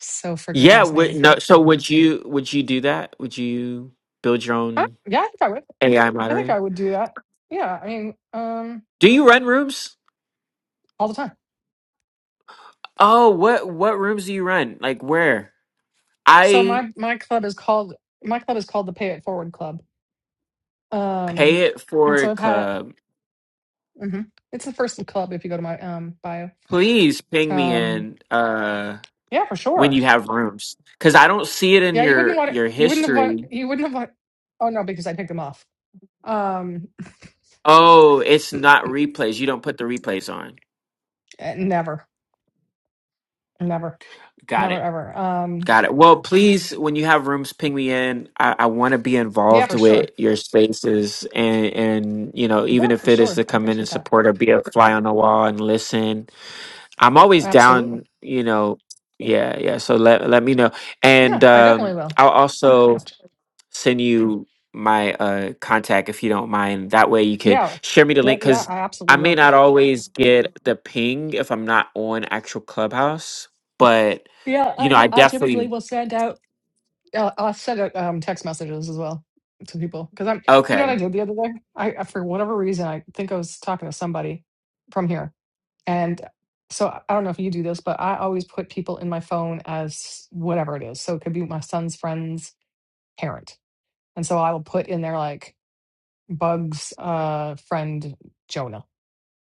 Speaker 5: So freaking
Speaker 1: Yeah, would
Speaker 5: fascinating.
Speaker 1: no so would you would you do that? Would you build your
Speaker 5: Uh,
Speaker 1: own
Speaker 5: yeah, I think I would.
Speaker 1: AI
Speaker 5: I think
Speaker 1: moderator?
Speaker 5: I would do that. Yeah, I mean, um,
Speaker 1: Do you run rooms?
Speaker 5: all the time.
Speaker 1: Oh, what what rooms do you run? Like where?
Speaker 5: So
Speaker 1: I
Speaker 5: my my club is called my club is called the Pay It Forward Club. Um,
Speaker 1: pay it
Speaker 5: and
Speaker 1: for
Speaker 5: so I've had it.
Speaker 1: club.
Speaker 5: hmm It's the first club if you go to my um bio.
Speaker 1: Please ping me
Speaker 5: Um,
Speaker 1: in uh
Speaker 5: yeah, for
Speaker 1: when
Speaker 5: sure.
Speaker 1: you have rooms cuz I don't see it in
Speaker 5: Yeah, you wouldn't
Speaker 1: your
Speaker 5: want it.
Speaker 1: your
Speaker 5: You wouldn't have want.
Speaker 1: history.
Speaker 5: You wouldn't have want. Oh no, because I picked them off. Um,
Speaker 1: Oh, it's not replays. You don't put the replays on.
Speaker 5: eh, never, never,
Speaker 1: Got
Speaker 5: never,
Speaker 1: it.
Speaker 5: ever. Um,
Speaker 1: Got it. Well, please, when you have rooms, ping me in. I, I want to be
Speaker 5: yeah,
Speaker 1: involved
Speaker 5: for
Speaker 1: with
Speaker 5: sure.
Speaker 1: your spaces, and and you know,
Speaker 5: Yeah,
Speaker 1: even if
Speaker 5: for
Speaker 1: it is
Speaker 5: sure.
Speaker 1: to
Speaker 5: I
Speaker 1: come in and
Speaker 5: appreciate that.
Speaker 1: support or be a fly on the wall and listen, I'm always
Speaker 5: Absolutely.
Speaker 1: down. You know, yeah, yeah. So let let me know,
Speaker 5: Yeah,
Speaker 1: and
Speaker 5: I definitely
Speaker 1: um,
Speaker 5: will.
Speaker 1: I'll also
Speaker 5: Ouch.
Speaker 1: send you my uh contact if you don't mind. That way, you could
Speaker 5: Yeah,
Speaker 1: share me the
Speaker 5: yeah,
Speaker 1: link
Speaker 5: yeah.
Speaker 1: because
Speaker 5: I
Speaker 1: I
Speaker 5: absolutely
Speaker 1: may
Speaker 5: will.
Speaker 1: not always get the ping if I'm not on actual Clubhouse, but
Speaker 5: Yeah,
Speaker 1: you
Speaker 5: I
Speaker 1: know, I
Speaker 5: kn- I
Speaker 1: definitely
Speaker 5: typically will send out. Uh, I'll send out um, text messages as well to people because I'm. You know what
Speaker 1: Okay.
Speaker 5: I did the other day? I I- for whatever reason I think I was talking to somebody from here, and so I I don't know if you do this, but I always put people in my phone as whatever it is. So it could be my son's friend's parent, and so I will put in there like Bugs' uh, friend Jonah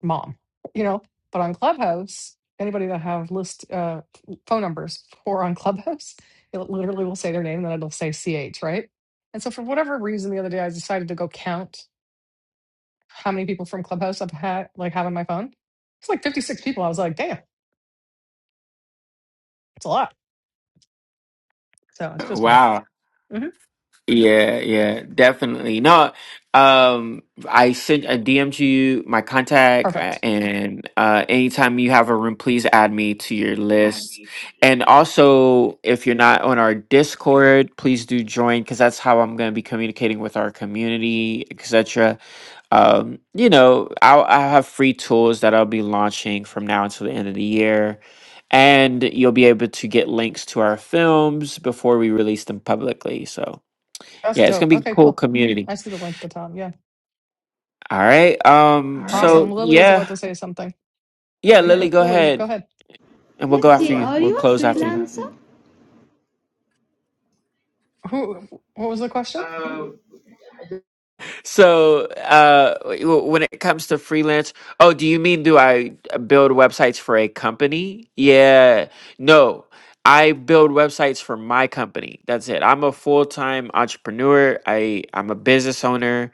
Speaker 5: mom, you know. But on Clubhouse, anybody that have list uh, phone numbers for on [LAUGHS] Clubhouse, it literally will say their name and then it'll say CH, right? And so for whatever reason, the other day I decided to go count how many people from Clubhouse I've had like have on my phone. It's like 56 people. I was like, damn, it's a lot. So it's just funny.
Speaker 1: Wow.
Speaker 5: hmm
Speaker 1: Yeah, yeah, definitely. No, um, I sent a DM to you, my contact, uh,
Speaker 5: Perfect.
Speaker 1: and uh, anytime you have a room, please add me to your list. And also, if you're not on our Discord, please do join because that's how I'm going to be communicating with our community, etc. Um, you know, I'll, I'll have free tools that I'll be launching from now until the end of the year. And you'll be able to get links to our films before we release them publicly. So,
Speaker 5: That's
Speaker 1: yeah, it's
Speaker 5: dope.
Speaker 1: gonna be a
Speaker 5: Okay,
Speaker 1: cool
Speaker 5: cool.
Speaker 1: community.
Speaker 5: I see the link at the top. Yeah.
Speaker 1: All right. Um.
Speaker 5: Awesome.
Speaker 1: So
Speaker 5: Lily was about
Speaker 1: yeah,
Speaker 5: to say something. All
Speaker 1: yeah.
Speaker 5: Right
Speaker 1: Lily,
Speaker 5: quick.
Speaker 1: go
Speaker 5: Lily, go
Speaker 1: ahead,
Speaker 5: ahead.
Speaker 1: and
Speaker 9: Yeah.
Speaker 1: we'll go after you. We'll close after you.
Speaker 5: Who, what was the question?
Speaker 1: So, uh, w- when it comes to freelance, oh, do you mean do I uh, build websites for a company? Yeah. No, I build websites for my company. That's it. I'm a full time entrepreneur. I I'm a business owner.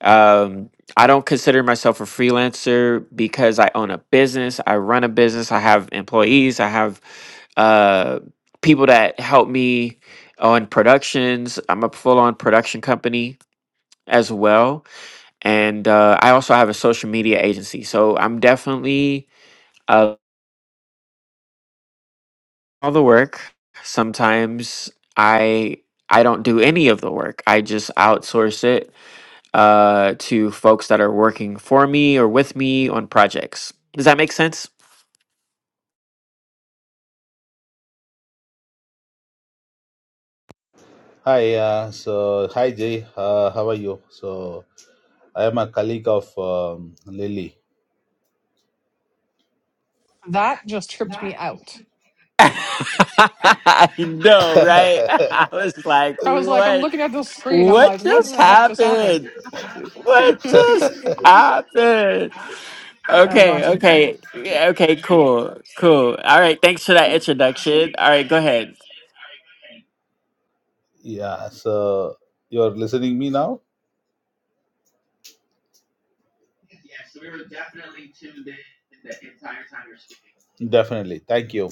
Speaker 1: Um, I don't consider myself a freelancer because I own a business. I run a business. I have employees. I have uh, people that help me on productions. I'm a full on production company as well. And uh, I also have a social media agency. So I'm definitely uh, all the work. Sometimes I. I don't do any of the work. I just outsource it uh, to folks that are working for me or with me on projects. Does that make sense?
Speaker 9: Hi, uh, so hi Jay, uh, how are you? So I am a colleague of um, Lily.
Speaker 5: That just tripped me out.
Speaker 1: [LAUGHS] I know, right? [LAUGHS] I was like,
Speaker 5: I was like, I'm
Speaker 1: what?
Speaker 5: looking at this screen. I'm
Speaker 1: What
Speaker 5: like, what
Speaker 1: just
Speaker 5: the heck just happened?
Speaker 1: happened?
Speaker 5: [LAUGHS]
Speaker 1: What
Speaker 5: that
Speaker 1: just happened?
Speaker 5: was
Speaker 1: Okay,
Speaker 5: awesome.
Speaker 1: okay, yeah, okay, cool, cool. All right, thanks for that introduction. All right, go ahead.
Speaker 9: Yeah, so you are listening me now? Definitely, thank you.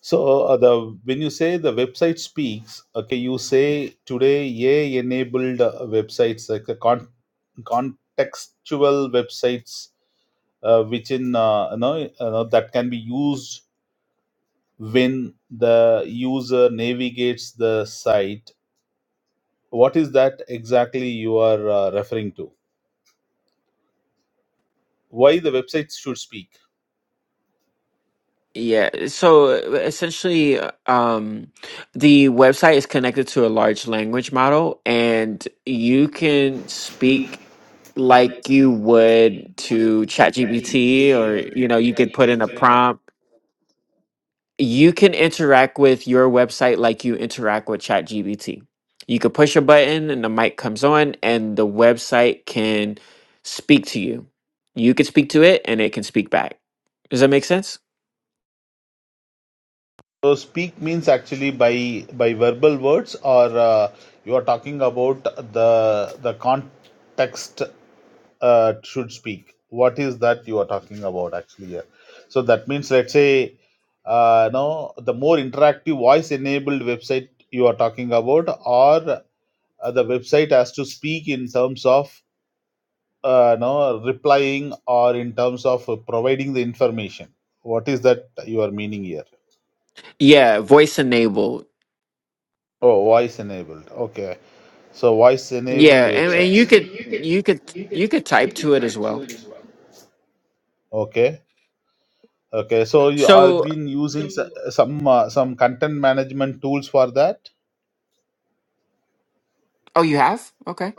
Speaker 9: So uh, the when you say the website speaks, okay, you say today AI-enabled uh, websites like the con- contextual websites, uh, which in uh, you know, you know that can be used when the user navigates the site what is that exactly you are uh, referring to why the websites should speak
Speaker 1: Yeah, so uh, essentially, uh, um, the website is connected to a large language model, and you can speak like you would to ChatGPT, or you know, you could put in a prompt. You can interact with your website like you interact with ChatGPT. You could push a button, and the mic comes on, and the website can speak to you. You could speak to it, and it can speak back. Does that make sense?
Speaker 9: so speak means actually by by verbal words or uh, you are talking about the the context uh, should speak what is that you are talking about actually here so that means let's say uh, no the more interactive voice enabled website you are talking about or uh, the website has to speak in terms of uh, no replying or in terms of uh, providing the information what is that you are meaning here
Speaker 1: Yeah, voice enabled.
Speaker 9: oh voice enabled okay so voice
Speaker 1: Yeah,
Speaker 9: enabled
Speaker 1: and, and
Speaker 9: websites
Speaker 1: you could you could you could type to it as well.
Speaker 9: okay okay so you i've
Speaker 1: So,
Speaker 9: been using s- some uh, some content management tools for that
Speaker 1: oh, you have? Okay.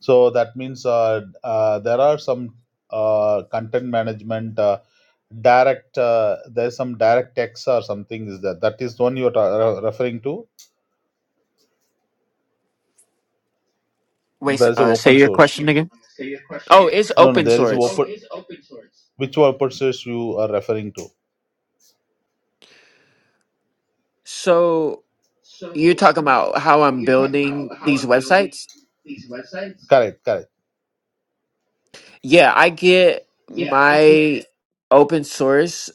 Speaker 9: so that means uh, uh, there are some uh, content management uh, direct uh, there's some direct text or something is that that is the one you're ta- re- referring to
Speaker 1: Wait, s-
Speaker 9: There is a
Speaker 1: uh, say
Speaker 9: open
Speaker 1: your
Speaker 9: source.
Speaker 1: question again. Oh, it's
Speaker 9: No, no,
Speaker 1: open
Speaker 9: there is a Oh,
Speaker 1: source.
Speaker 9: open. Which open source you are referring to?
Speaker 1: So you're talking about how I'm building these websites?
Speaker 9: Correct, correct.
Speaker 1: Yeah, I get my open source,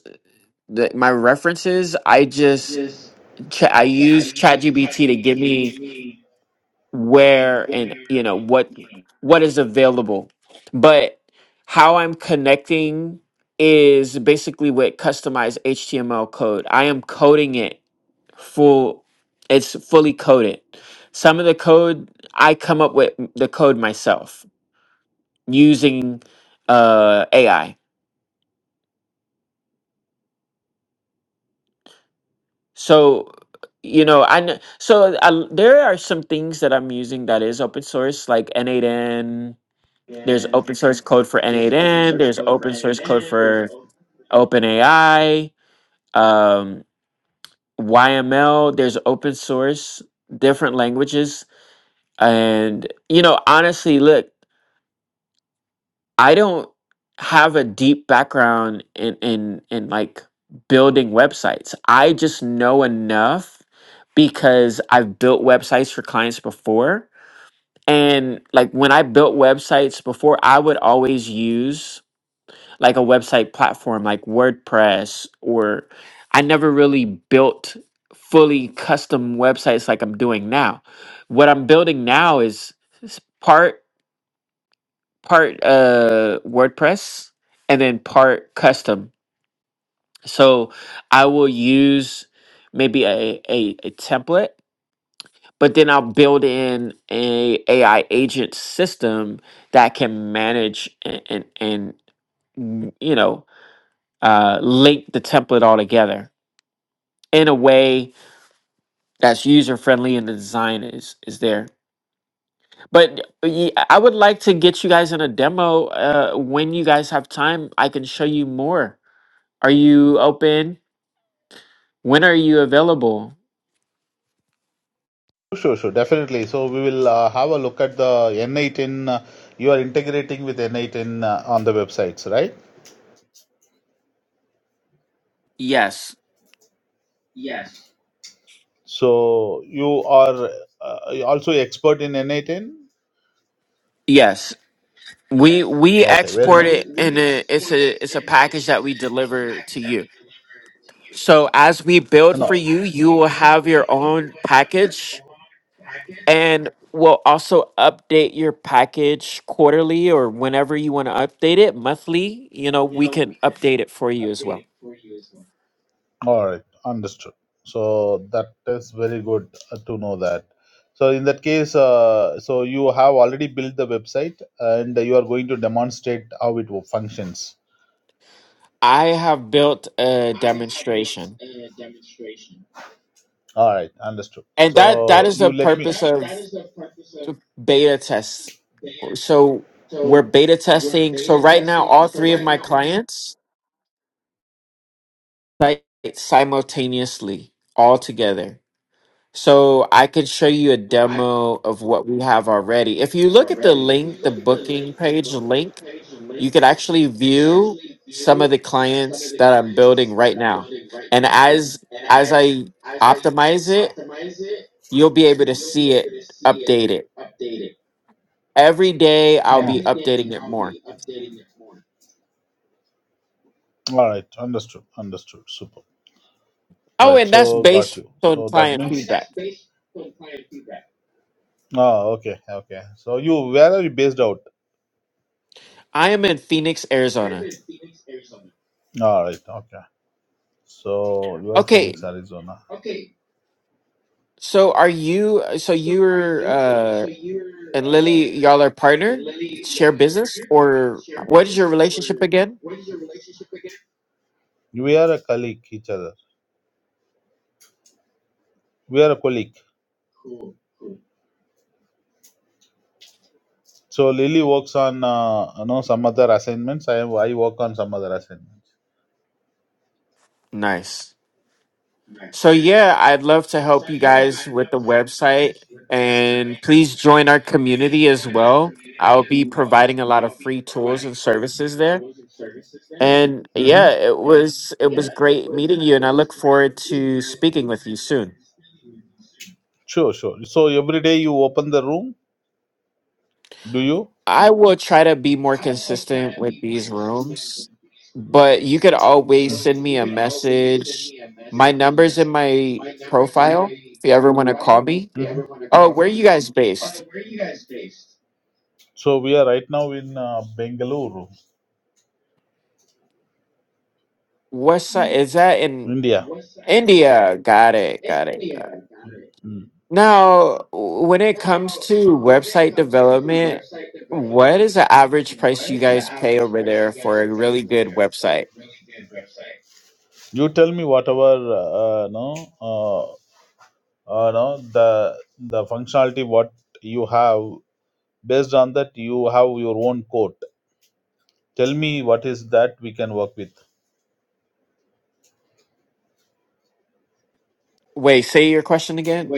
Speaker 1: the, my references. I just ch- I use ChatGPT to give me where and you know what what is available but how i'm connecting is basically with customized html code i am coding it full it's fully coded some of the code i come up with the code myself using uh ai so you know i kn- so I, there are some things that i'm using that is open source like n8n there's open source code for N8N, there's open source code for OpenAI, um, YML, there's open source, different languages. And, you know, honestly, look, I don't have a deep background in, in, in like building websites. I just know enough because I've built websites for clients before. And like when I built websites before, I would always use like a website platform like WordPress or I never really built fully custom websites like I'm doing now. What I'm building now is s- part part uh WordPress and then part custom. So I will use maybe a, a, a template, but then I'll build in a AI agent system that can manage and and, and mm, you know uh, link the template all together in a way that's user friendly and the design is is there. But y- I would like to get you guys in a demo uh, when you guys have time. I can show you more. Are you open? When are you available?
Speaker 9: Sure, sure, definitely. So we will uh, have a look at the N8 uh, you are integrating with N8 uh, on the websites, right?
Speaker 1: Yes,
Speaker 9: So you are uh, you also expert in N8.
Speaker 1: yes. We we
Speaker 9: Okay, very
Speaker 1: export
Speaker 9: nice.
Speaker 1: it and it's a it's a package that we deliver to you. So as we build
Speaker 9: No,
Speaker 1: for you, you will have your own package And we'll also update your package quarterly or whenever you want to update it, monthly. You know, we can update it for you as well.
Speaker 9: All right, understood. So that is very good uh, to know that. So in that case, uh, so you have already built the website and you are going to demonstrate how it wo- functions.
Speaker 1: I have built a demonstration.
Speaker 9: All right, understood.
Speaker 1: And that that
Speaker 9: So
Speaker 1: is
Speaker 9: you
Speaker 1: the
Speaker 9: let And me.
Speaker 1: purpose
Speaker 9: That
Speaker 1: of
Speaker 9: that is the purpose of
Speaker 1: the beta tests so we're beta testing. So right now, all three of my clients site simultaneously, all together. So I can show you a demo of what we have already. If you look at the link, the booking page link, you could actually view some of the clients that I'm building right now. And as as I optimize it, you'll be able to see it updated. Every day I'll
Speaker 9: Yeah.
Speaker 1: be
Speaker 9: Every day
Speaker 1: updating it
Speaker 9: I'll
Speaker 1: more.
Speaker 9: be updating it more. All right, understood, understood, super.
Speaker 1: Oh,
Speaker 9: Right,
Speaker 1: and that's
Speaker 9: so got
Speaker 1: based
Speaker 9: you.
Speaker 1: on
Speaker 9: So that
Speaker 1: client
Speaker 9: means. Okay, that's
Speaker 1: feedback.
Speaker 9: basic. Oh, okay, okay. So you, where are you based out?
Speaker 1: I am in Phoenix, Arizona.
Speaker 9: All right, okay. So you are Phoenix,
Speaker 1: Okay,
Speaker 9: Arizona.
Speaker 1: so are you? So you're uh, and Lily, y'all are partner, share business, or what is your relationship again?
Speaker 9: we are a colleague each other we are a colleague so lily works on uh, you know some other assignments i i work on some other assignments
Speaker 1: Nice. So yeah, I'd love to help you guys with the website, and please join our community as well. I'll be providing a lot of free tools and services there. And
Speaker 9: mm-hmm.
Speaker 1: yeah, it was it was great meeting you, and I look forward to speaking with you soon.
Speaker 9: sure sure so every day you open the room do you
Speaker 1: I will try to be more
Speaker 9: Mm.
Speaker 1: consistent with these rooms, but you could always
Speaker 9: Mhm.
Speaker 1: send me a message. My number's in my profile if you ever want to call me. Oh, where are you guys based?
Speaker 9: so we are right now in uh, bengaluru
Speaker 1: What side is that in
Speaker 9: india
Speaker 1: India? Got it, got it. Now, w- when it comes to website development, what is the average price you guys pay over there for a really good website?
Speaker 9: you tell me whatever uh, uh, no uh, uh, no the the functionality what you have based on that you have your own code tell me what is that we can work with
Speaker 1: Wait, say your question again.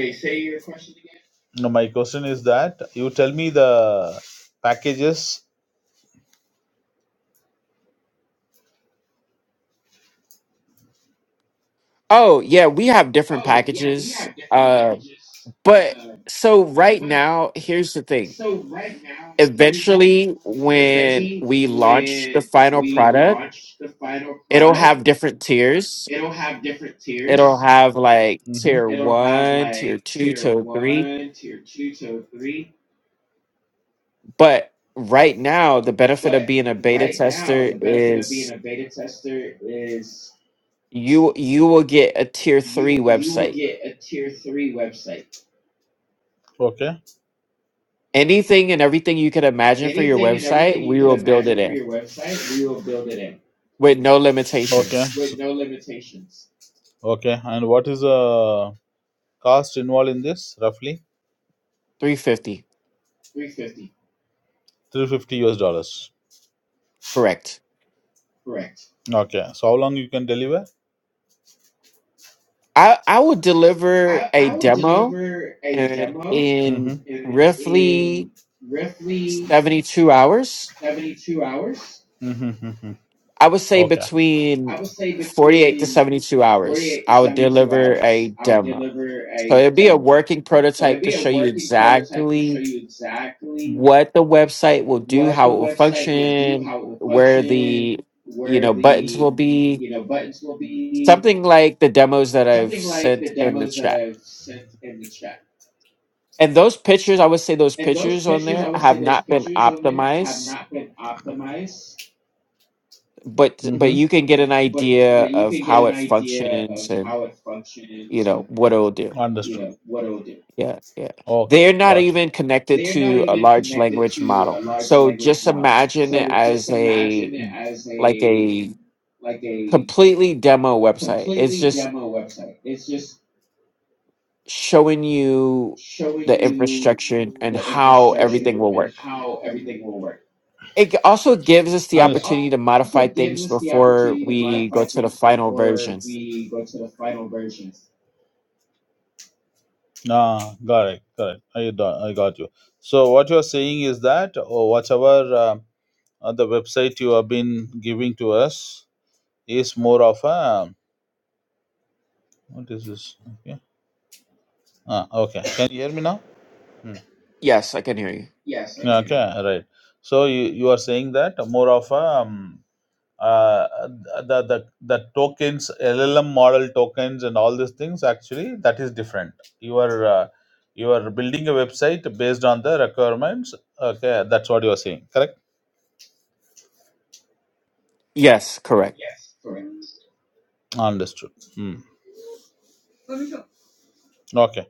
Speaker 9: no my question is that you tell me the packages
Speaker 1: Oh, yeah, we have different packages. Uh, but so right now, here's the thing. Eventually, when we launch the final product, it'll have different tiers. It'll have like
Speaker 9: mm-hmm.
Speaker 1: tier one, tier two, tier three. But right now, the benefit of being a beta tester is you you will get a tier three website.
Speaker 9: okay
Speaker 1: Anything and everything you could imagine for your website, we will build it in with no
Speaker 9: okay
Speaker 1: limitations.
Speaker 9: With no limitations. okay and what is the cost involved in this roughly
Speaker 1: 350.
Speaker 9: 350 us dollars
Speaker 1: Correct.
Speaker 9: okay so how long you can deliver
Speaker 1: I, I will deliver a demo in, in
Speaker 9: mm-hmm.
Speaker 1: roughly 72 hours.
Speaker 9: Mm-hmm. Mm-hmm.
Speaker 1: I would say
Speaker 9: okay
Speaker 1: between 48 to 72 hours. I would deliver a demo. So it'd be a working prototype to show you exactly what the website will do, how it will function, where the you know buttons will be, something like the demos that I've sent in the chat. And those pictures, I would say those pictures on there have not been optimized, but but
Speaker 9: Mm-hmm.
Speaker 1: you can get an idea of how it functions and you know what it'll do.
Speaker 9: you Understood.
Speaker 1: Yeah, yeah.
Speaker 9: Okay,
Speaker 1: They're not
Speaker 9: got you. So
Speaker 1: even
Speaker 9: yeah.
Speaker 1: connected to a large language model. So just imagine it as a like a completely demo website. It's just showing you the infrastructure and how everything will work. It g- also gives us the
Speaker 9: Understood.
Speaker 1: opportunity to modify things before we go to the final version.
Speaker 9: Ah, correct, correct. I do- I got you. So what you are saying is that or whatever um, uh, the website you have been giving to us is more of a what is this? Okay. Ah, okay. Can you hear me now? Hmm.
Speaker 1: Yes, I can hear you.
Speaker 9: Yeah, Okay, right. So you, you are saying that more of a um, uh, the the the tokens LLM model tokens and all these things actually that is different. You are uh, you are building a website based on the requirements. Okay, that's what you are saying. Correct.
Speaker 1: Yes, correct.
Speaker 9: Understood. Hmm. Okay.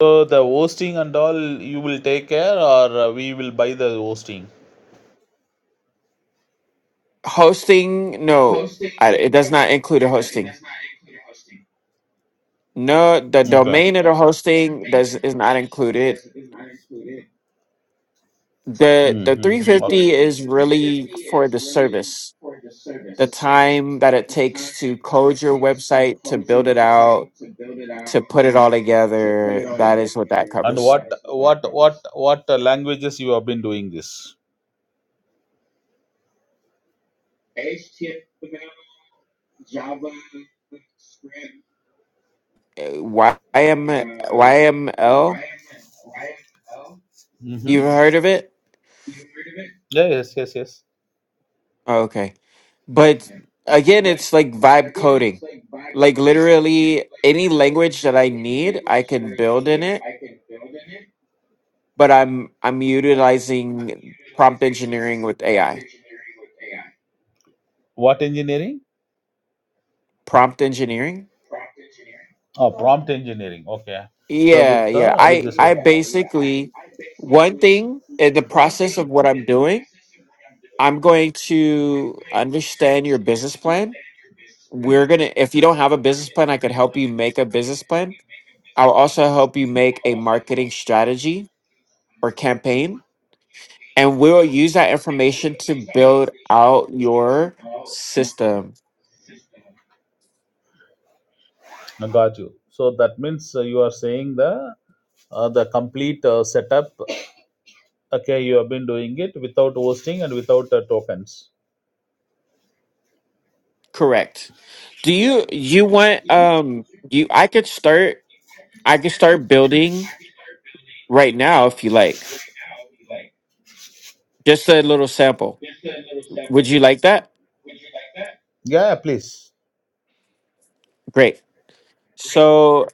Speaker 9: So the hosting and all you will take care, or uh, we will buy the hosting.
Speaker 1: Hosting, no, I, it does not include a hosting. No, the
Speaker 9: Okay.
Speaker 1: domain of the hosting does is not included. The the
Speaker 9: Mm-hmm. Okay.
Speaker 1: 350 is really for the service. The time that it takes to code your website, to build it out, to put it all together, that is what that
Speaker 9: And
Speaker 1: covers.
Speaker 9: what what what what uh, languages you have been doing this?
Speaker 1: Uh, Y- M Y M L,
Speaker 9: Mhm.
Speaker 1: you've heard of it?
Speaker 9: Yeah, yes, yes, yes.
Speaker 1: Oh, okay. But again, it's like vibe coding. Like literally any language that I need, I can build in it but I'm I'm utilizing prompt engineering with AI.
Speaker 9: What engineering?
Speaker 1: Prompt engineering?
Speaker 9: Oh, prompt engineering. Okay. So
Speaker 1: Yeah,
Speaker 9: with
Speaker 1: yeah.
Speaker 9: the with
Speaker 1: I
Speaker 9: this. uh,
Speaker 1: I basically one thing in the process of what I'm doing, I'm going to understand your business plan. We're going to if you don't have a business plan, I could help you make a business plan. I'll also help you make a marketing strategy or campaign, and we'll use that information to build out your system.
Speaker 9: I got you. So that means uh, you are saying the uh, the complete uh, setup. Okay, you have been doing it without hosting and without uh, tokens.
Speaker 1: Correct. Do you you want um you I could start I could start building right now if you like. Just a little sample. Would you like that?
Speaker 9: Yeah, yeah, please.
Speaker 1: Great. So,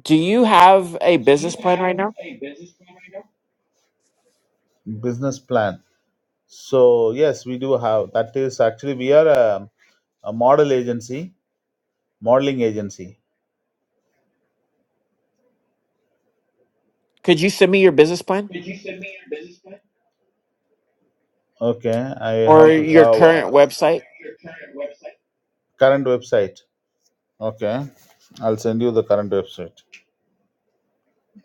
Speaker 1: do you have a business plan right now?
Speaker 9: Business plan. So yes, we do have. That is actually we are a, a model agency, modeling agency.
Speaker 1: Could you send me your business plan
Speaker 9: Okay, I
Speaker 1: or
Speaker 9: have to
Speaker 1: your
Speaker 9: uh, uh,
Speaker 1: current website?
Speaker 9: current website. Okay, I'll send you the current website.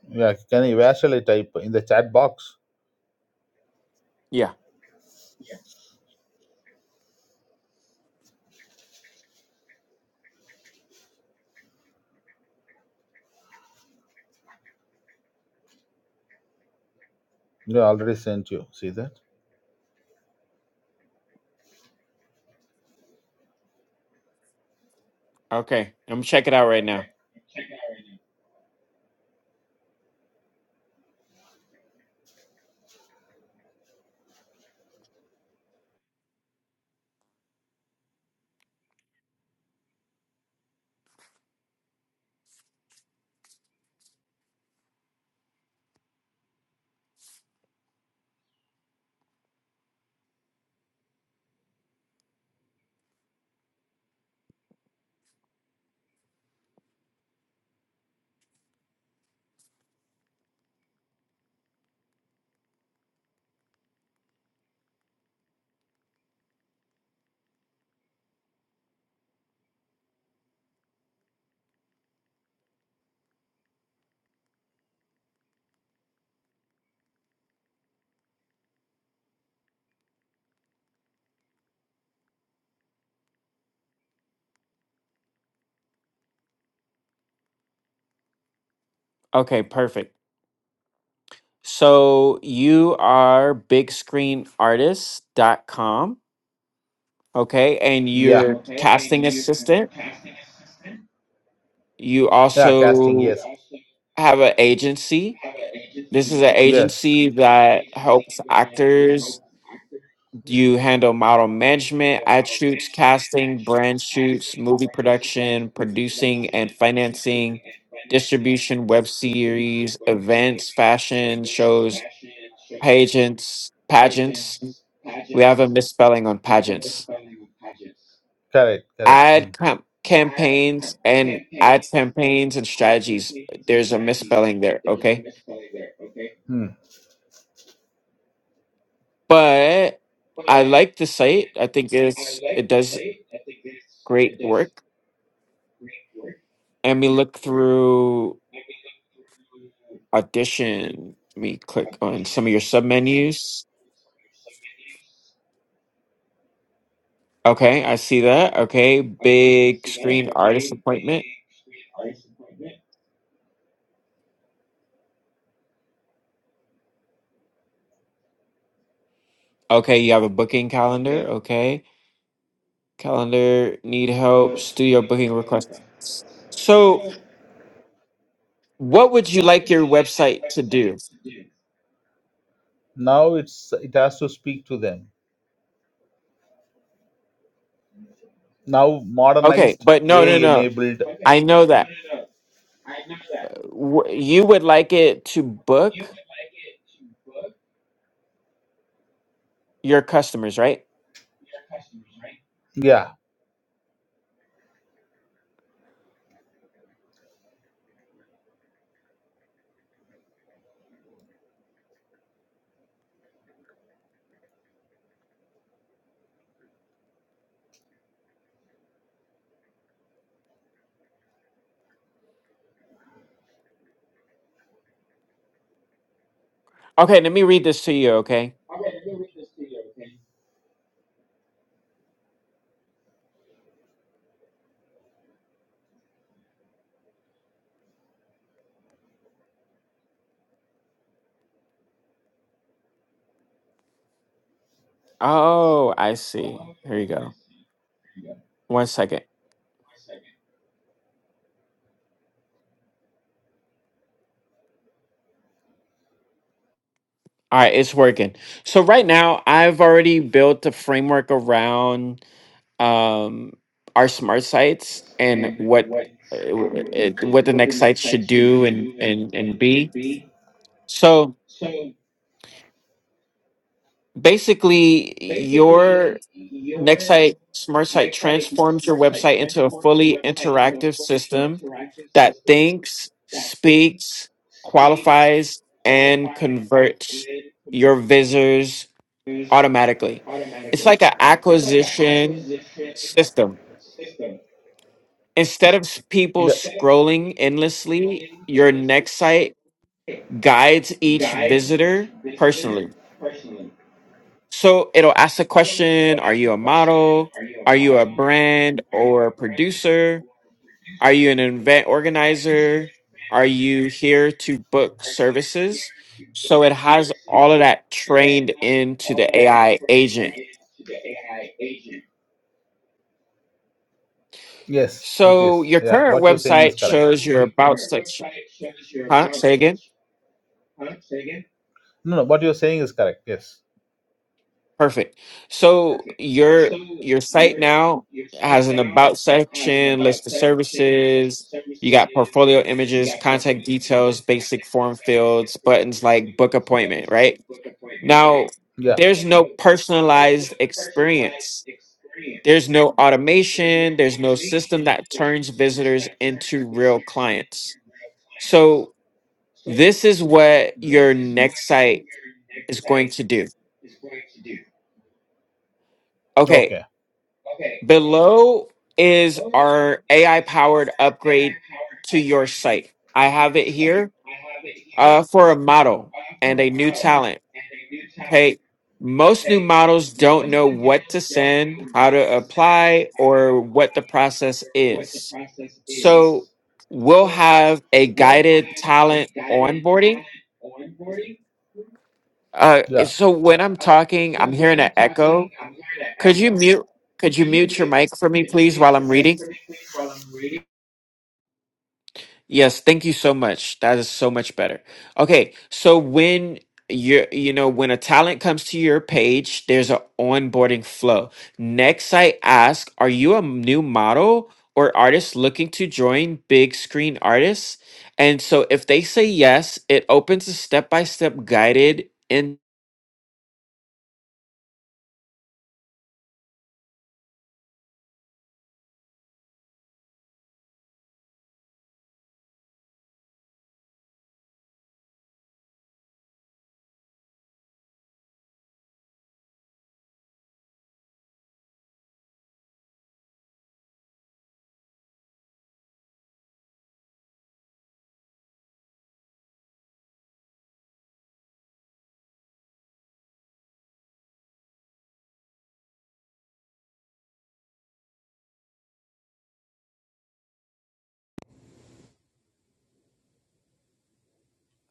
Speaker 9: Yeah, can you where shall I type in the chat box?
Speaker 1: Yeah.
Speaker 9: Yeah, already sent you. See that?
Speaker 1: Okay. I'm gonna check it out right now. Okay, perfect. So, you are big screen artist dot com okay? And
Speaker 9: Yeah,
Speaker 1: you're casting
Speaker 9: you
Speaker 1: assistant. You
Speaker 9: yeah, casting.
Speaker 1: also
Speaker 9: Yes,
Speaker 1: have an agency. This is an
Speaker 9: yes,
Speaker 1: agency that helps actors. You handle model management, ad shoots, casting, brand shoots, movie production, producing and financing, distribution, web series, events, fashion shows, pageants, pageants. We have a misspelling on pageants.
Speaker 9: correct, correct. Hmm.
Speaker 1: Ad com- campaigns and ad campaigns and strategies. There's a misspelling there. Okay
Speaker 9: Hmm.
Speaker 1: but I like the site. I think it's it does great work. And we look through audition. Let me click on some of your submenus. Okay, I see that. Okay, big screen artist appointment. Okay, you have a booking calendar. Okay, calendar need help. Studio booking request. So, what would you like your website to do?
Speaker 9: Now it's it has to speak to them. Now
Speaker 1: Okay,
Speaker 9: modernized,
Speaker 1: but no, no,
Speaker 9: AI
Speaker 1: no.
Speaker 9: enabled.
Speaker 1: I know that Wh- you would like it to book your customers, right?
Speaker 9: Yeah,
Speaker 1: Okay, let me read this to you, okay? Oh, I see. Here you go. One second. All right, it's working. So right now, I've already built a framework around um, our smart sites and what uh, w- it, what the next sites should do and and and be. So basically, your Nexite Smart Site transforms your website into a fully interactive system that thinks, speaks, qualifies, and converts your visitors automatically. It's like an acquisition system. Instead of s- people
Speaker 9: The-
Speaker 1: scrolling endlessly, your next site guides each visitor personally. So it'll ask the question Are you a model? Are you a brand or producer? Are you an event organizer? Are you here to book services? So it has all of that trained into the AI agent.
Speaker 9: yes, it
Speaker 1: So
Speaker 9: is.
Speaker 1: your
Speaker 9: Yeah,
Speaker 1: current
Speaker 9: what you're saying is
Speaker 1: website
Speaker 9: correct.
Speaker 1: shows your about section. Huh? Say again.
Speaker 9: No, no, what you're saying is correct. Yes.
Speaker 1: Perfect. So your your site now has an about section, list of services. You got portfolio images, contact details, basic form fields, buttons like book appointment, right? Now,
Speaker 9: Yeah.
Speaker 1: there's no personalized experience. There's no automation. There's no system that turns visitors into real clients. So, this is what your next site is going to do. Okay,
Speaker 9: Okay.
Speaker 1: below is our AI powered upgrade to your site. I have it here uh, for a model and a new talent. Okay, most new models don't know what to send, how to apply, or what the process is. So we'll have a guided talent onboarding. Uh,
Speaker 9: Yeah.
Speaker 1: so when I'm talking, I'm hearing an echo. Could you mute? Could you mute your mic for me, please, while I'm reading? Yes, thank you so much. That is so much better. Okay, so when you're, you know, when a talent comes to your page, there's an onboarding flow. Next, I ask, are you a new model or artist looking to join big screen artists? And so if they say yes, it opens a step-by-step guided in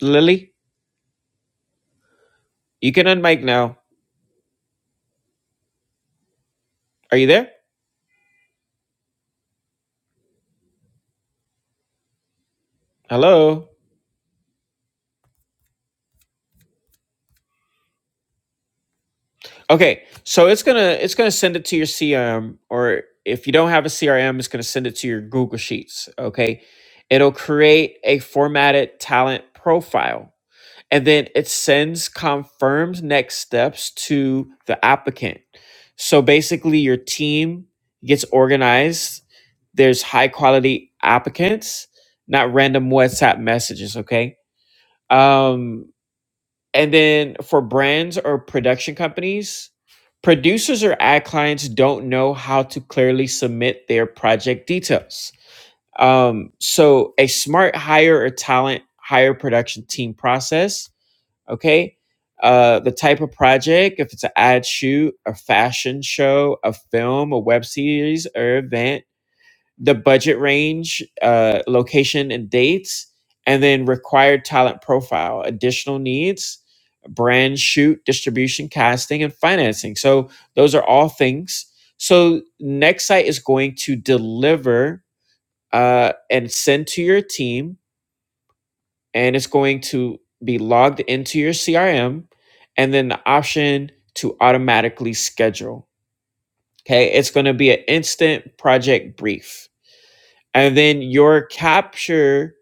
Speaker 1: Lily, you can unmic now. Are you there? Hello? Okay, so it's gonna it's gonna send it to your CRM, or if you don't have a CRM, it's gonna send it to your Google Sheets. Okay, it'll create a formatted talent profile, and then it sends confirmed next steps to the applicant. So basically, your team gets organized. There's high quality applicants, not random WhatsApp messages. Okay, um, and then for brands or production companies, producers or ad clients don't know how to clearly submit their project details. Um, so a smart hire or talent hire production team process, okay? Uh, the type of project, if it's an ad shoot, a fashion show, a film, a web series, or event, the budget range, uh, location and dates, and then required talent profile, additional needs, brand shoot, distribution, casting, and financing. So those are all things. So Nextsite is going to deliver uh, and send to your team, and it's going to be logged into your CRM, and then the option to automatically schedule. Okay, it's going to be an instant project brief and then your capture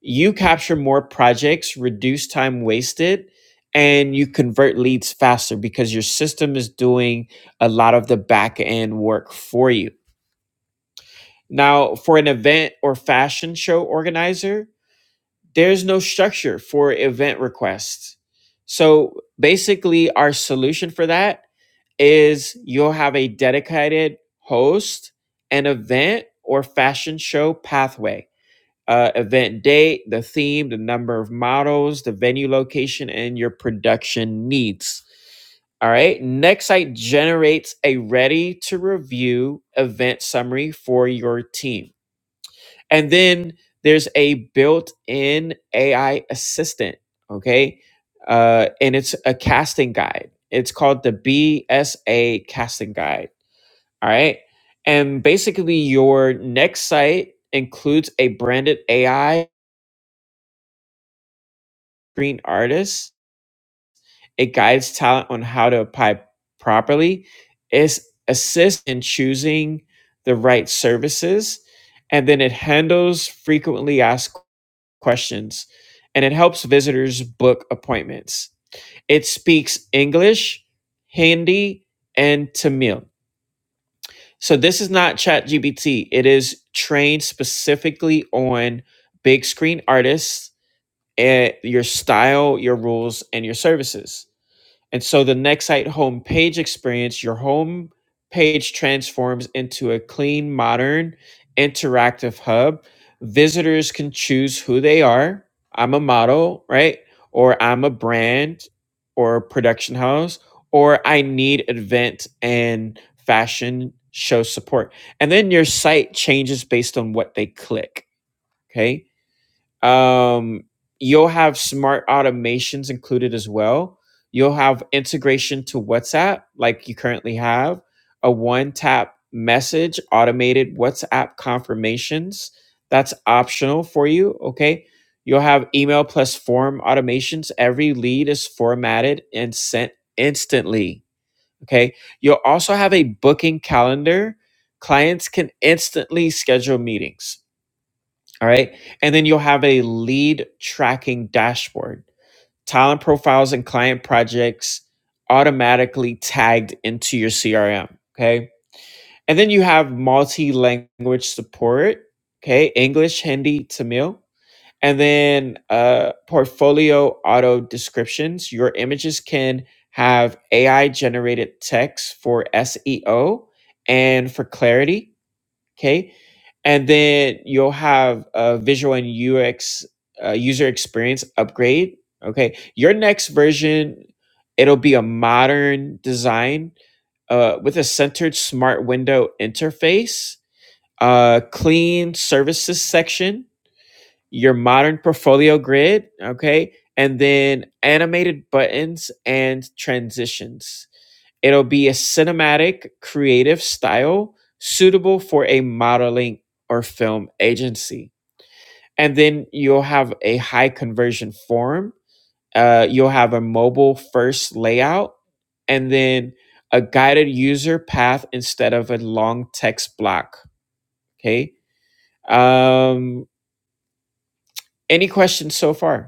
Speaker 1: you capture more projects reduce time wasted and you convert leads faster because your system is doing a lot of the back end work for you now for an event or fashion show organizer there's no structure for event requests so basically our solution for that is you'll have a dedicated host an event or fashion show pathway uh, event date, the theme, the number of models, the venue location, and your production needs. All right. Next site generates a ready to review event summary for your team. And then there's a built in AI assistant. Okay. Uh, and it's a casting guide. It's called the BSA casting guide. All right. And basically, your next site includes a branded AI screen artists. It guides talent on how to apply properly. It assists in choosing the right services. And then it handles frequently asked questions and it helps visitors book appointments. It speaks English, Hindi, and Tamil. So this is not ChatGPT. It is trained specifically on big screen artists and your style, your rules, and your services. And so the Nexite home page experience, your home page transforms into a clean, modern, interactive hub. Visitors can choose who they are. I'm a model, right? Or I'm a brand or a production house, or I need event and fashion show support. And then your site changes based on what they click. Okay um, you'll have smart automations included as well. You'll have integration to WhatsApp, like you currently have, a one tap message, automated WhatsApp confirmations. That's optional for you. Okay. You'll have email plus form automations. Every lead is formatted and sent instantly. Okay. You'll also have a booking calendar. Clients can instantly schedule meetings. All right. And then you'll have a lead tracking dashboard. Talent profiles and client projects automatically tagged into your CRM. Okay. And then you have multi language support. Okay. English, Hindi, Tamil. And then uh, portfolio auto descriptions. Your images can have AI generated text for SEO and for clarity Okay. And then you'll have a visual and UX uh, user experience upgrade. Okay. Your next version, it'll be a modern design uh, with a centered smart window interface, uh, clean services section, your modern portfolio grid. Okay. And then animated buttons and transitions. It'll be a cinematic, creative style suitable for a modeling or film agency. And then you'll have a high conversion form. Uh, you'll have a mobile first layout and then a guided user path instead of a long text block. Okay. Um, any questions so far?